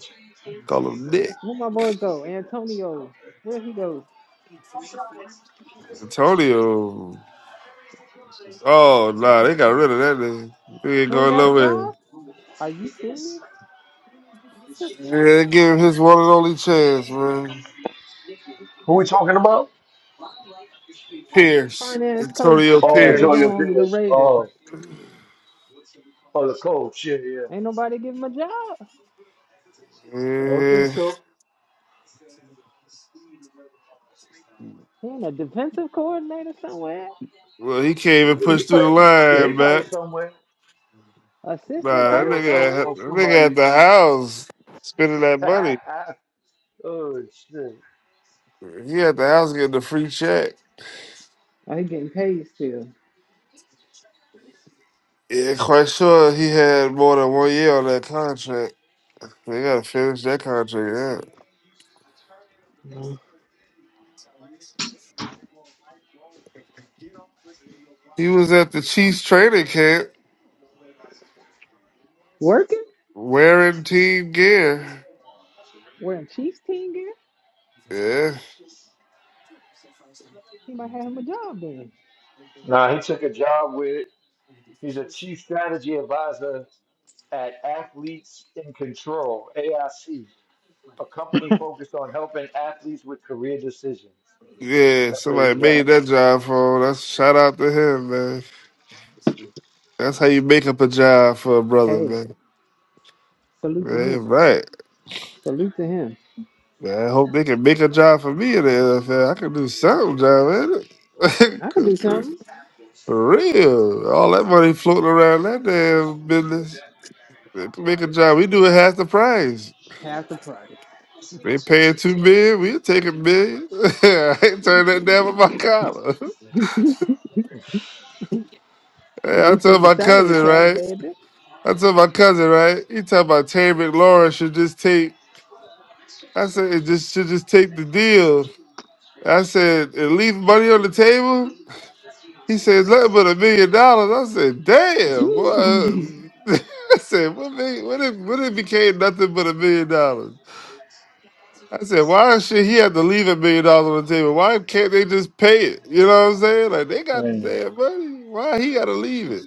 S5: Call him Nick.
S3: where my boy go? Antonio, where he go?
S5: Antonio. Oh nah, they got rid of that nigga. He ain't
S3: He ain't
S5: going
S3: got a
S5: nowhere.
S3: job? Are you serious?
S5: Yeah, they give him his one and only chance, man.
S1: Who we talking about?
S3: That
S5: Pierce.
S3: Finance
S5: Antonio
S3: coach
S1: Oh,
S3: that was
S1: Antonio
S5: Pierce.
S3: on the
S1: Pierce.
S3: Raiders.
S1: Oh. Oh, the coach. Yeah, yeah.
S3: Ain't nobody give him a job.
S1: I don't think
S5: Yeah.
S1: so.
S3: He ain't a defensive coordinator somewhere,
S5: Well, he
S1: He,
S5: can't even
S1: he
S5: push through
S1: probably,
S5: the
S1: yeah, he
S5: line,
S1: probably
S5: man.
S1: somewhere. He
S3: assistant
S5: Nah,
S1: probably
S5: that
S3: coach
S1: on some
S5: nigga,
S3: somewhere.
S5: at-
S1: on
S5: that nigga at
S1: somebody.
S5: the house spending that money.
S1: oh shit.
S5: He at the house getting the free check.
S3: Oh, he getting paid still.
S5: Yeah, quite sure he had more than one year on that contract. They gotta finish that contract out.
S3: Mhm.
S5: He was at the Chiefs training camp
S3: Working?
S5: wearing team gear.
S3: Wearing Chiefs team gear?
S5: Yeah.
S3: He might have him a job then.
S1: Nah, he took a job with. He's a chief strategy advisor at Athletes in Control (AIC), a company focused on helping athletes with career decisions.
S5: Yeah,
S1: That's where
S5: somebody
S1: he's
S5: made
S1: at.
S5: that job for him. That's shout out to him, man. That's how you make up a job for a brother,
S3: Hey,
S5: man.
S3: salute to him.
S5: Man, right.
S3: Salute to him.
S5: Man, I hope they can make a job for me in the NFL. I can do some job in it.
S3: I can
S5: 'Cause
S3: do
S5: For
S3: something.
S5: for real. All that money floating around that damn business. They can make a job. We do it half the price.
S3: Half the price.
S5: They paying two million, we'll take a million. I ain't turn that down with my collar.
S3: Don't
S5: Hey, I
S3: reset
S5: told
S3: the
S5: my
S3: salary
S5: cousin,
S3: cap,
S5: right?
S3: baby.
S5: I told my cousin, right? He talking about Terry McLaurin should just take I said it just should just take the deal. I said, and leave money on the table. He says nothing but a million dollars. I said, damn, boy. I said, what, million, what, if, what if it became nothing but a million dollars? I said, why should he have to leave a million dollars on the table? Why can't they just pay it? You know what I'm saying? Like they got the damn money. Why he gotta leave it?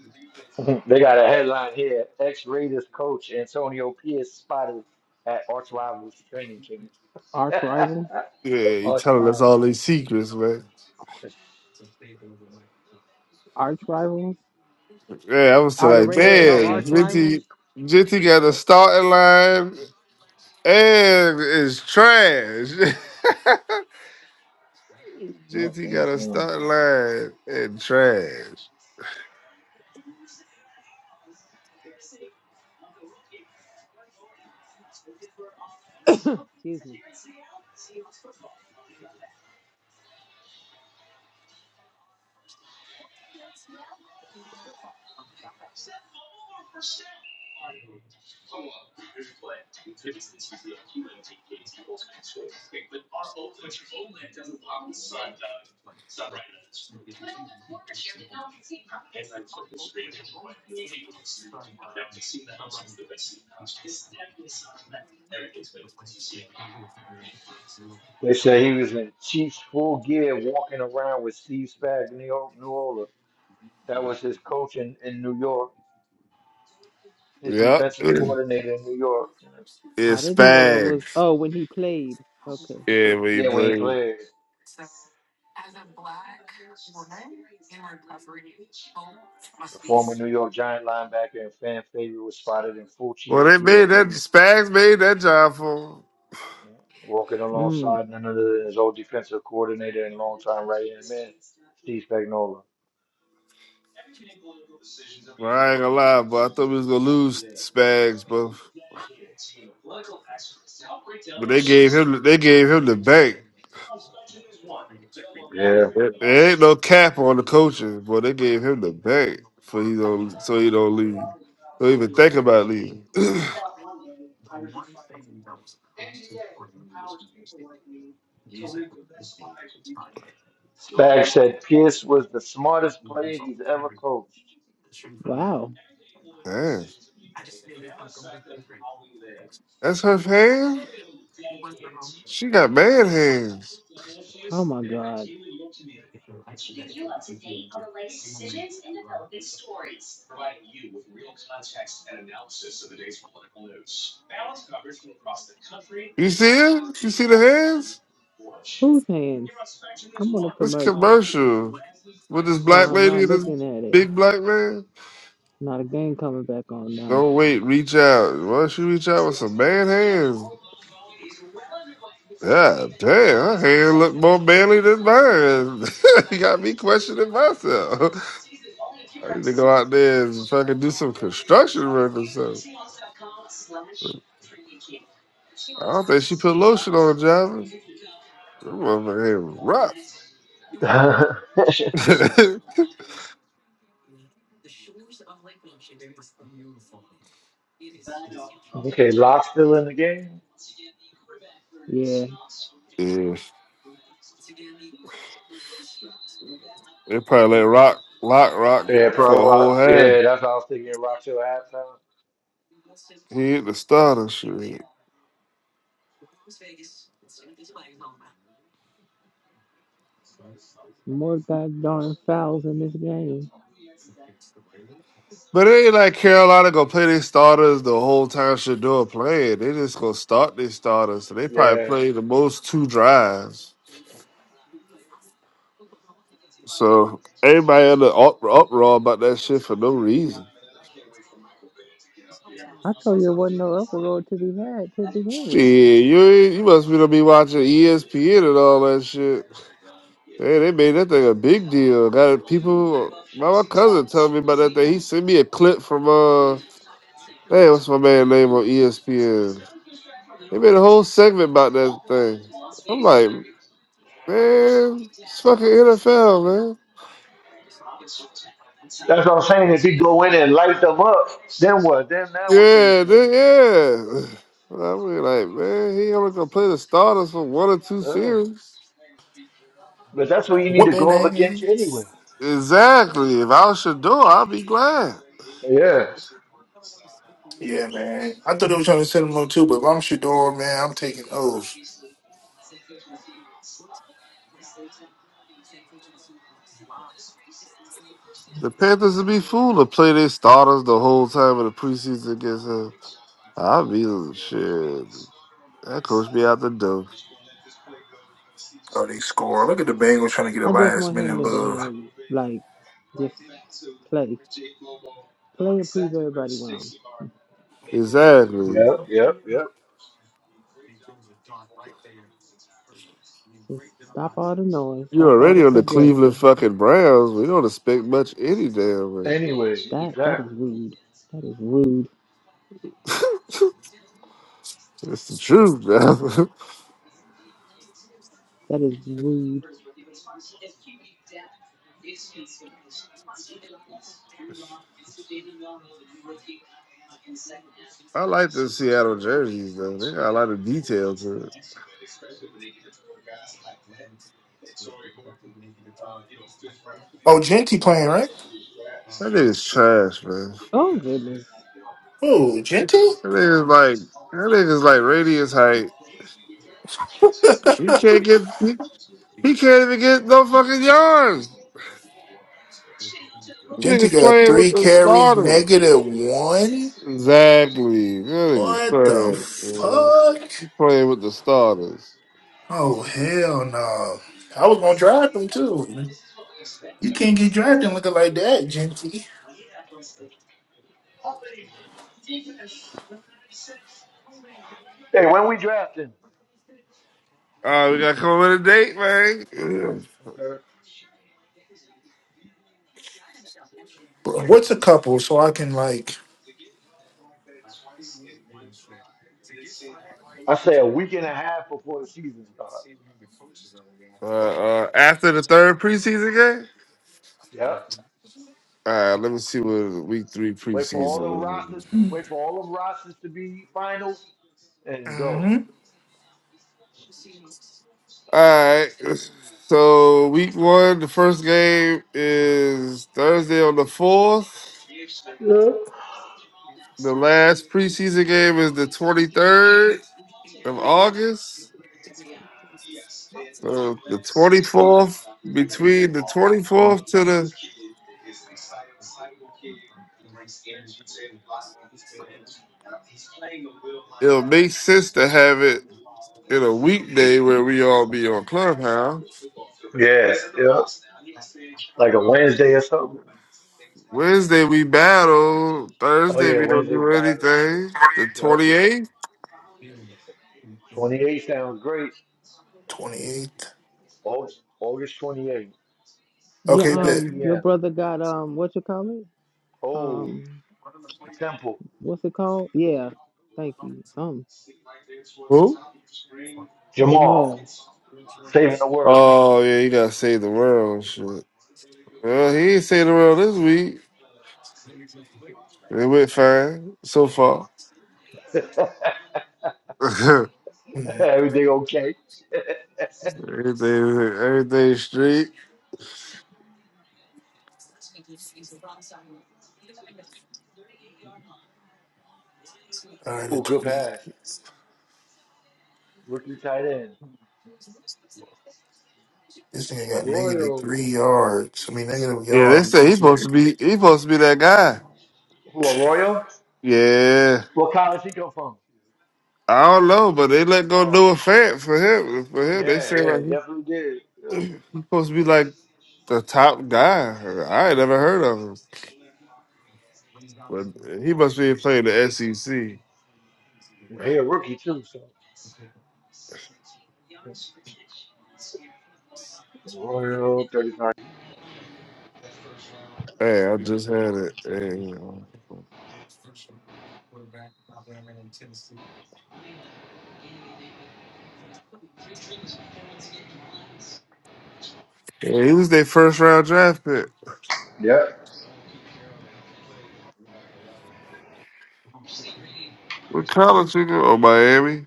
S1: they got a headline here. Ex Raiders coach Antonio Pierce spotted at arch rivals training camp.
S3: arch rivals,
S5: Yeah, he telling us all these secrets, man.
S3: arch rivals.
S5: Yeah, I was still
S3: Are the
S5: like,
S1: yeah,
S3: Raiders y'all
S5: damn,
S1: Raiders
S3: arch
S1: and
S3: rivals?
S5: Jinty,
S1: Chiefs.
S5: Jinty got a starting line and is trash. Jizzy got a
S1: Mm-mm-mm.
S5: start line and trash.
S3: Excuse me.
S1: They said he was in Chiefs full gear walking around with Steve Spagnuolo. That was his coach in, in New York, his
S5: Yep.
S1: defensive coordinator in New York.
S3: I
S5: it's
S3: didn't know that was.
S5: Spags.
S3: Oh, when he played. Okay.
S5: Yeah, we
S1: Yeah, when he
S5: play.
S1: played. The former New York Giant linebacker and fan favorite was spotted in full
S5: Well,
S1: Chiefs
S5: they
S1: gear,
S5: made that Spags made that job for. him.
S1: walking
S3: Mm.
S1: alongside none other than his old defensive coordinator and longtime right-hand man, Steve Spagnuolo.
S5: Well, I ain't gonna lie, but I thought we was gonna lose Spags, but but they gave him they gave him the bank.
S1: Yeah.
S5: There there ain't no cap on the coaches, but they gave him the bank for he don't so he don't leave. Don't even think about leaving.
S1: Spag said Pierce was the smartest player he's ever coached.
S3: Wow.
S5: Damn, that's her hand. She got man hands.
S3: Oh my God.
S5: You see it? You see the hands?
S3: Whose hands? I'm on a
S5: This
S3: commercial.
S5: commercial with this
S3: Oh,
S5: black
S3: I'm
S5: lady
S3: not
S5: and this
S3: looking at it.
S5: big black man.
S3: Not a game coming back on now.
S5: Don't wait, reach out. Why don't she reach out with some man hands? God damn, her hand look more manly than mine. you got me questioning myself. I need to go out there and fucking do some construction work or something. I don't think she put lotion on Java. That motherfucker hand was rough.
S1: okay, Locke still in the game?
S3: Yeah.
S5: yeah, they probably let rock, lock, rock
S1: Yeah,
S5: for a
S1: Pro
S5: whole
S1: Rock.
S5: half.
S1: Yeah, that's what I was thinking. Rock your halftime.
S5: He hit the starter shit.
S3: Some more goddamn fouls in this game.
S5: But it ain't like Carolina gonna play their starters the whole time Shador playing. They just gonna start their starters. So they probably
S1: Yeah.
S5: play the most two drives. So everybody in the up- uproar about that shit for no reason.
S3: I told you there wasn't no uproar to be had to begin with.
S5: Shit, you ain't- you must be gonna be watching ESPN and all that shit. Man, they made that thing a big deal. Got it- people. My, my cousin told me about that thing. He sent me a clip from uh, hey, what's my man name on ESPN? They made a whole segment about that thing. I'm like, man, it's fucking NFL, man.
S1: That's what I'm saying. If you go in and light them up, then what? Then now what do you
S5: Yeah,
S1: say?
S5: they, yeah. I mean, like, man, he only gonna play the starters for one or two
S1: Uh,
S5: series.
S1: but that's who you need to
S4: Whipping
S1: go up against
S4: ass.
S1: anyway.
S5: Exactly. If I was Shador, I'd be glad.
S1: Yeah.
S4: Yeah, man. I thought they were trying to send him on too, but if I'm Shador, man, I'm taking O's.
S5: The Panthers would be fool to play their starters the whole time of the preseason against him. I'd be like, shit. That coach be out the door.
S4: Oh, they score. Look at the Bengals trying to get a
S3: I just
S4: last
S3: want him
S4: minute
S3: to
S4: love.
S3: damn like just play. Play and prove everybody wrong.
S5: Exactly.
S1: Yep. Yep. Yep.
S3: Just stop all the noise,
S5: You're
S3: stop all the
S5: already on the Cleveland
S3: conjecture.
S5: fucking Browns. We don't expect much any damn way.
S1: Anyway,
S3: That that is
S1: exactly.
S3: rude. That is rude.
S5: It's the truth, man.
S3: That is rude.
S5: I like the Seattle jerseys though. They got a lot of detail to it.
S4: Oh, Genty playing, right?
S5: That nigga's trash, man.
S3: Oh goodness.
S4: Oh, Genty?
S5: That nigga's like that nigga's like radius height. He can't get he, he can't even get no fucking yards.
S4: Genti
S5: Niggas
S4: got
S5: playing with
S4: three
S5: the
S4: carries,
S5: starters.
S4: negative one.
S5: Exactly. That nigga's
S4: What the
S5: trash, man.
S4: fuck?
S5: He playing with the starters.
S4: Oh hell no! I was gonna draft him too. You can't get drafted looking like that, Genti.
S1: Hey, when we drafting,
S5: All right, we gotta come up with a date, man.
S4: Bro, what's a couple so I can like?
S1: I say a week and a half before the season starts.
S5: Uh, uh, after the third preseason game.
S1: Yep.
S5: All right, let me see what week three
S1: Wait for all
S5: preseason.
S1: them rosters.
S5: was.
S1: Wait for all them rosters to be final and go.
S4: Mm-hmm.
S5: All right, so week one, the first game is Thursday on the fourth. The last preseason game is the twenty third of August. So the twenty fourth, between the twenty fourth to the, it'll make sense to have it in a weekday where we all be on Clubhouse.
S1: Yeah. Yep. Like a Wednesday or something.
S5: Wednesday we battle.
S1: Oh
S5: Thursday
S1: yeah,
S5: we don't
S1: Wednesday's
S5: do
S1: battle.
S5: anything. The
S1: Yep. Yep.
S5: twenty eighth.
S1: 28 sounds great.
S4: Twenty eighth.
S1: August, August 28,
S3: Yeah,
S4: Okay, bet.
S1: 7
S3: um your
S1: p.m.
S3: brother got um what you call it?
S1: Oh, the
S3: Um
S1: temple.
S3: what's it called? Yeah. Thank you. Um.
S5: Who?
S1: Jamal,
S3: Jamal.
S1: saving the world.
S5: Oh yeah, you gotta save the world and shit. Well, he ain't saved the world this week. It went fine so far. everything,
S4: Mhm.
S1: Everything okay?
S5: everything straight.
S4: All right, the
S1: Oh, good
S4: twenty.
S1: pass. Rookie tight end.
S4: This nigga got negative
S1: Arroyo.
S4: three yards. I mean, negative
S5: Yeah, they
S4: yard.
S5: say
S4: Three
S5: he supposed to
S4: yards.
S5: be. He supposed to be that guy.
S1: Who, Arroyo?
S5: Yeah.
S1: What college he come from?
S5: I don't know, but they let go do
S1: Oh,
S5: a fan for him. For him, they
S1: yeah,
S5: say
S1: yeah, they
S5: like he
S1: definitely did. Yeah.
S5: He's supposed to be like the top guy. I ain't never heard of him, but he must be playing the SEC.
S1: And He a rookie too, so. Arroyo, 35.
S5: Hey, I just had it. Hey, yeah, he was their first round draft pick.
S1: Yep.
S5: What college he go? Oh, Miami.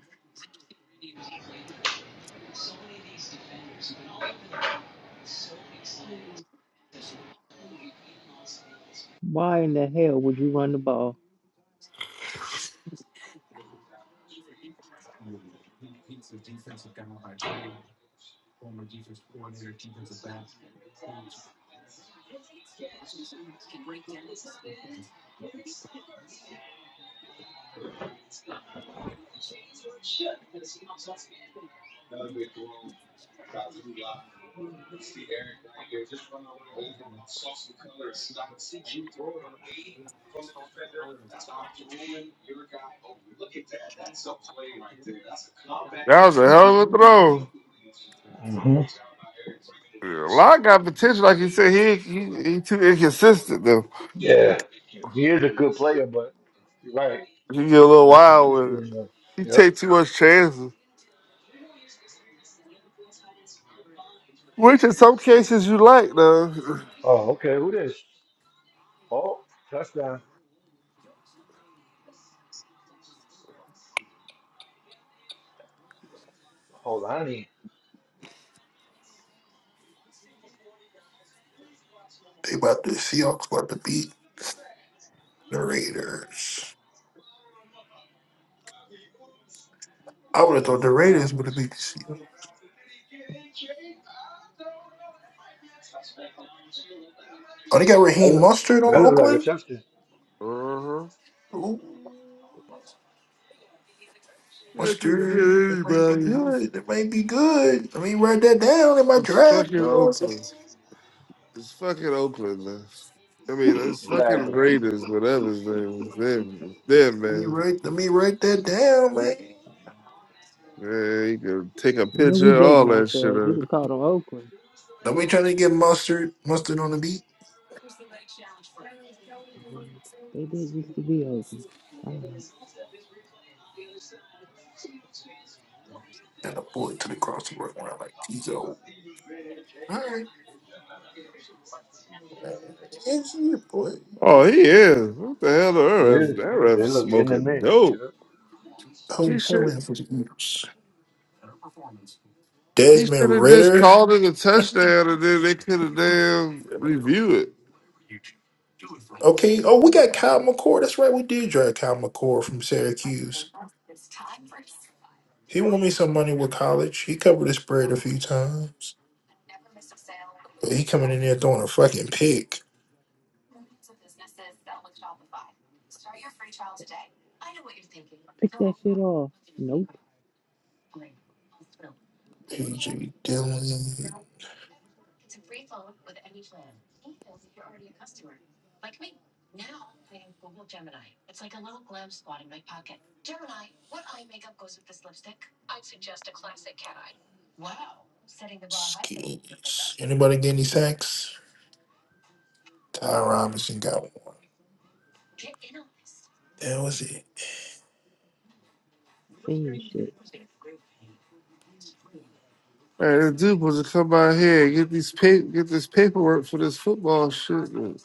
S3: Why in the hell would you run the ball?
S5: That was a hell of a throw.
S1: hmm
S5: Yeah, Locke got potential, like you said. He he, he too inconsistent though.
S1: Yeah. He is a good player, but you're right.
S5: He get a little
S1: Not
S5: wild with it.
S1: consistent enough.
S5: He
S1: Yep.
S5: take too much chances, which in some cases you like though. That's
S1: Oh, okay. Who this? Oh, touchdown. Hold on.
S4: They about to Seahawks about to beat the Raiders. I would have
S5: how
S4: thought
S5: you
S4: the
S5: block.
S4: Raiders would have beat the Seahawks. Oh, they got
S1: That
S4: Raheem
S1: look,
S4: Mustard on
S1: that look like a
S4: Oakland.
S1: touchdown.
S5: Uh huh.
S4: Ooh,
S5: They can
S4: Mustard, that
S5: get
S4: might be
S5: anybody.
S4: good. That might be good. Let me write that down in my
S5: It's
S4: draft.
S5: fucking
S4: You know what I'm saying?
S5: Oakland. It's fucking Oakland, man. I mean, it's fucking
S1: Exactly.
S5: Raiders, whatever his name is. Them, them,
S4: Let me
S5: man.
S4: write. Let me write that down, man.
S5: Man, he could take a
S3: You know we
S5: picture, all
S3: dating
S5: that shit.
S3: ourselves. You'd
S5: Of
S3: have
S5: it.
S3: called on Oakland.
S4: Nobody trying to get mustard, mustard on the beat,
S3: Lord, they did used to be Oakland. Child.
S4: and a boy to the crossover around like Tizo. All right, Uh, it's your boy.
S5: Oh, he is. What the hell, the
S1: It
S5: RF?
S1: is.
S5: That ref
S1: It look in the
S5: smoking
S1: mix. You
S5: dope.
S1: know?
S4: Home,
S5: He should.
S4: homeland for the Eagles.
S5: He should
S4: Desmond
S5: have just
S4: Ritter.
S5: called it a touchdown, and then they could have damn review it.
S4: Okay. Oh, we got Kyle McCord. That's right. We did draft Kyle McCord from Syracuse. He won me some money with college. He covered his spread a few times. But he coming in there throwing a fucking pick.
S3: Pick that shit off. Nope.
S4: AJ Dillon skills. Anybody get any sacks? Ty Robinson got one. That was it.
S3: Fiend shit.
S5: Man, this dude was to come out here and get these pa- get this paperwork for this football shit, man.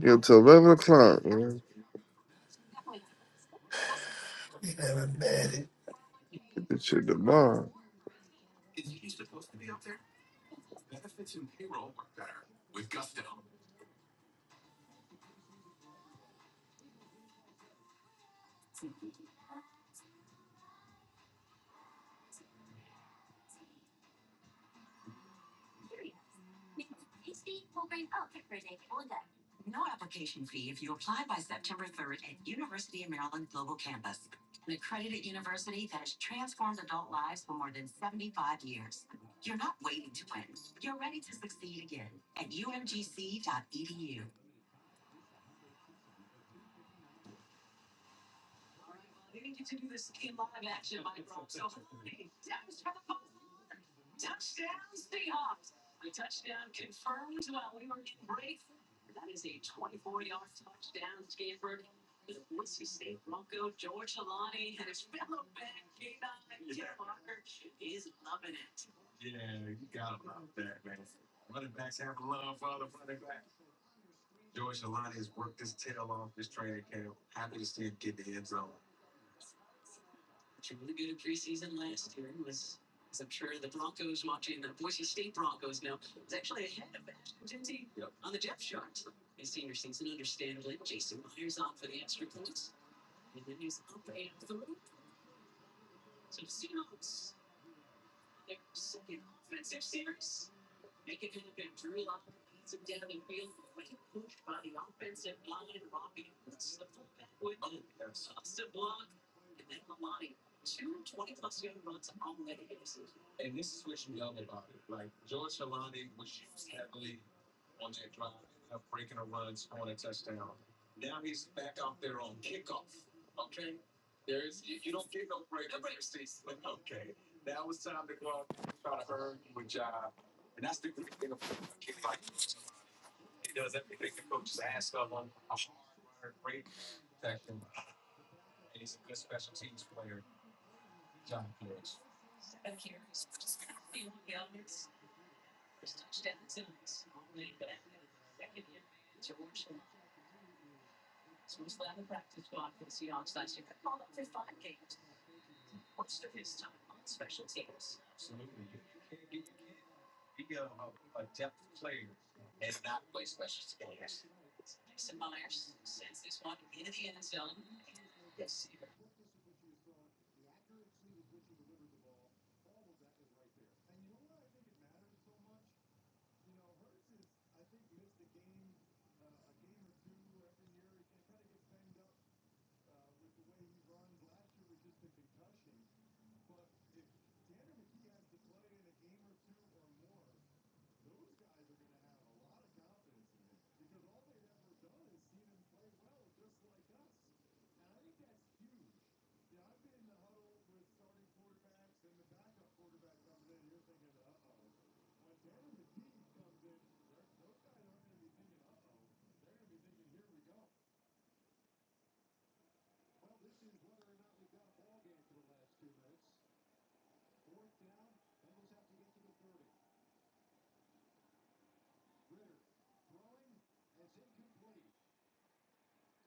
S5: Get till eleven o'clock, man.
S4: We had a bad
S5: Get this shit tomorrow.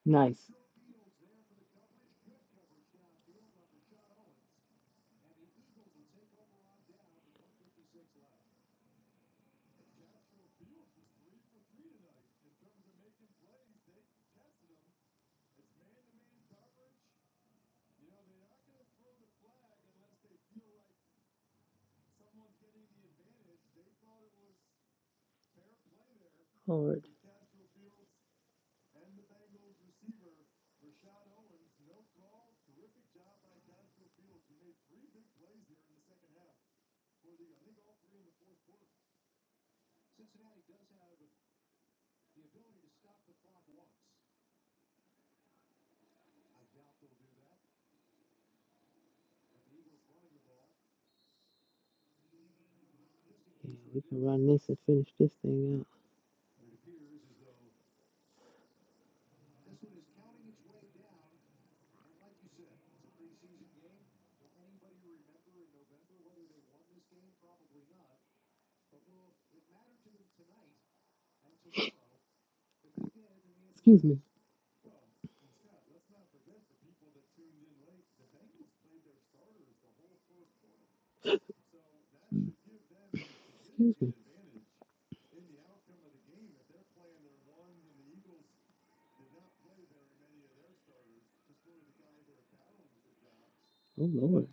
S3: Nice. Lord. Yeah, we can run this and finish this thing out. Excuse me. Excuse me. Oh Lord.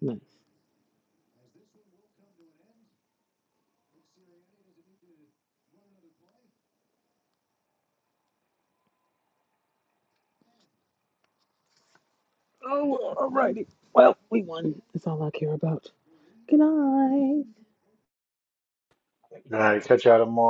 S3: Nice. Oh, alrighty. Well, we won. That's all I care about. Good night.
S1: All right, catch out of them all